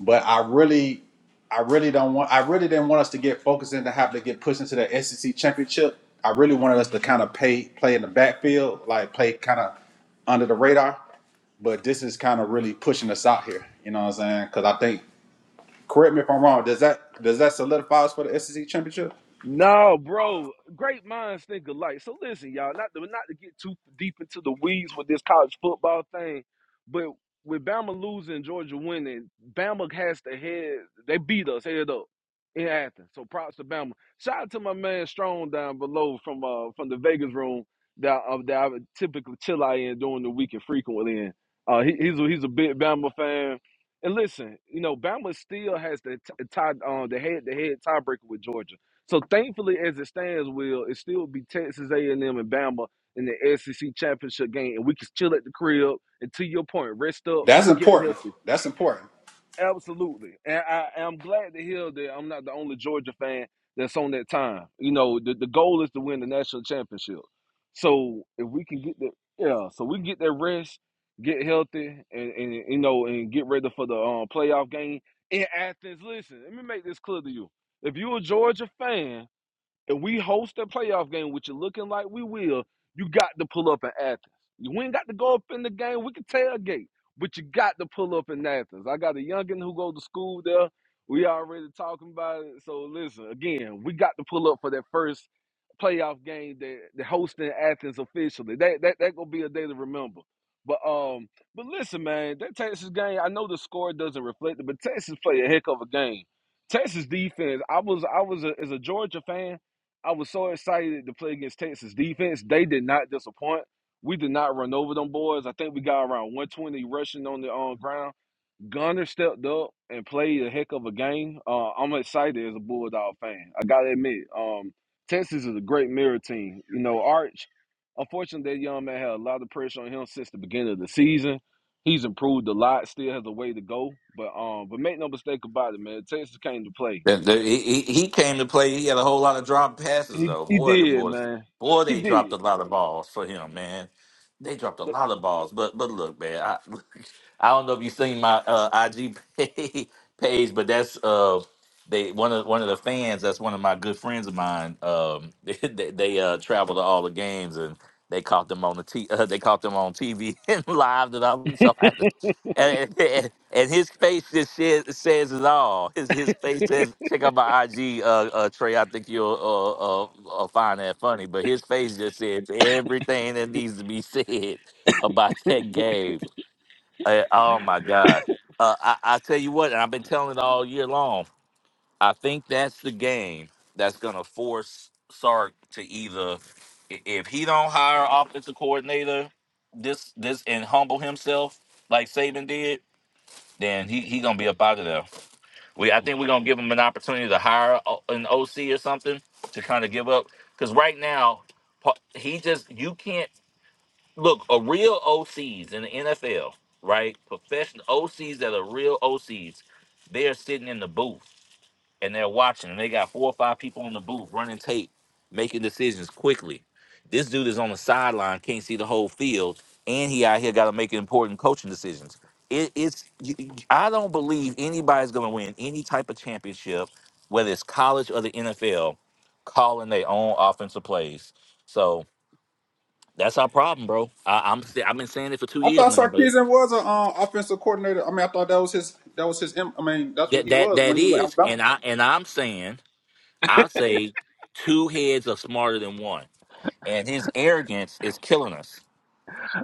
P: but I really, I really don't want. I really didn't want us to get focused and to have to get pushed into the SEC championship. I really wanted us to kind of pay play in the backfield, like play kind of under the radar. But this is kind of really pushing us out here. You know what I'm saying? Because I think, correct me if I'm wrong. Does that does that solidify us for the SEC championship?
B: No, bro. Great minds think alike. So listen, y'all. Not to not to get too deep into the weeds with this college football thing, but with Bama losing, Georgia winning, Bama has to head. They beat us head up in Athens. So props to Bama. Shout out to my man Strong down below from uh from the Vegas room that uh, that I would typically chill out in during the week and frequently in. Uh, he, he's a, he's a big Bama fan. And listen, you know, Bama still has the t- tie, uh, the head-to-head tiebreaker with Georgia. So thankfully, as it stands, will it still be Texas A&M and M and Bama in the SEC championship game, and we can chill at the crib. And to your point, rest up,
P: That's
B: get
P: important.
B: healthy.
P: That's important.
B: Absolutely, and I, I'm glad to hear that I'm not the only Georgia fan that's on that time. You know, the, the goal is to win the national championship. So if we can get that, yeah, so we can get that rest, get healthy, and, and you know, and get ready for the um, playoff game in Athens. Listen, let me make this clear to you: if you're a Georgia fan if we host a playoff game, which is looking like we will, you got to pull up in Athens. You ain't got to go up in the game. We can tailgate, but you got to pull up in Athens. I got a youngin who go to school there. We already talking about it. So listen, again, we got to pull up for that first playoff game that the hosting Athens officially. That that that gonna be a day to remember. But um, but listen, man, that Texas game. I know the score doesn't reflect it, but Texas play a heck of a game. Texas defense. I was I was a, as a Georgia fan. I was so excited to play against Texas defense. They did not disappoint. We did not run over them boys. I think we got around 120 rushing on the on ground. Gunner stepped up and played a heck of a game. Uh, I'm excited as a Bulldog fan. I gotta admit, um, Texas is a great mirror team. You know, Arch. Unfortunately, that young man had a lot of pressure on him since the beginning of the season. He's improved a lot. Still has a way to go, but um, but make no mistake about it, man. Texas came to play.
M: The, the, he, he he came to play. He had a whole lot of drop passes,
B: He
M: though.
B: he
M: Boy, them
B: did,
M: boys,
B: man.
M: boy,
B: He
M: they dropped
B: did.
M: a lot of balls for him, man. They dropped a lot of balls. But but look, man, I, I don't know if you seen my uh, IG pa- page, but that's uh, they one of one of the fans. That's one of my good friends of mine. Um, they, they uh travel to all the games and. They caught them on the t- uh, they caught them on TV and live that I was so and, and, and his face just says, says it all. His his face says, check out my IG, uh, uh, Trey. I think you'll uh, uh, uh, find that funny. But his face just says everything that needs to be said about that game. Uh, oh my God! Uh, I, I tell you what, and I've been telling it all year long. I think that's the game that's gonna force Sark to either, i- if he don't hire an offensive coordinator, this this and humble himself like Saban did then he he gonna be up out of there. We I think we're gonna give him an opportunity to hire o- an OC or something to kind of give up because right now pa- he just you can't look a real OCs in the NFL right professional OCs that are real OCs they're sitting in the booth and they're watching, and they got four or five people on the booth running tape, making decisions quickly. This dude is on the sideline, can't see the whole field, and he out here got to make important coaching decisions. It, it's you, you- I don't believe anybody's going to win any type of championship, whether it's college or the NFL, calling their own offensive plays. So that's our problem, bro. I, I'm sa- I've been saying it for two
P: I
M: years
P: thought
M: now, but
P: Sarkisian was an um, offensive coordinator. I mean, I thought that was his. That was his. em- I mean, that's what
M: that
P: he
M: that
P: was
M: that
P: when he was at
M: is, and
P: Alabama.
M: I and I'm saying I say two heads are smarter than one and his arrogance is killing us.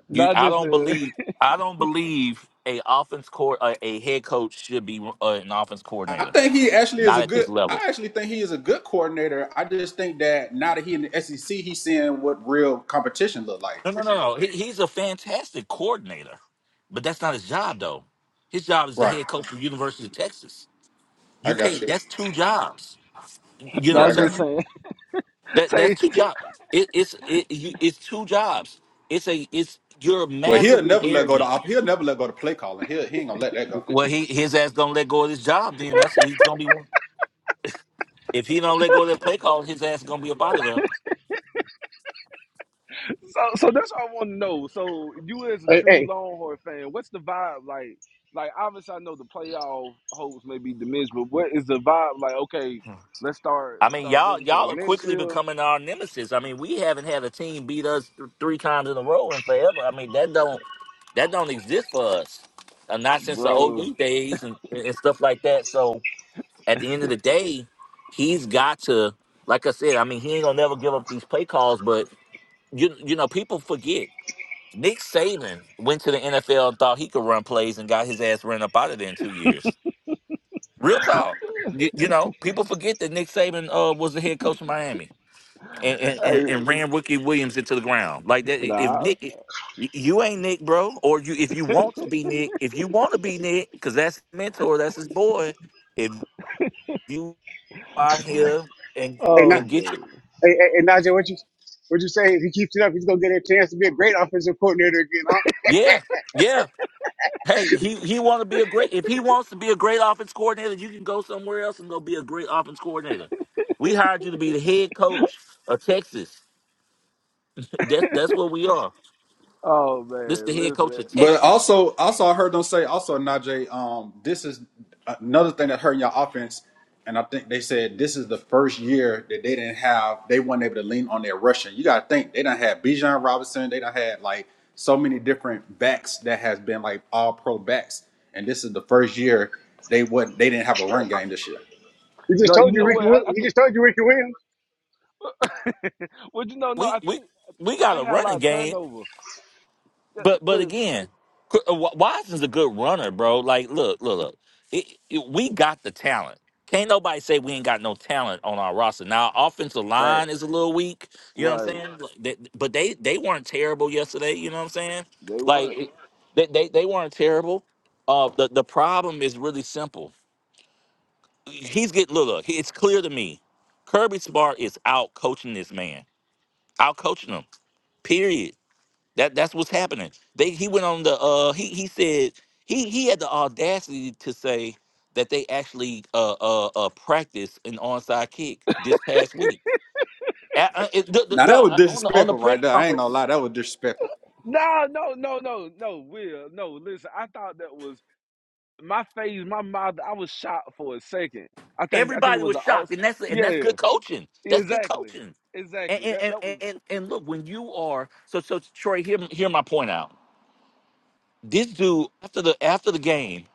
M: You, I
B: Najee
M: don't
B: said,
M: believe, I don't believe a offense court, a, a head coach should be uh, an offense
P: I
M: coordinator.
P: think he actually is
M: Not
P: a
M: at this
P: good.
M: level.
P: I actually think he is a good coordinator. I just think that now that he in the SEC, he's seeing what real competition look like.
M: No, no, no, no. He, he's a fantastic coordinator, but that's not his job though. His job is the
P: Right.
M: head coach of University of Texas. You
P: I got
M: can't.
P: you.
M: That's two jobs. You know
P: Yeah, I
M: what I'm
P: got
B: Najee
P: you.
M: saying?
B: saying,
M: That that's
B: say,
M: two jobs. It, it's it, you, it's two jobs. It's a it's you're
P: Well, he'll
M: massively
P: never let go to.
M: arrogant.
P: op- He'll never let go to play calling. He he ain't gonna let that go.
M: Well, he his ass gonna let go of this job. Then that's it's gonna be one. If he don't let go of that play call, his ass is gonna be up out of there.
B: so, so that's what I want to know. So, you as a true Longhorn fan, what's the vibe like? Like, obviously, I know the playoff hopes may be diminished, but what is the vibe like? Okay, let's start,
M: I
B: let's
M: mean,
B: start
M: y'all
B: building
M: y'all
B: towards
M: are
B: next
M: quickly
B: year,
M: becoming our nemesis. I mean, we haven't had a team beat us th- three times in a row in forever. I mean, that don't that don't exist for us, uh, not since the
B: bro.
M: OD days and, and stuff like that. So at the end of the day, he's got to, like I said, I mean, he ain't gonna never give up these play calls. But you you know, people forget Nick Saban went to the NFL and thought he could run plays and got his ass ran up out of there in two years. Real talk. You, you know, people forget that Nick Saban uh, was the head coach of Miami and, and, and,
B: Hey,
M: and ran Ricky Williams into the ground. Like that, if
B: nah,
M: Nick, y- you ain't Nick, bro, or you if you want to be Nick, if you want to be Nick, because that's his mentor, that's his boy. If you out here and
D: Hey, Na-
B: oh
M: and get your
B: man,
D: hey, hey, hey, Najee, what you what you say? If he keeps it up, he's gonna get a chance to be a great offensive coordinator again. Huh?
M: yeah yeah. Hey, he he want to be a great. If he wants to be a great offense coordinator, you can go somewhere else and go be a great offense coordinator. We hired you to be the head coach of Texas. That's that's what we are.
B: oh
M: This the
B: man,
M: head coach
B: listen,
M: of
P: But
M: Texas.
P: also, also I heard them say also Najee, um, this is another thing that hurt your offense, and I think they said this is the first year that they didn't have they weren't able to lean on their rushing. You got to think they don't have Bijan Robinson, they don't had like so many different backs that has been like all pro backs, and this is the first year they would they didn't have a run game this year.
D: He just
B: no, you
D: told you
B: know
D: Ricky.
B: what? I,
D: Will-
B: I
D: He
B: think,
D: just told you Ricky Williams.
B: well, you know, no,
M: We
B: I
M: we
B: think
M: we
B: that
M: got
B: they
M: a
B: had a lot
M: running
B: of
M: game,
B: turnover. That, that-
M: but but
B: well,
M: again, Qu- uh, Wa- Watson's a good runner, bro. Like, look, look, look. It, it- we got the talent. Can't nobody say we ain't got no talent on our roster. Now, our offensive line is
B: facts,
M: a little weak. You know what I'm
B: right?
M: saying? Like, they- But they they weren't terrible yesterday. You know what I'm saying?
B: They
M: Like,
B: weren't.
M: it- they they, they weren't terrible. Uh, the the problem is really simple. He's getting look, look. It's clear to me. Kirby Smart is out coaching this man. Out coaching him. Period. That that's what's happening. They he went on the uh he he said he he had the audacity to say that they actually uh uh, uh practiced an onside kick this past week. Uh, uh, it- the- the-
P: Now that
M: dog,
P: was
M: uh, on the on the
P: disrespectful
M: press
P: right there. I ain't gonna
M: conference,
P: lie, that was disrespectful.
B: No, no, no, no, no, Will. No, listen, I thought that was my face, my mouth, I was shocked for a second. I think I think it
M: everybody
B: was
M: was
B: an
M: shocked,
B: aus
M: and that's and
B: Yeah,
M: that's
B: yeah.
M: good coaching. That's good
B: Exactly.
M: coaching. And
B: Exactly.
M: and
B: That
M: and
B: that
M: and,
B: was
M: and and look, when you are so so Troy, hear hear my point out. This dude after the after the game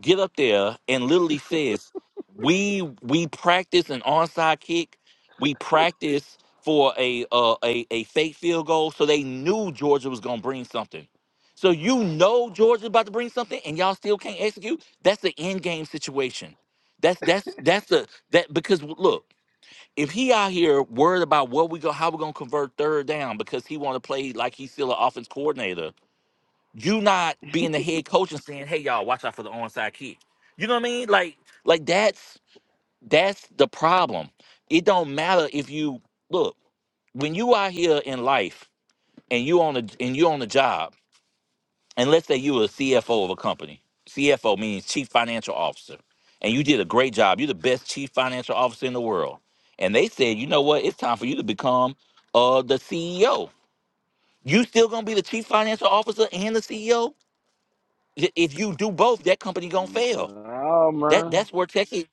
M: get up there and literally says, "We we practice an onside kick. We practice for a uh, a a fake field goal." So they knew Georgia was gonna bring something. So you know Georgia's about to bring something, and y'all still can't execute. That's the end game situation. That's that's that's the that because look. If he out here worried about what we go, how we're gonna convert third down because he want to play like he's still an offense coordinator, you not being the head coach and saying, "Hey, y'all, watch out for the onside kick." You know what I mean? Like, like that's that's the problem. It don't matter if you look when you out here in life and you on a and you on the job, and let's say you a CFO of a company. CFO means chief financial officer, and you did a great job. You're the best chief financial officer in the world, and they said, "You know what? It's time for you to become uh the CEO." You still gonna be the chief financial officer and the CEO? I- If you do both, that company gonna fail.
B: No
M: That
B: man.
M: that's where tech. is-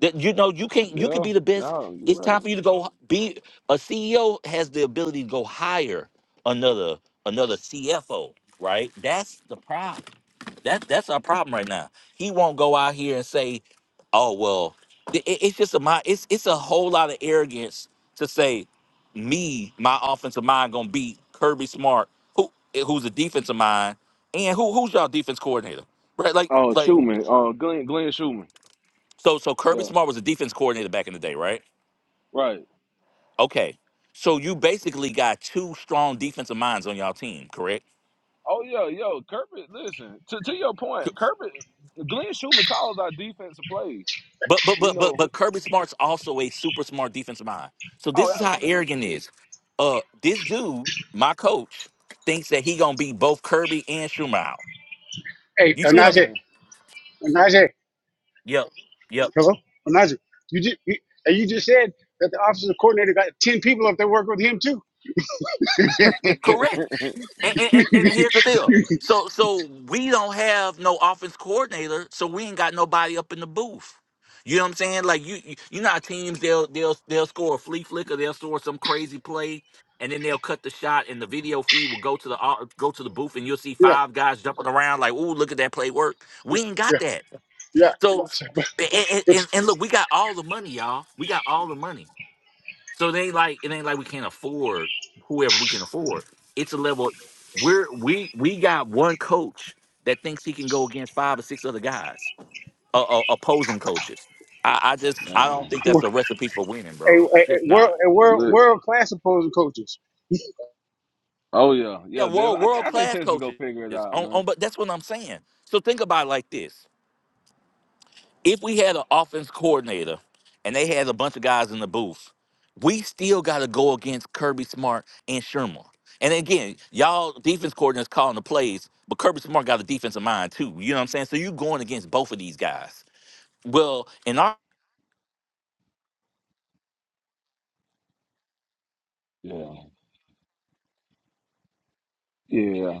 M: That you know you can't. You could
B: Yeah,
M: be the best.
B: no,
M: It's
B: you right.
M: time for you to go h- be a CEO. Has the ability to go hire another another CFO. Right. That's the problem. That that's our problem right now. He won't go out here and say, "Oh well," Th- it- it's just a my it's it's a whole lot of arrogance to say, "Me, my offensive mind gonna beat Kirby Smart, who who's a defensive mind, and who who's y'all defense coordinator, right?" Like
B: Oh
M: like
B: Schumann. Uh Glenn Glenn Schumann.
M: so so Kirby
B: Yeah.
M: Smart was a defense coordinator back in the day, right?
B: Right.
M: Okay, so you basically got two strong defensive minds on y'all team, correct?
B: Oh yeah, yo, Kirby, listen, to to your point, Kirby Glenn Schumann calls our defensive plays.
M: But but
B: You
M: but but
B: know.
M: but Kirby Smart's also a super smart defensive mind. So
B: Oh,
M: this is how
B: absolutely.
M: arrogant it is. Uh, this dude, my coach, thinks that he gonna be both Kirby and Schumacher.
D: Hey,
M: You see what
D: Onaje,
M: I'm?
D: Najee,
B: Man.
D: uh, Najee,
M: Yep, yep,
D: hello, uh, Najee. You just you, and you just said that the officer coordinator got ten people up there working with him too. yeah,
M: correct. And, and, and, and here's the deal. So so we don't have no offense coordinator, so we ain't got nobody up in the booth. You know what I'm saying? Like you you, you know how teams they'll they'll they'll score a flea flicker, they'll score some crazy play, and then they'll cut the shot and the video feed will go to the au- go to the booth and you'll see
D: yeah,
M: five guys jumping around like, ooh, look at that play work. We ain't got that.
D: yeah.
M: So
D: So, but,
M: and, and, and
D: but
M: and look, we got all the money, y'all. We got all the money. So they like it ain't like we can't afford whoever we can afford. It's a level we're we we got one coach that thinks he can go against five or six other guys, uh, uh, opposing coaches. I, I just I don't think that's a recipe for winning,
D: a, a,
M: bro. It's
D: a
M: just
D: world
M: not.
D: a world
B: Man.
D: world class opposing coaches.
B: Oh yeah,
M: Yeah,
B: yeah. Dev,
M: world
B: I think
M: world
B: I think
M: class
B: Texas gonna
M: coaches.
B: figure it out,
M: On,
B: man.
M: on, but that's what I'm saying. So think about it like this. if we had an offense coordinator and they had a bunch of guys in the booth, we still got to go against Kirby Smart and Sherman. And again, y'all defense coordinators calling the plays, but Kirby Smart got a defensive mind too. You know what I'm saying? So you going against both of these guys. Well, in our
B: Yeah, yeah,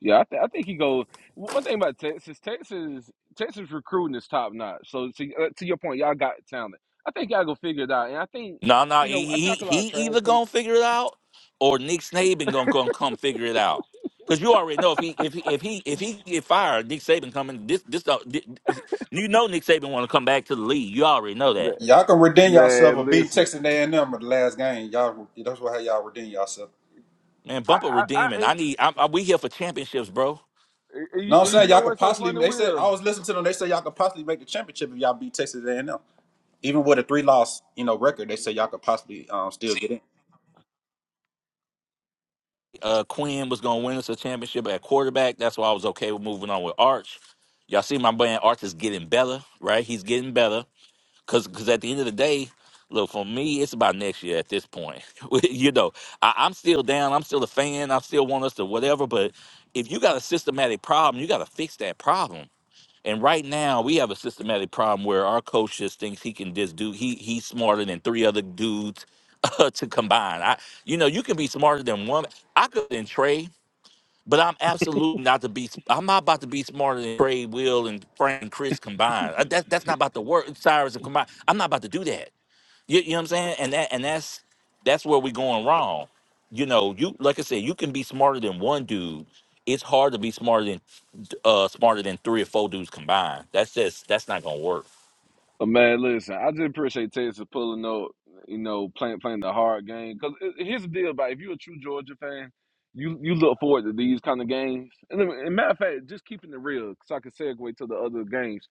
B: yeah. I, th- I think he go. One thing about Texas, Texas, Texas recruiting is top notch. So to uh, to your point, y'all got talent. I think y'all gonna figure it out, and I think
M: no, no,
B: you know I
M: he he,
B: talk a lot of
M: he
B: trash
M: either
B: to
M: gonna figure it out or Nick Saban gonna, gonna come figure it out. Cause you already know if he if he if he if he get fired, Nick Saban coming. This this, uh, thi- you know Nick Saban want to come back to the league. You already know that.
B: man.
P: Y'all can redeem yourself or
B: man,
P: beat
B: listen,
P: Texas A&M at the last game. Y'all, that's what how y'all redeem yourself.
M: Man,
B: I
M: bumper
B: I, I
M: redeeming. I
B: ain't-
M: need. i I, we here for championships, bro.
B: and you,
P: No, I'm
B: and you
P: saying
B: know
P: y'all could
B: what's so
P: possibly.
B: funny,
P: They said I
B: Will?
P: was listening to them. They said y'all could possibly make the championship if y'all beat Texas A&M. Even with a three loss, you know, record, they said y'all could possibly um, still get in.
M: Uh, Quinn was gonna win us a championship at quarterback. That's why I was okay with moving on with Arch. Y'all see my man Arch is getting better, right? He's getting better. Cause, cause at the end of the day, look for me, it's about next year at this point. you know, I, I'm still down. I'm still a fan. I still want us to whatever. But if you got a systematic problem, you got to fix that problem. And right now we have a systematic problem where our coach just thinks he can just do he he's smarter than three other dudes uh, to combine. I you know, you can be smarter than one. I could than Trey, but I'm absolutely not to be I'm not about to be smarter than Trey, Will, and Frank and Chris combined. Uh, That that's not about the work Cyrus and combined. I'm not about to do that. You, you know what I'm saying? And that and that's that's where we're going wrong. You know, you like I said, you can be smarter than one dude. It's hard to be smarter than uh smarter than three or four dudes combined. That's just that's not gonna work.
B: But man, listen, I just appreciate Texas pulling up, you know, playing playing the hard game. Cause it- here's the deal about it. if you're a true Georgia fan, you you look forward to these kind of games. And, then- and matter of fact, just keeping it real, so I can segue to the other games.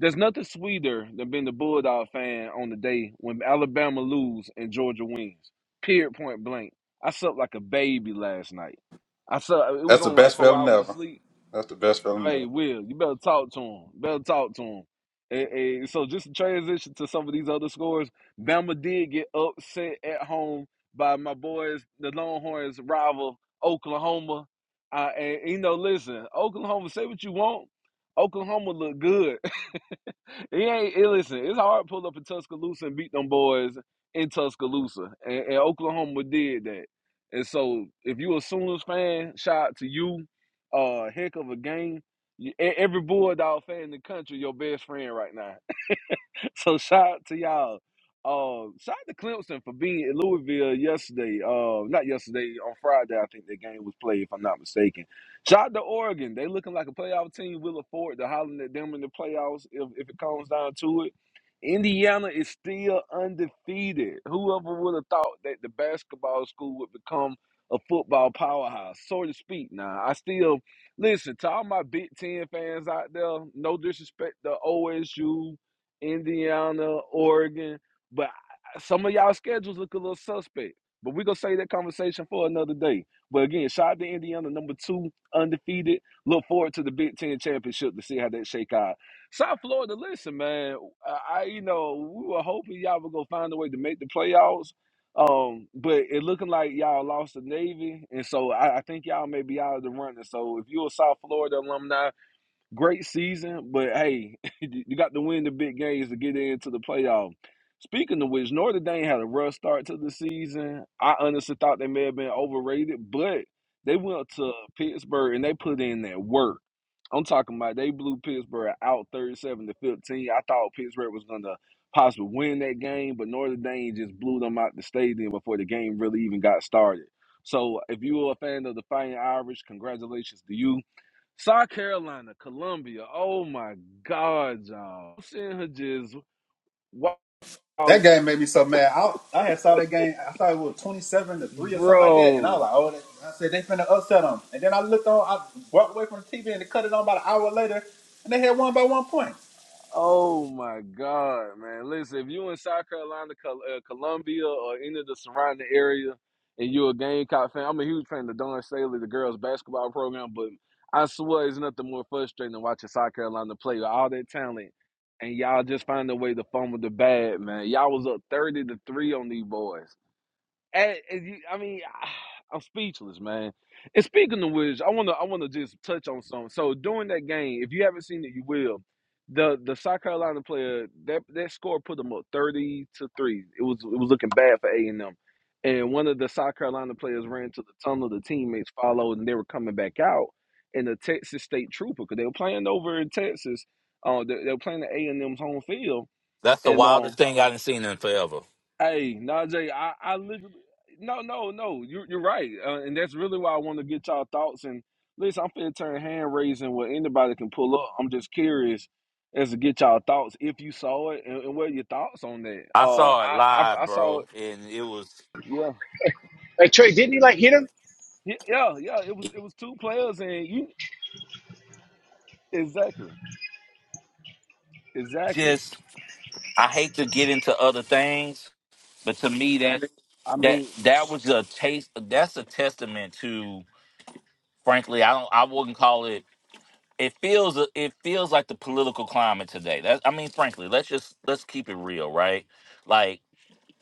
B: There's nothing sweeter than being the Bulldog fan on the day when Alabama lose and Georgia wins. Period, point blank. I slept like a baby last night. I slept. It was
P: That's the
B: only like
P: best
B: four
P: feeling
B: hours of
P: ever.
B: sleep.
P: That's the best feeling
B: Hey,
P: ever.
B: Will, you better talk to him. Better talk to him. And, and so just to transition to some of these other scores. Bama did get upset at home by my boys, the Longhorns' rival, Oklahoma. Uh, and you know, listen, Oklahoma, say what you want. Oklahoma look good. It ain't it, listen. It's hard to pull up in Tuscaloosa and beat them boys in Tuscaloosa, and, and Oklahoma did that. And so, if you a Sooners fan, shout out to you. Uh, heck of a game. You- e- Every Bulldog fan in the country, your best friend right now. so shout out to y'all. Uh, shout out to Clemson for being in Louisville yesterday. Uh, not yesterday on Friday. I think the game was played, if I'm not mistaken. Shout out to Oregon. They looking like a playoff team. We'll afford to hollering at them in the playoffs if, if it comes down to it. Indiana is still undefeated. Whoever would have thought that the basketball school would become a football powerhouse, so to speak. Now, I still listen to all my Big Ten fans out there. No disrespect to OSU, Indiana, Oregon. But some of y'all schedules look a little suspect. But we're gonna save that conversation for another day. But again, shout out to Indiana, number two, undefeated. Look forward to the Big Ten championship to see how that shake out. South Florida, listen, man. I I- you know we were hoping y'all were gonna find a way to make the playoffs. Um, but it looking like y'all lost the Navy, and so I, I think y'all may be out of the running. So if you're a South Florida alumni Great season, but hey, you got to win the big games to get into the playoff. Speaking of which, Notre Dame had a rough start to the season. I honestly thought they may have been overrated, but they went to Pittsburgh and they put in that work. I'm talking about they blew Pittsburgh out 37 to 15. I thought Pittsburgh was gonna possibly win that game, but Notre Dame just blew them out the stadium before the game really even got started. So if you are a fan of the Fighting Irish, congratulations to you. South Carolina, Columbia. Oh my God, y'all. I'm seeing her just
P: That
B: wow,
P: game made me so mad. I I had saw that game. I thought it was twenty seven to three or something like that, and I was
B: bro.
P: like, oh, that, I said they finna upset them. And then I looked on. I walked away from the TV and they cut it on about an hour later, and they had won by one point.
B: Oh my God, man. Listen, if you in South Carolina, Col- uh, Columbia, or any of the surrounding area, and you're a Gamecock fan, I'm a huge fan of the Don Staley, the girls' basketball program, but I swear it's nothing more frustrating than watching South Carolina play with all that talent. And y'all just find a way to fumble the bad, man. Y'all was up 30 to 3 on these boys. And, and you, I mean, I'm speechless, man. And speaking of which, I wanna I wanna just touch on something. So during that game, if you haven't seen it, you will. The the South Carolina player that that score put them up thirty to three. It was it was looking bad for A and M, and one of the South Carolina players ran to the tunnel. The teammates followed, and they were coming back out. And the Texas State Trooper, because they were playing over in Texas, uh, they, they were playing the A and M's home field,
M: That's the
B: and
M: wildest
B: um,
M: thing I done seen in forever.
B: Hey, Najee, I, I literally, no, no, no, you're, you're right. Uh, and that's really why I want to get y'all thoughts. And listen, I'm finna turn hand raising where anybody can pull up. I'm just curious as to get y'all thoughts if you saw it and, and what are your thoughts on that.
M: I
B: Uh,
M: saw it
B: I, I,
M: live,
B: I saw
M: bro,
B: it.
M: and it was
B: Yeah.
D: Like Trey, didn't he like hit him?
B: yeah, yeah, yeah. It was, it was two players, and you exactly, exactly.
M: just I hate to get into other things, but to me that
B: I
M: that
B: mean,
M: that was a taste that's a testament to frankly, I don't I wouldn't call it it feels uh, it feels like the political climate today. That I mean, frankly, let's just let's keep it real, right? Like,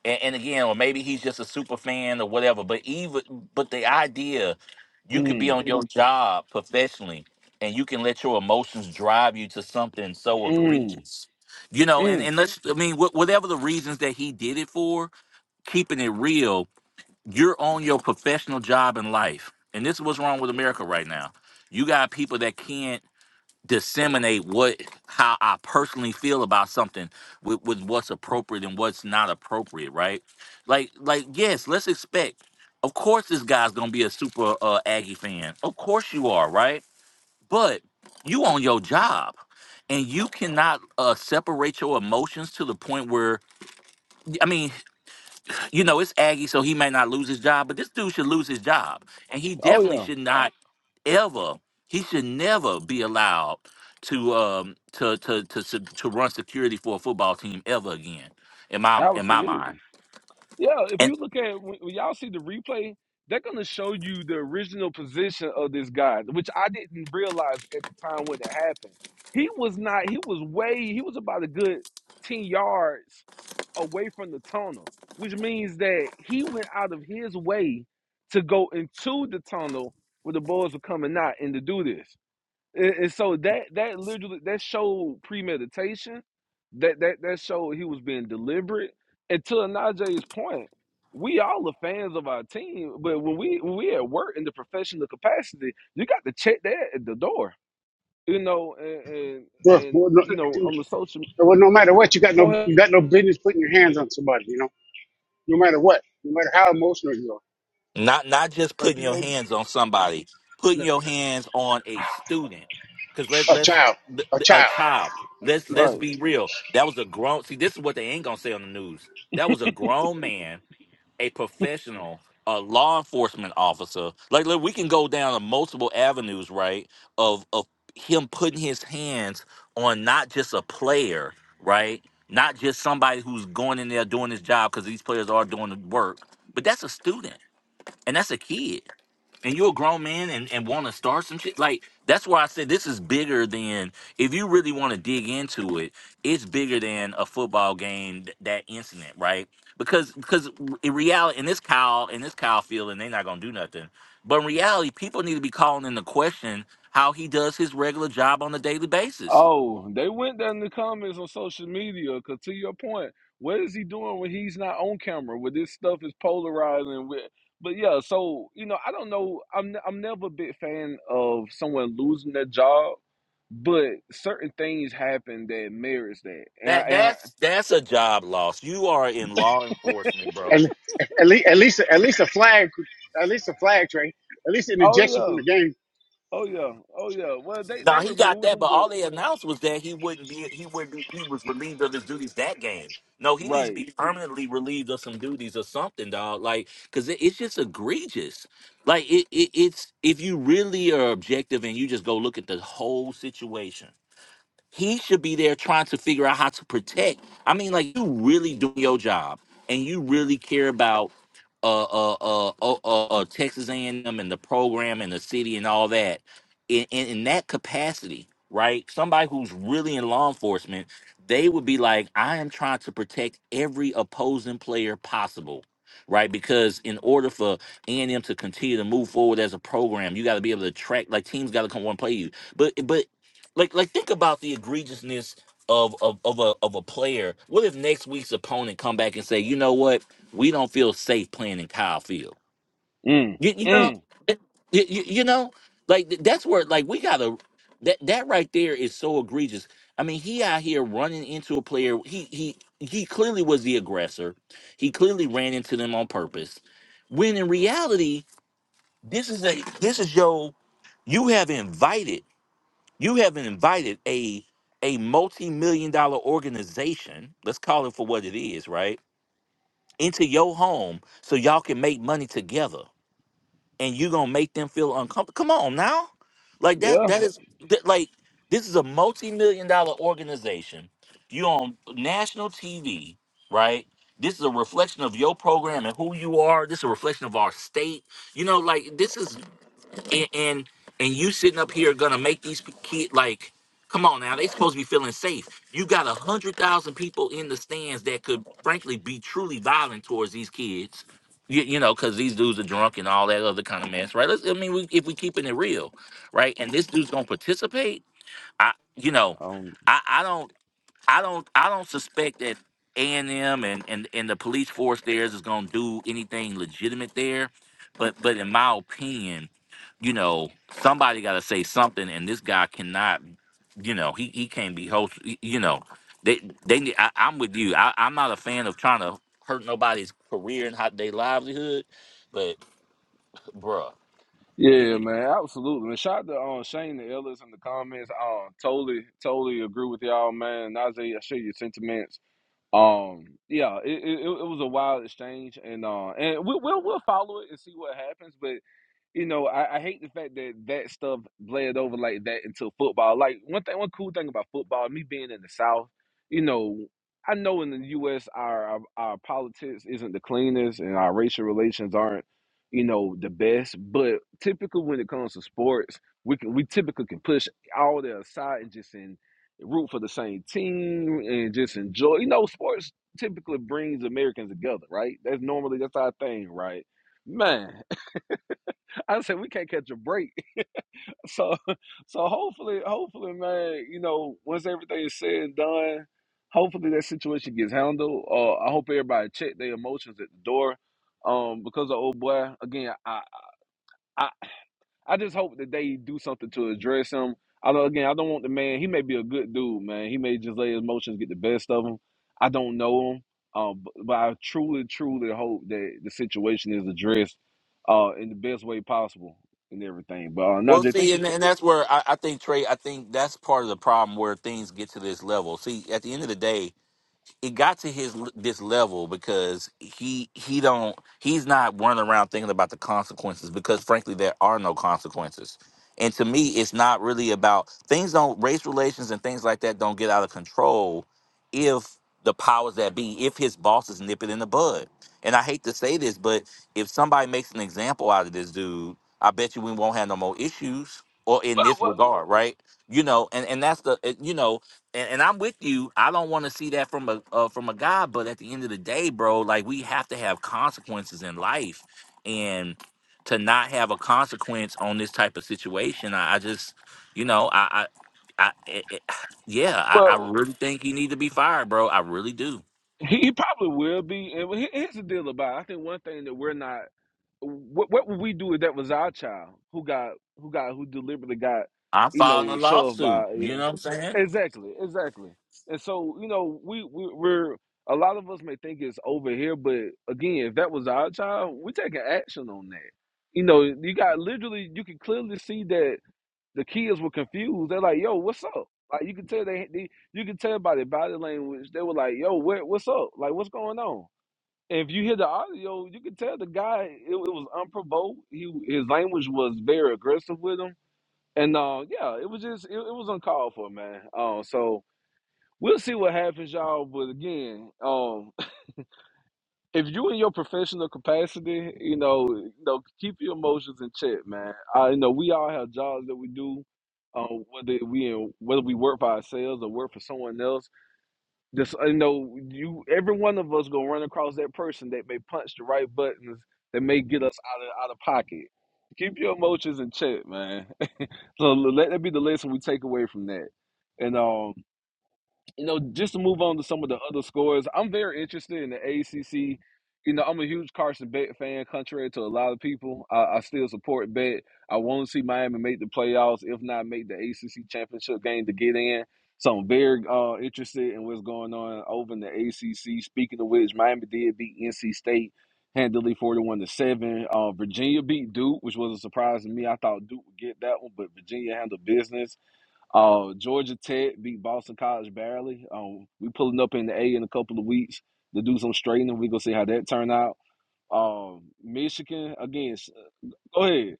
M: and, and again, or maybe he's just a super fan or whatever. But even but the idea you could be
B: mm,
M: on your job professionally and you can let your emotions drive you to something so
B: mm,
M: egregious, you know. And
B: mm.
M: and let's I mean, wh- whatever the reasons that he did it for, keeping it real, you're on your professional job in life, and this is what's wrong with America right now. You got people that can't disseminate what how I personally feel about something with, with what's appropriate and what's not appropriate, right? Like like yes, let's expect. Of course this guy's gonna be a super uh Aggie fan. Of course you are, right? But you on your job and you cannot uh separate your emotions to the point where I mean, you know, it's Aggie, so he may not lose his job, but this dude should lose his job. And he
B: Oh
M: definitely
B: yeah,
M: should not ever he should never be allowed to um to to to se- to run security for a football team ever again in my in my
B: absolutely.
M: mind
B: Yeah, if
M: and
B: you look at when, when y'all see the replay, they're gonna show you the original position of this guy, which I didn't realize at the time when it happened. He was not. He was way. He was about a good ten yards away from the tunnel, which means that he went out of his way to go into the tunnel where the boys were coming out and to do this. And, and so that that literally that showed premeditation. That that that showed he was being deliberate. And to Anaje's point, we all are fans of our team, but when we when we at work in the professional capacity, you got to check that at the door. You know, and and,
D: Well,
B: and
D: well, no,
B: you know on the social.
D: well, no matter what, you got
B: Go
D: no
B: ahead,
D: you got no business putting your hands on somebody. You know, no matter what, no matter how emotional you are,
M: not not just
B: Frank.
M: putting
B: You
M: your
B: may
M: hands on somebody putting
D: Yeah.
M: your hands on a student cuz let
D: a
M: let's
D: child,
M: th-
D: a
M: th- a
D: child.
M: child let's
D: Right.
B: right.
M: let's be real that was a grown see this is what they ain't going to say on the news that was a grown man a professional, a law enforcement officer. Like, look, we can go down to multiple avenues, right? Of of him putting his hands on not just a player, right? Not just somebody who's going in there doing his job because these players are doing the work, but that's a student and that's a kid and you're a grown man and, and want to start some shit like that's why i said this is bigger than if you really want to dig into it it's bigger than a football game th- that incident right because because in reality and this kyle and this kyle feeling they're not gonna do nothing but in reality people need to be calling into question how he does his regular job on a daily basis
B: Oh, they went down in the comments on social media because to your point, what is he doing when he's not on camera? When this stuff is polarizing with but yeah, so you know, I don't know. I'm ne- I'm never a big fan of someone losing their job, but certain things happen that merits that. And, I,
M: that
B: and I,
M: that's that's a job loss you are in law enforcement bro
D: And at least, at least, at least a flag, at least a flag train, at least an
B: oh
D: ejection from
B: yeah,
D: the game
B: oh yeah, oh yeah. Well, they they
M: Now he got
B: removed
M: that, but
B: him, but
M: all they announced was that he wouldn't be. He would. not He was relieved of his duties that game. No, he needs to
B: right,
M: be permanently relieved of some duties or something, dog. Like, cause it, it's just egregious. Like, it, it it's if you really are objective and you just go look at the whole situation he should be there trying to figure out how to protect. I mean, like you really do your job and you really care about uh uh uh uh, uh, uh Texas A&M and M and the program and the city and all that in, in in that capacity, right? Somebody who's really in law enforcement, they would be like, I am trying to protect every opposing player possible. Right, because in order for A and M to continue to move forward as a program, you got to be able to track. Like teams got to come one play you, but but like like think about the egregiousness of of of a of a player. What if next week's opponent come back and say, you know what, we don't feel safe playing in Kyle Field.
B: mm,
M: You, you know,
B: mm,
M: it- you, you you know, like th- that's where like we gotta that that right there is so egregious. I mean, he out here running into a player. He he he clearly was the aggressor. He clearly ran into them on purpose. When in reality, this is a this is your you have invited. You haven't invited a a multi-million dollar organization, let's call it for what it is, right? Into your home so y'all can make money together and you gonna make them feel uncomfortable. Come on now. Like that
B: yeah.
M: that is that, like this is a multi-million dollar organization. You on national TV, right? This is a reflection of your program and who you are. This is a reflection of our state. You know, like this is and and, and you sitting up here gonna make these kids like come on now they supposed to be feeling safe you got a hundred thousand people in the stands that could frankly be truly violent towards these kids you, you know because these dudes are drunk and all that other kind of mess right Let's, i mean we, if we keeping it real right and this dude's gonna participate i you know
B: Um,
M: i i don't I don't I don't suspect that A and M and and and the police force there is going to do anything legitimate there, but but in my opinion, you know somebody got to say something, and this guy cannot, you know he he can't be host, y- you know they they need- I, I'm with you. I, I'm not a fan of trying to hurt nobody's career and how their livelihood, but bruh.
B: Yeah,
M: he-
B: man, absolutely. And shout out to um, Shane and Ellis in the comments. Um, totally, totally agree with y'all, man. Najee, I share your sentiments. Um, yeah, it, it, it was a wild exchange, and uh, and we, we'll we'll follow it and see what happens. but you know, I, I hate the fact that that stuff bled over like that into football. Like one thing, one cool thing about football, me being in the South, you know, I know in the U.S. our our, our politics isn't the cleanest and our racial relations aren't, you know, the best. But typically when it comes to sports, we can we typically can push all that aside and just in root for the same team and just enjoy. You know, sports typically brings Americans together, right? That's normally that's our thing, right? Man, I said we can't catch a break. So so hopefully hopefully man, you know, once everything is said and done, hopefully that situation gets handled. Uh, I hope everybody check their emotions at the door. Um, because of old boy, again, I, I I just hope that they do something to address him. I don't again, I don't want the man. He may be a good dude, man. He may just let his emotions get the best of him. I don't know him, um, but, but I truly, truly hope that the situation is addressed uh, in the best way possible and everything. But uh,
M: Well,
B: Najee, thank
M: see,
B: you
M: and,
B: for.
M: and that's where I, I think Trey. I think that's part of the problem where things get to this level. See, at the end of the day, it got to his this level because he he don't he's not running around thinking about the consequences because frankly there are no consequences and to me it's not really about things don't race relations and things like that don't get out of control if the powers that be if his bosses nip it in the bud and i hate to say this but if somebody makes an example out of this dude i bet you we won't have no more issues or in
B: Well,
M: this
B: well,
M: regard right you know and and that's the uh, you know and, and I'm with you. I don't want to see that from a uh, from a guy, but at the end of the day, bro, like we have to have consequences in life, and to not have a consequence on this type of situation, I, I just, you know, I, I, I it, it- yeah, I, I
B: well
M: really think you need to be fired, bro. I really do.
B: he, he probably will be. And he- here's the deal about. It. I think one thing that we're not what what would we do if that was our child who got who got who deliberately got
M: I'm
B: you
M: filing a
B: know shoved
M: lawsuit.
B: by you
M: You
B: know
M: know what I'm saying?
B: exactly exactly and so you know we, we we're a lot of us may think it's over here but again if that was our child we taking action on that you know you got literally you can clearly see that the kids were confused they're like yo what's up like you can tell they, they you can tell by their body language they were like yo what what's up like what's going on if you hear the audio, you can tell the guy it, it was unprovoked. He his language was very aggressive with him, and uh, yeah, it was just it, it was uncalled for, man. Uh, so we'll see what happens, y'all. But again, um, if you in your professional capacity, you know, you know, keep your emotions in check, man. I you know we all have jobs that we do. Uh, whether we in, whether we work for ourselves or work for someone else, just I know you. Every one of us gonna run across that person that may punch the right buttons that may get us out of out of pocket. Keep your emotions in check, man. so let that be the lesson we take away from that. And um, you know, just to move on to some of the other scores, I'm very interested in the ACC. You know, I'm a huge Carson Bet fan, contrary to a lot of people. I, I still support Bet. I want to see Miami make the playoffs, if not make the ACC championship game to get in. So I'm very uh, interested in what's going on over in the ACC. Speaking of which, Miami did beat NC State handily, 41 to seven. Uh, Virginia beat Duke, which was a surprise to me. I thought Duke would get that one, but Virginia handled business. Uh, Georgia Tech beat Boston College barely. Um, we pulling up in the A in a couple of weeks to do some straightening. We gonna see how that turn out. Um, Michigan again. s- Go ahead.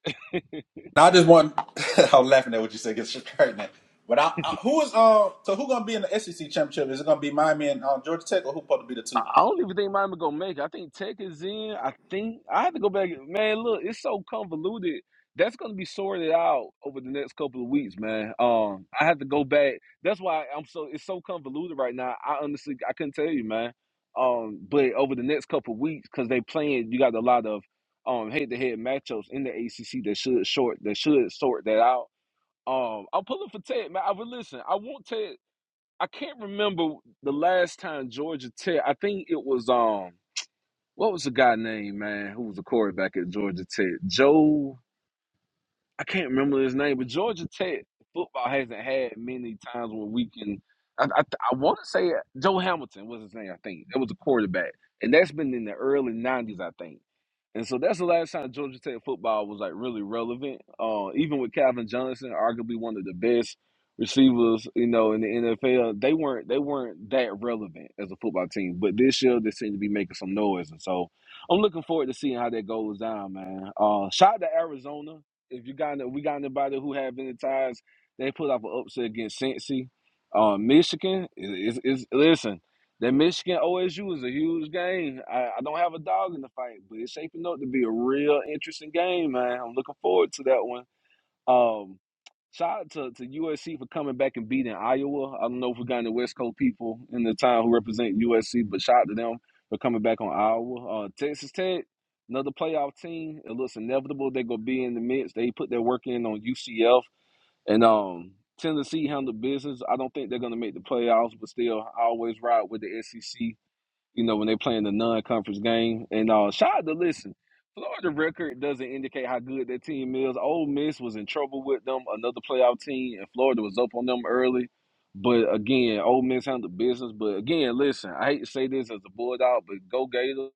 P: Now I just want. I'm laughing at what you said. Gets pregnant. But I, I, who is uh? So who gonna be in the SEC championship? Is it gonna be Miami and uh, Georgia Tech, or who supposed to be the
B: I
P: two?
B: I don't even think Miami gonna make it. I think Tech is in. I think I have to go back. Man, look, it's so convoluted. That's gonna be sorted out over the next couple of weeks, man. Um, I have to go back. That's why I'm so it's so convoluted right now. I honestly I couldn't tell you, man. Um, but over the next couple of weeks, because they playing, you got a lot of um head to head matchups in the ACC that should short that should sort that out. Um, I'm pulling for Tech, man. I would listen. I want Tech. I can't remember the last time Georgia Tech. I think it was um, what was the guy name, man, who was the quarterback at Georgia Tech? Joe. I can't remember his name, but Georgia Tech football hasn't had many times where we can. I I, I want to say uh, Joe Hamilton was his name. I think that was a quarterback, and that's been in the early '90s, I think. And so that's the last time Georgia Tech football was like really relevant. Uh, even with Calvin Johnson, arguably one of the best receivers, you know, in the NFL, they weren't they weren't that relevant as a football team. But this year, they seem to be making some noise, and so I'm looking forward to seeing how that goes down, man. Uh, shout out to Arizona if you got if we got anybody who have any ties, they put off an upset against Cincy. Um, Michigan is, is, is listen. That Michigan OSU is a huge game. I, I don't have a dog in the fight, but it's shaping up to be a real interesting game, man. I'm looking forward to that one. Um, shout out to, to USC for coming back and beating Iowa. I don't know if we got any West Coast people in the town who represent USC, but shout out to them for coming back on Iowa. Uh, Texas Tech, another playoff team. It looks inevitable they're gonna be in the midst. They put their work in on UCF and um Tennessee handled business. I don't think they're gonna make the playoffs, but still I always ride with the SEC you know, when they playing the non-conference game. And uh, shout out to listen, Florida record doesn't indicate how good that team is. Ole Miss was in trouble with them, another playoff team, and Florida was up on them early. But again, Ole Miss handled business. But again, listen, I hate to say this as a bulldog, but go Gators.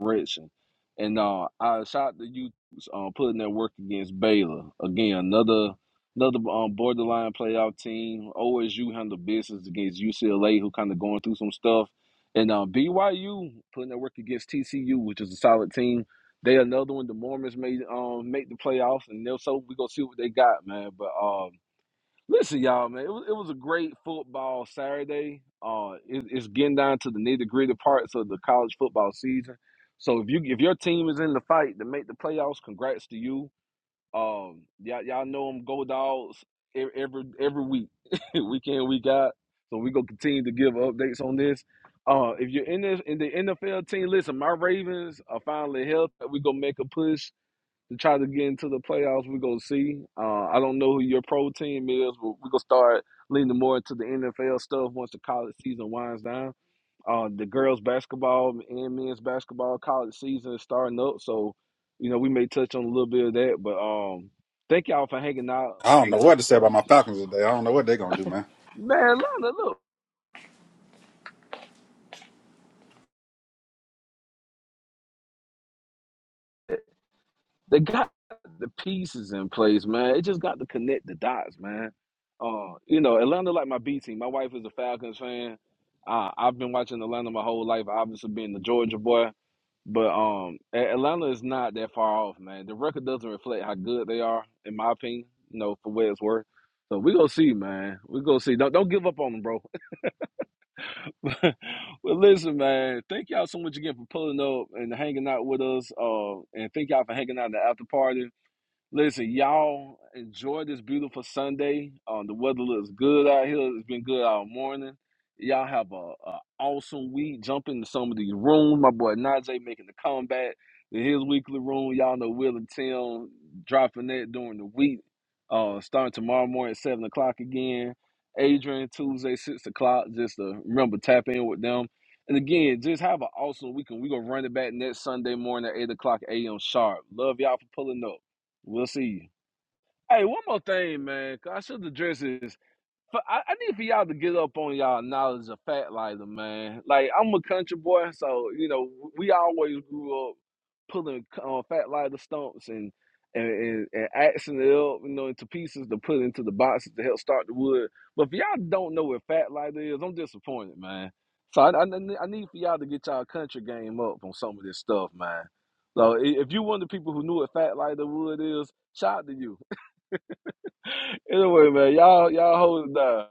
B: direction. And uh, I shout to you uh, putting that work against Baylor. Again, another another um, borderline playoff team. OSU handled business against UCLA, who kind of going through some stuff. And uh, BYU putting that work against TCU, which is a solid team. They another one. The Mormons made um make the playoffs, and they'll so we gonna see what they got, man. But um Listen, y'all, man, it was it was a great football Saturday. Uh, it, it's getting down to the nitty gritty parts of the college football season. So if you if your team is in the fight to make the playoffs, congrats to you. Um, y'all y'all know them go dogs e- every every week, week in week out. So we gonna continue to give updates on this. Uh, if you're in this in the NFL team, listen, my Ravens are finally healthy. We gonna make a push to try to get into the playoffs. We're gonna see. Uh, I don't know who your pro team is, but we're gonna start leaning more into the NFL stuff once the college season winds down. Uh, the girls' basketball and men's basketball college season is starting up, so you know we may touch on a little bit of that. But um, thank y'all for hanging out
P: I
B: in
P: don't
B: the
P: know what
B: after
P: to say about
B: party.
P: my Falcons today. I don't know what they're gonna do, man.
B: Man, Lana, look. They got the pieces in place, man. It just got to connect the dots, man. Uh, you know, Atlanta like my B team. My wife is a Falcons fan. Uh, I've been watching Atlanta my whole life, obviously being the Georgia boy. But um, A- Atlanta is not that far off, man. The record doesn't reflect how good they are, in my opinion. You know, for what it's worth. So we gonna see, man. We gonna see. Don't don't give up on them, bro. well, listen, man. Thank y'all so much again for pulling up and hanging out with us. Uh, and thank y'all for hanging out at the after party. Listen, y'all enjoy this beautiful Sunday. Um, the weather looks good out here. It's been good all morning. Y'all have a, a awesome week. Jump into some of these rooms. My boy Najee making the comeback in his weekly room. Y'all know Will and Tim dropping that during the week. Uh, starting tomorrow morning at seven o'clock again. Adrian Tuesday six o'clock. Just to remember tap in with them. And again, just have an awesome weekend. We gonna run it back next Sunday morning at eight o'clock a.m. sharp. Love y'all for pulling up. We'll see you. Hey, one more thing, man. 'cause I should address this for, I, I need for y'all to get up on y'all knowledge of Fat Lighter, man. Like I'm a country boy, so you know we always grew up pulling um, Fat Lighter stumps and and, and and axing it up, you know, into pieces to put into the boxes to help start the wood. But if y'all don't know what Fat Lighter is, I'm disappointed, man. So I, I, I need for y'all to get y'all country game up on some of this stuff, man. So i- if you one of the people who knew what Fat Lighter wood is, shout out to you. anyway, man, y'all y'all hold it down.